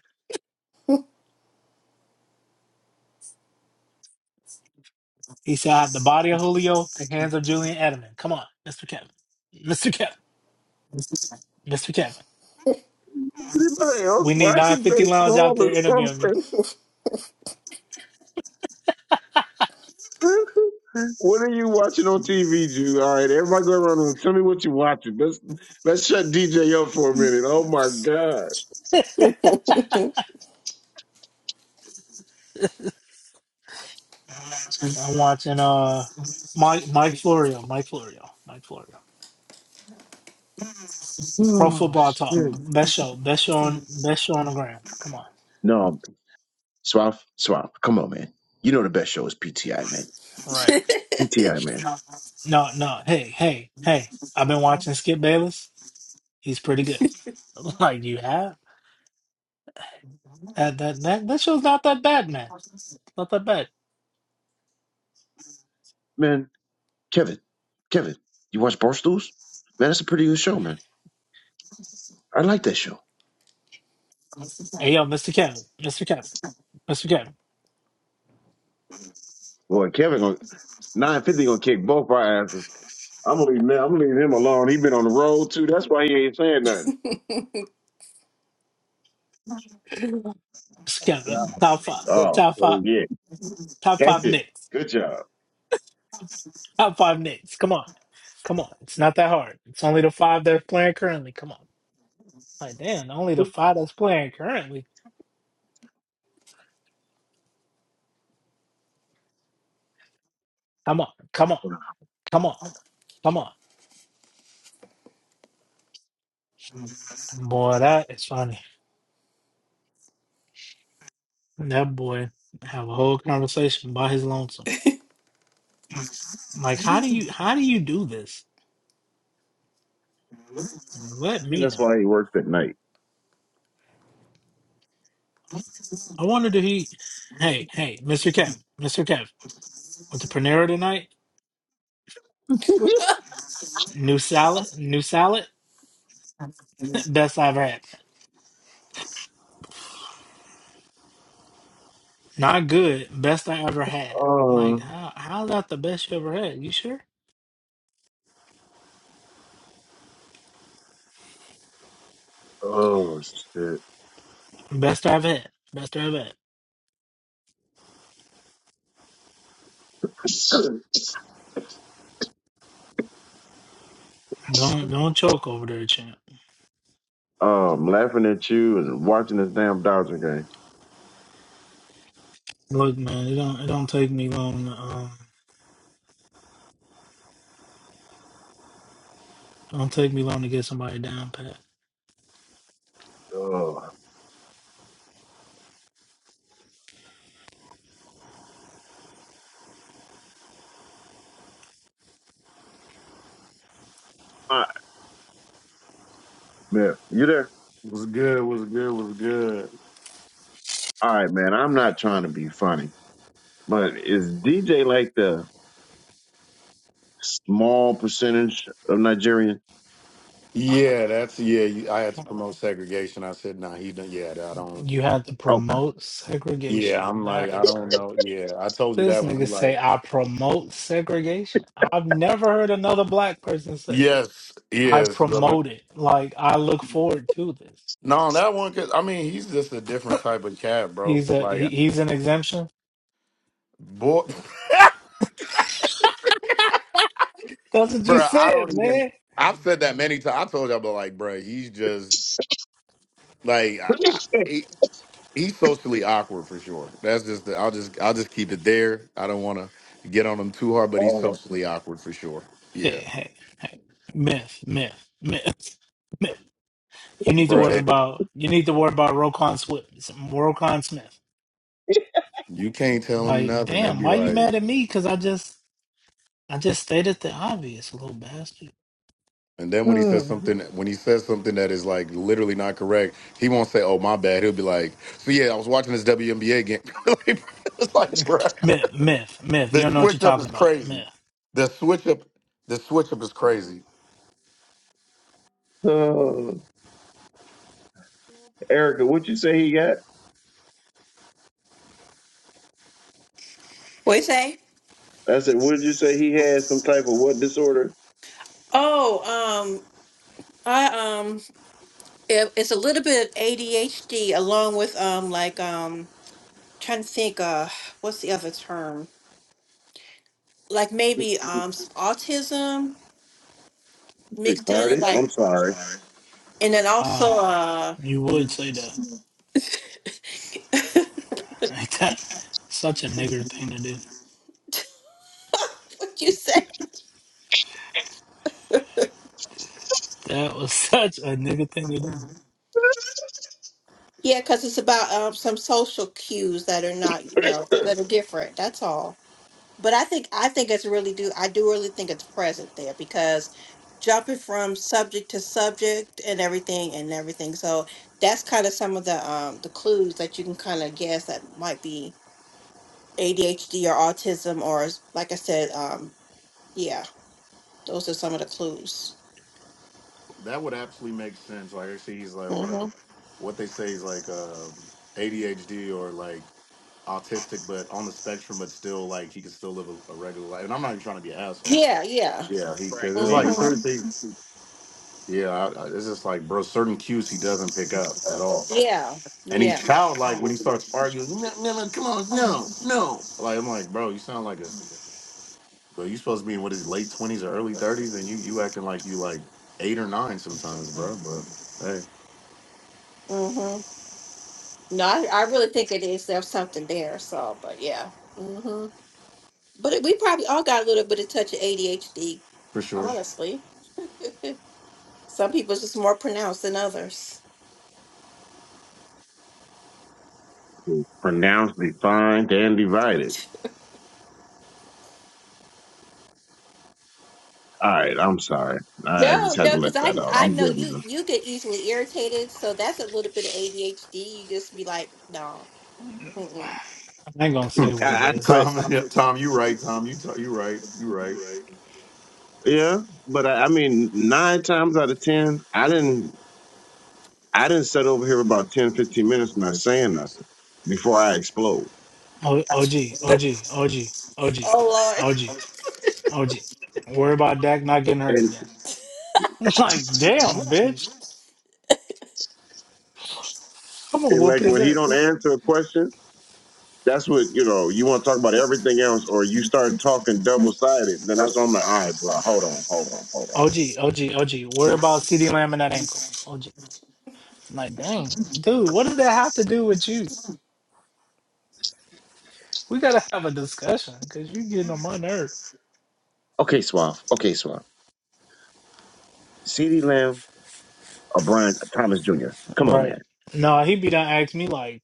He said I have the body of Julio, the hands of Julian Edelman. Come on, Mr. Kevin. Mr. Kevin. Mr. Kevin. We need
Why did
950 Lounge out
baseball
there
or
interviewing
something?
me. Hmm.
What are you watching on TV, Jew? All right, everybody go around the room. Tell me what you watching. Let's let's shut DJ up for a minute. Oh my God.
I'm watching uh Mike Mike Florio. Mike Florio. Mike Florio. Pro
Oh
football talk.
shit.
Best show. Best show on best show on the ground. Come on.
No, Swaff, Swaff. Come on, man. You know the best show is PTI, man.
Right.
PTI, man.
No, no. Hey, hey, hey. I've been watching Skip Bayless. He's pretty good. Like you have? That that that, that show's not that bad, man. Not that bad.
Man, Kevin, Kevin, you watch Barstools? Man, that's a pretty good show, man. I like that show.
Hey yo, Mr. Kevin, Mr. Kevin, Mr. Kevin,
Boy, Kevin gonna nine fifty gonna kick both our asses. I'm gonna leave. I'm gonna leave him alone. He been on the road too. That's why he ain't saying nothing.
Mr. Kevin, top five,
Oh
top
Yeah,
five,
yeah.
top five
That's it.
Knicks,
Good job.
top five Knicks. Come on, come on. It's not that hard. It's only the five that's playing currently. Come on, like damn, only the five that's playing currently. Come on, come on,
I
come on, come on. Boy, that is funny. That boy have a whole conversation by his lonesome. Like, how do you how do you do this? Let
think
me
that's
know.
why he worked at night.
I wonder did he Hey, hey, Mr. Kev, Mr. Kev, went to Panera tonight. New salad, new salad, best I ever had. Not good, best I ever had. Like
Oh,
how how's that the best you ever had? You sure?
oh shit.
Best I've had. Best I've had. Don't don't choke over there, champ.
Oh, I'm laughing at you and watching this damn Dodger game.
Look, man, it don't it don't take me long to, um don't take me long to get somebody down, Pat.
Oh, all right, man, you there?
Was good. Was good. Was good.
All right, man. I'm not trying to be funny, but is DJ like the small percentage of Nigerian?
Yeah, that's yeah. you- I had to promote segregation. I said, "Nah, he don't." Yeah, I don't.
You had to
Open.
promote
Yeah,
segregation.
I'm like,
That
I
is
don't
crazy.
know. Yeah, I told you
This
that one. I'm
nigga
like,
say I promote segregation. I've never heard another black person say
yes,
I
yes, but when,
promote it. Like I look forward to this.
no, on that one, cause I mean, he's just a different type of cat,
He's
bro.
a he,
Like,
he's an exemption.
boy,
That's what you
bro, I
said,
don't even.
man.
I've said that many times. I told y'all, but like, bro, he's just like, I, I- he's socially awkward for sure. That's just the, I'll just I'll just keep it there. I don't want to get on him too hard, but he's
Oh.
socially awkward for sure.
Hey,
Yeah,
hey, hey. Myth, myth, myth, myth. You need to
bro,
worry
it,
about you need to worry about Rokon Swift, Rokon Smith.
you can't tell him
Like,
nothing. It'd
damn,
be
why you
like,
mad at me? Because I just I just stated the obvious, little bastard.
and then when he says
Oh.
something, when he says something that is like literally not correct, he won't say, "Oh my bad." He'll be like, "So yeah, I was watching this WNBA game." Like, it's like, bro,
Myth, myth, myth. You
the
don't know what you're
switch up
talking
is
about.
crazy.
Myth.
The switch up, the switch up is crazy.
Oh. Erica, what'd you say he got?
What you say?
I said, what did you say he had? Some type of what disorder?
Oh, um, I um It, it's a little bit of ADHD along with um like um trying to think uh what's the other term? Like maybe um s- autism mixed in
Retarded.
like
I'm sorry.
and then
Wow.
also uh
You would say that. Like that such a nigger thing to do.
what you say?
That was such a nigger thing to do.
Yeah, because it's about um some social cues that are not you know that are different. That's all. But I think I think it's really do I do really think it's present there because jumping from subject to subject and everything and everything. So that's kind of some of the um the clues that you can kind of guess that might be ADHD or autism or s- like I said um yeah those are some of the clues.
That would absolutely make sense. Like I see he's like
hmm
whatever what they say is like um ADHD or like autistic but on the spectrum but still like he can still live a, a regular life. And I'm not even trying to be an asshole.
Yeah, yeah.
Yeah, he could
Frank,
it's like
baby.
hmm
certain things yeah, I, I, it's just like bro, certain cues he doesn't pick up at all.
Yeah,
And
yeah.
he's childlike when he starts arguing, no, no, no, come on, no, no. Like I'm like, bro, you sound like a bro, you supposed to be in what is it, late twenties or early thirties and you you acting like you like eight or nine sometimes, bro. But hey,
hmm No, I, I really think it is there's something there. So, but yeah. Mm-hmm. But we probably all got a little bit of touch of ADHD,
for sure.
honestly. Some people's just more pronounced than others.
Pronounced, defined, and divided. All right, I'm sorry. I, I just
No,
had
no,
to let
because I
that out.
I
I'm
know
good
you
enough.
you get easily irritated, so that's a little bit of ADHD. You just be like, no, mm-mm.
I ain't gonna
Hmm.
say what it
I, I,
is.
but
Tom, yeah, Tom, you right. Tom, you t- you right. You right.
yeah, but I, I mean, nine times out of ten, I didn't, I didn't sit over here about 10, 15 minutes not saying nothing before I explode.
O- OG, OG, OG, OG,
oh
OG, OG. Worry about Dak not getting hurt
And
again. like, damn,
Lord.
bitch. I'm gonna
and
whoop
like
his
when he
ass.
don't answer a question, that's what you know. You want to talk about everything else, or you start talking double sided. Then that's when I'm like, all right, bro, hold on, hold on, hold on.
OG, OG, OG. Worry about CD Lamb and that ankle. OG. Like, dang, dude, what does that have to do with you? We gotta have a discussion because you getting on my nerve.
Okay, Swaff. Okay, Swaff. Ceedee Lamb O'Brien Thomas Jr. Come on,
Right.
man.
No, he be done asked me like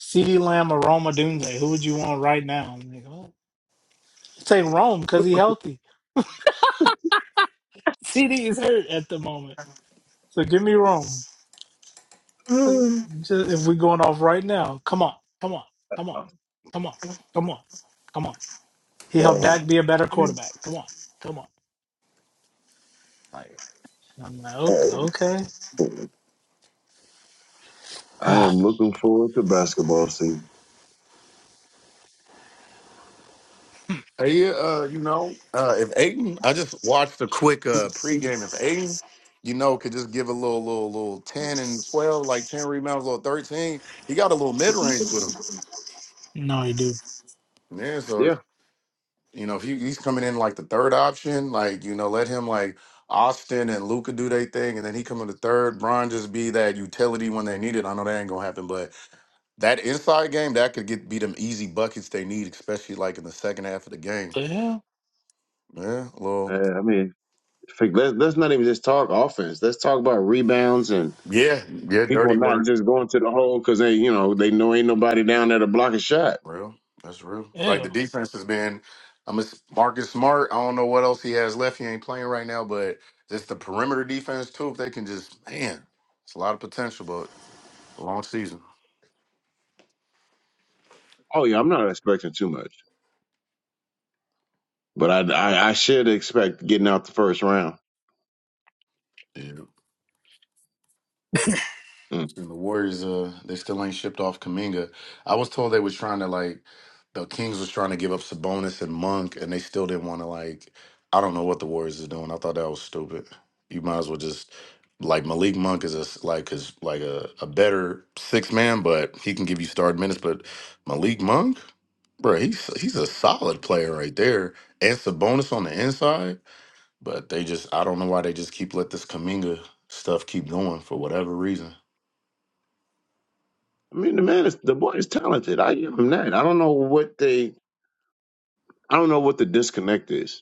CeeDee Lamb or Roma Dunze? Who would you want right now? I'm like, oh, I'll take Rome because he's healthy. CD is hurt at the moment. So give me Rome.
Mm.
Just, if we're going off right now, come on, come on, come on, come on, come on, come on. He helped Dak
Wow.
be a better
Man,
quarterback. Come on, come on. Like, I'm like, okay.
Oh,
okay.
I
Ah,
am looking forward to basketball season.
Hey, uh, you know, uh, if Aiden, I just watched a quick uh pregame. If Aiden, you know, could just give a little, little, little ten and twelve, like ten rebounds, little thirteen. He got a little mid range with him.
no, you do.
Yeah, so
Yeah,
you know, if he, he's coming in like the third option, like you know, let him like Austin and Luca do their thing, and then he come in the third. Bron just be that utility when they need it. I know that ain't gonna happen, but that inside game that could get be them easy buckets they need, especially like in the second half of the game.
The hell?
Yeah,
I
well,
I mean, let's let's not even just talk offense. Let's talk about rebounds and
yeah, yeah,
people
dirty
not
work,
just going to the hole because they, you know, they know ain't nobody down there to block a shot.
real. That's real. Like
Ew.
the defense has been. I'm a Marcus Smart. I don't know what else he has left. He ain't playing right now, but just the perimeter defense too. If they can just man, it's a lot of potential, but a long season.
Oh yeah, I'm not expecting too much, but I, I, I should expect getting out the first round.
Yeah.
Mm.
And the Warriors, uh, they still ain't shipped off Kaminga. I was told they was trying to like the Kings was trying to give up Sabonis and Monk, and they still didn't want to like. I don't know what the Warriors is doing. I thought that was stupid. You might as well just like Malik Monk is a s like is like a, a better six man, but he can give you start minutes. But Malik Monk, bro, he's he's a solid player right there, and Sabonis on the inside. But they just, I don't know why they just keep let this Kaminga stuff keep going for whatever reason.
I mean, the man is the boy is talented. I give him that. I don't know what they, I don't know what the disconnect is.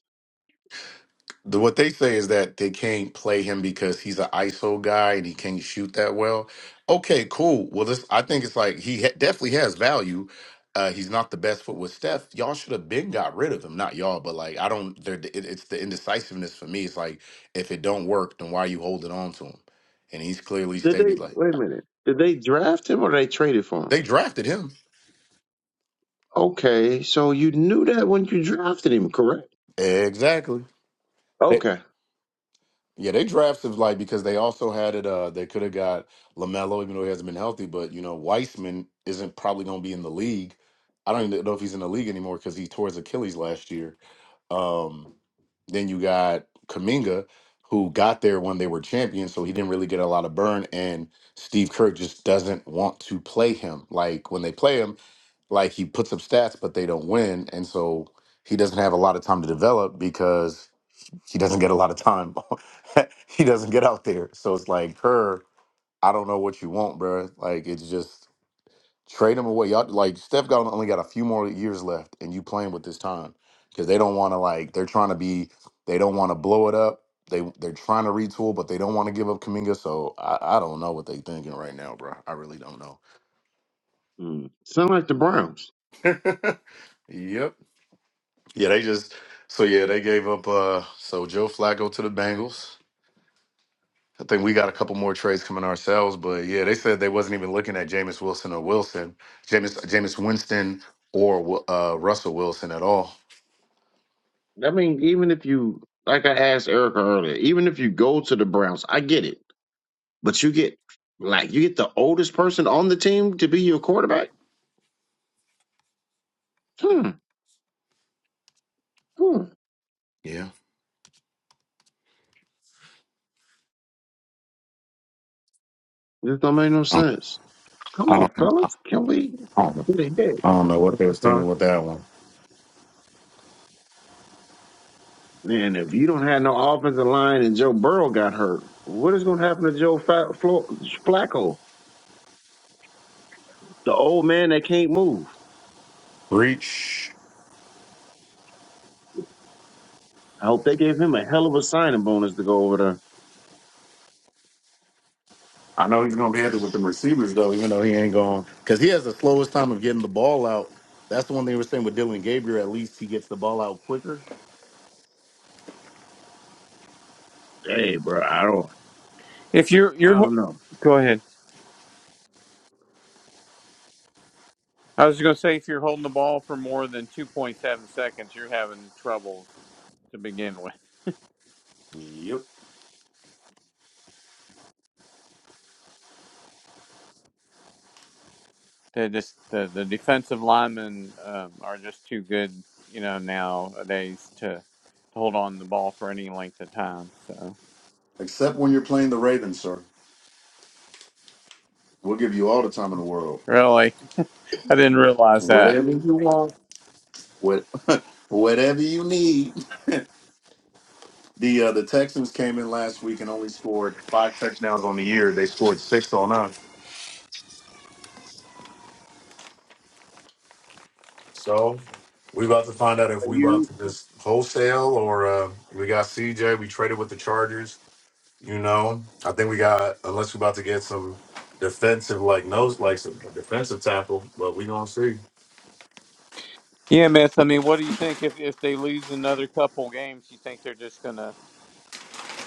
The, what they say is that they can't play him because he's an ISO guy and he can't shoot that well. Okay, cool. Well, this I think it's like he ha- definitely has value. Uh, he's not the best foot with Steph. Y'all should have been got rid of him, not y'all, but like I don't. There, it, it's the indecisiveness for me. It's like if it don't work, then why are you holding on to him? And he's clearly
Did they
stated like
wait a minute? Did they draft him or they traded for him?
they drafted him
Okay, so you knew that when you drafted him, correct?
exactly.
Okay.
Yeah, they drafted like because they also had it. Uh, they could have got Lamelo, even though he hasn't been healthy. But you know, Weissman isn't probably going to be in the league. I don't even know if he's in the league anymore because he tore his Achilles last year. Um, then you got Kaminga, who got there when they were champions, so he didn't really get a lot of burn. And Steve Kerr just doesn't want to play him. Like when they play him, like he puts up stats, but they don't win, and so he doesn't have a lot of time to develop because she doesn't get a lot of time. she doesn't get out there. So it's like her, I don't know what you want, bruh. Like it's just trade him away. Y'all like Steph got only got a few more years left and you playing with this time. Cause they don't wanna like they're trying to be they don't wanna blow it up. They they're trying to retool, but they don't want to give up Kaminga. So I, I don't know what they thinking right now, bro. I really don't know.
Hmm. Sound like the Browns.
yep. Yeah, they just so yeah, they gave up uh so Joe Flacco to the Bengals. I think we got a couple more trades coming ourselves, but yeah, they said they wasn't even looking at Jameis Wilson or Wilson, Jameis Jameis Winston or Wi- uh, Russell Wilson at all.
I mean, even if you like I asked Erica earlier, even if you go to the Browns, I get it. But you get like you get the oldest person on the team to be your quarterback? Hmm. hmm.
Yeah,
This don't make no
Um,
sense. Come
I
on,
don't,
fellas. Can we
I don't,
get ahead?
I don't know what they was thinking with that one.
And if you don't have no offensive line and Joe Burrow got hurt, what is going to happen to Joe Fa- Flo- Flacco, the old man that can't move?
Breach.
I hope they gave him a hell of a signing bonus to go over there.
I know he's gonna be happy with the receivers though, even though he ain't going because he has the slowest time of getting the ball out. That's the one they were saying with Dylan Gabriel. At least he gets the ball out quicker.
Hey, bro, I don't,
If you're you're
I don't
ho-
know.
go ahead. I was going to say if you're holding the ball for more than 2.7 seconds, you're having troubles to begin with.
Yep.
They just the, the defensive linemen um, are just too good, you know, nowadays to, to hold on to the ball for any length of time. So
Except when you're playing the Ravens, sir. We'll give you all the time in the world.
really, I didn't realize that.
Whatever you want. What, whatever you need. The uh, the Texans came in last week and only scored five touchdowns on the year. They scored six on us. So we about to find out if
Are
we about
you?
to just wholesale or uh, we got CJ. We traded with the Chargers. You know, I think we got unless we about to get some defensive like nose like some defensive tackle, but we gonna see.
Yeah, Miss. I mean, what do you think if if they lose another couple games? You think they're just gonna?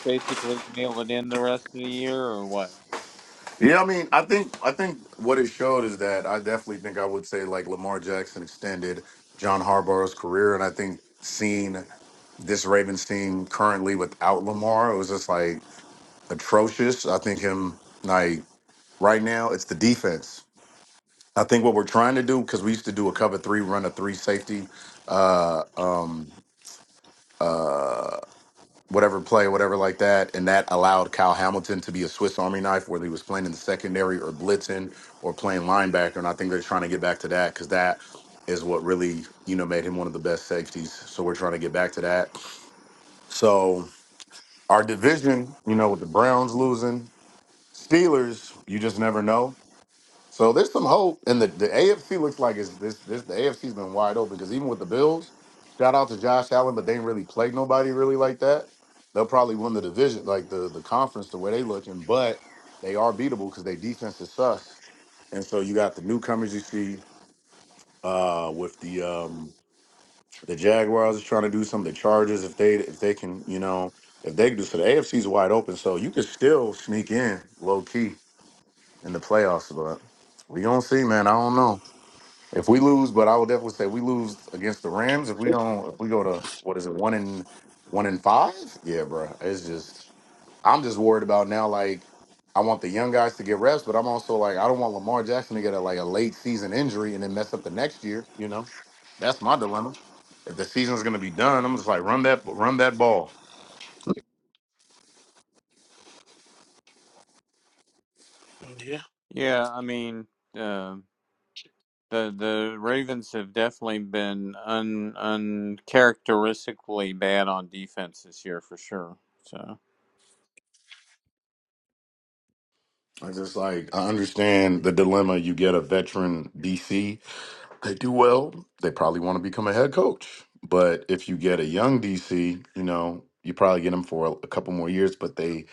basically mail it in the rest of the year or what?
Yeah, I mean, I think I think what it showed is that I definitely think I would say like Lamar Jackson extended John Harbaugh's career, and I think seeing this Ravens team currently without Lamar, it was just like atrocious. I think him like right now, it's the defense. I think what we're trying to do because we used to do a cover three, run a three safety, uh, um, uh, whatever play, whatever like that, and that allowed Kyle Hamilton to be a Swiss Army knife, whether he was playing in the secondary or blitzing or playing linebacker. And I think they're trying to get back to that because that is what really, you know, made him one of the best safeties. So we're trying to get back to that. So our division, you know, with the Browns losing, Steelers, you just never know. So there's some hope, and the, the AFC looks like it's this this the AFC's been wide open because even with the Bills, shout out to Josh Allen, but they ain't really played nobody really like that. They'll probably win the division, like the the conference, the way they looking, but they are beatable because they defense is sus. And so you got the newcomers you see uh, with the um, the Jaguars is trying to do some of the Chargers if they if they can you know if they can do so the AFC's wide open, so you can still sneak in low key in the playoffs, but we gonna see, man. I don't know. If we lose, but I would definitely say we lose against the Rams. If we don't, if we go to what is it, one and one and five? Yeah, bro. It's just I'm just worried about now. Like I want the young guys to get reps, but I'm also like I don't want Lamar Jackson to get a, like a late season injury and then mess up the next year. You know, that's my dilemma. If the season's gonna be done, I'm just like run that run that ball.
Yeah.
Yeah, I mean, uh, the the Ravens have definitely been un uncharacteristically bad on defense this year for sure. So
I just like I understand the dilemma. You get a veteran DC they do well, they probably want to become a head coach. But if you get a young DC, you know, you probably get him for a, a couple more years. But they,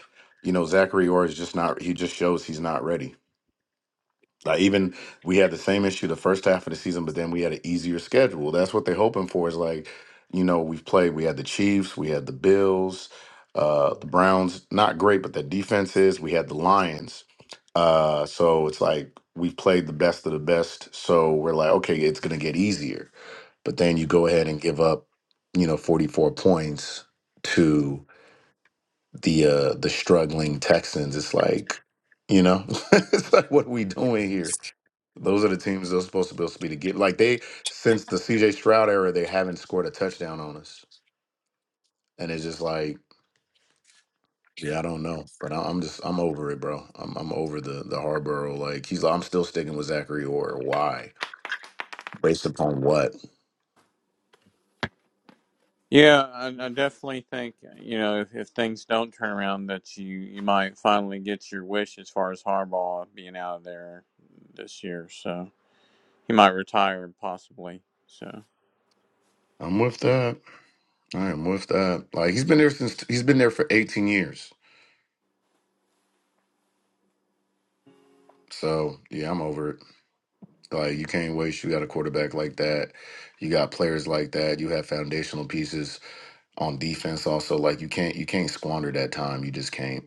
you know, Zachary Orr is just not. He just shows he's not ready. Like even we had the same issue the first half of the season, but then we had an easier schedule. That's what they're hoping for. Is like, you know, we've played. We had the Chiefs, we had the Bills, uh, the Browns. Not great, but their defense is. We had the Lions. Uh, so it's like we've played the best of the best. So we're like, okay, it's gonna get easier. But then you go ahead and give up, you know, forty four points to the uh the struggling Texans. It's like, you know, it's like what are we doing here? Those are the teams they're supposed to be supposed to be to get. Like they since the CJ Stroud era, they haven't scored a touchdown on us, and it's just like, yeah, I don't know, but I- I'm just I'm over it, bro. I'm I'm over the the Harborough. Like he's, I'm still sticking with Zachary Orr. Why? Based upon what?
yeah, I, I definitely think you know if, if things don't turn around that you you might finally get your wish as far as Harbaugh being out of there this year. So he might retire possibly. So
I'm with that. I am with that. Like he's been there since he's been there for 18 years. So yeah, I'm over it. Like you can't waste. You got a quarterback like that. You got players like that. You have foundational pieces on defense also like you can't you can't squander that time you just can't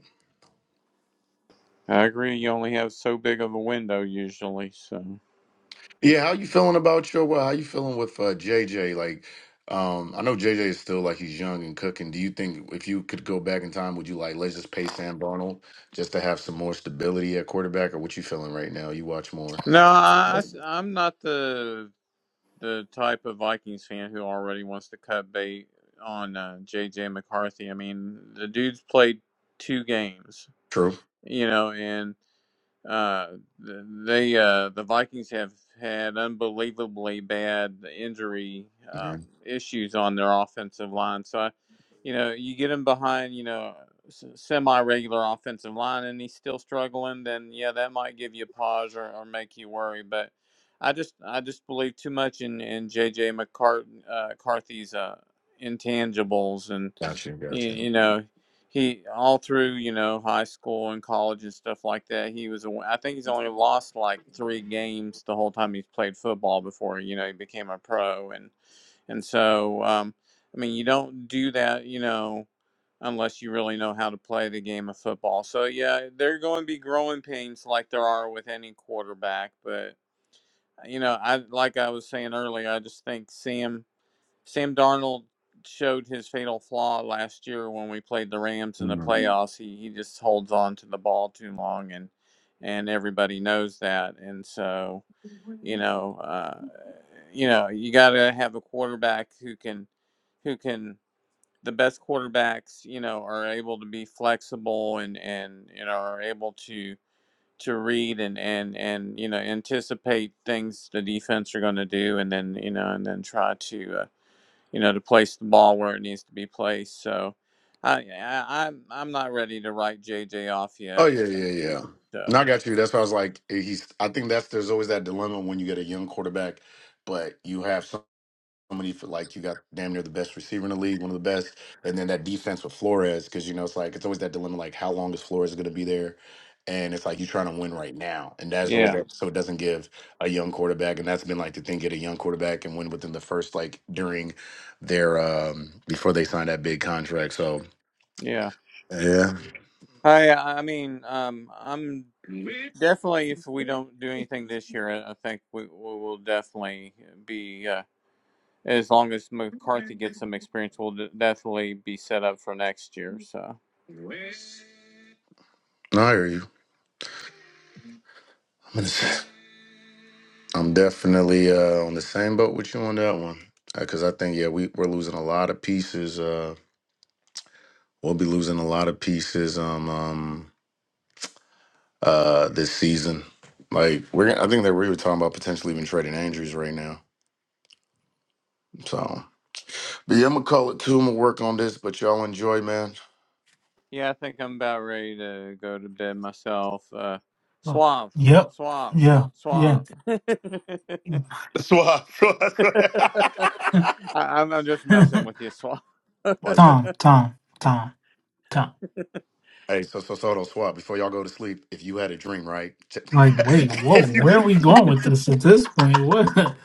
I agree. You only have so big of a window usually. So.
yeah how you feeling about your well how you feeling with uh jj like um i know jj is still like he's young and cooking do you think if you could go back in time would you like let's just pay sam Darnold just to have some more stability at quarterback or what you feeling right now you watch more
No, I, am not the the type of Vikings fan who already wants to cut bait on uh, JJ McCarthy. I mean, the dude's played two games,
true
you know, and uh, they uh, the Vikings have had unbelievably bad injury um,
yeah
issues on their offensive line. So, I, you know, you get him behind, you know, semi regular offensive line, and he's still struggling. Then, yeah, that might give you a pause or, or make you worry. But I just I just believe too much in in JJ McCart- uh, McCarthy's uh, intangibles and.
got you
you
got you
You know, he all through you know high school and college and stuff like that he was a i think he's only lost like three games the whole time he's played football before you know he became a pro and and so um i mean you don't do that you know unless you really know how to play the game of football so yeah there are going to be growing pains like there are with any quarterback but you know i like i was saying earlier i just think sam Sam Darnold showed his fatal flaw last year when we played the Rams in the
Mhm.
playoffs. He he just holds on to the ball too long, and and everybody knows that. And so you know, uh, you know, you got to have a quarterback who can who can. The best quarterbacks, you know, are able to be flexible and and you know are able to to read and and and you know anticipate things the defense are going to do, and then you know and then try to uh, you know, to place the ball where it needs to be placed. So I, I I'm I'm not ready to write JJ off
oh
yet.
yeah yeah yeah no, I
So
got you. That's why I was like, eh, he's. I think that's there's always that dilemma when you get a young quarterback, but you have somebody for like you got damn near the best receiver in the league, one of the best, and then that defense with Flores because you know it's like it's always that dilemma like how long is Flores going to be there, and it's like you're trying to win right now, and that's always
yeah,
that so it doesn't give a young quarterback, and that's been like the thing get a young quarterback and win within the first like during their um before they sign that big contract. So
yeah.
yeah,
I I mean, um, I'm definitely if we don't do anything this year, I I think we we will definitely be. Uh, as long as McCarthy gets some experience, we'll de- definitely be set up for next year. So,
no, I hear you. I'm gonna say- I'm definitely uh, on the same boat with you on that one because I think yeah we we're losing a lot of pieces. Uh, We'll be losing a lot of pieces um, um uh this season. Like we're, I think that we were talking about potentially even trading Andrews right now. So, but yeah, I'm gonna call it too. i I'm gonna work on this, but y'all enjoy, man.
yeah, I think I'm about ready to go to bed myself. Uh,
Oh,
suave,
Yep.
suave,
Yeah. Yeah.
suave.
Swap. swap, swap.
I, I'm, I'm just messing with you, Swan.
Like, so,
Tom, Tom, Tom, Tom.
hey, so so so don't swap before y'all go to sleep. If you had a dream, right? Check-
Like, wait, whoa,
if you,
where are we going with this at this point? What?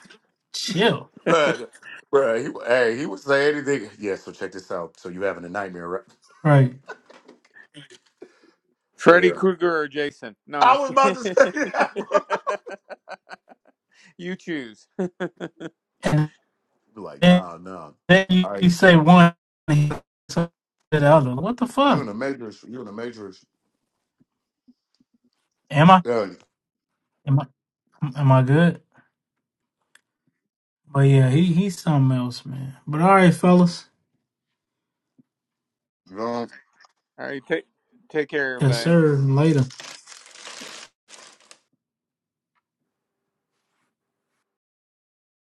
Chill.
but, bro, he, hey, he would say anything. Yeah. So check this out. So you having a nightmare, right?
Right.
Freddy
Yeah.
Krueger or Jason? No,
I was about to say that, bro.
it's you choose.
And
Be Like,
then,
nah, nah.
then
All right.
you say one, and he- the other. What the
You in
fuck?
the Matrix. You in the Matrix.
Am I?
Yeah.
Am I? Am I good? But yeah, he he's something else, man. But all right, fellas.
You
All right, take take care,
Yes,
know?
everybody.
sir. Later.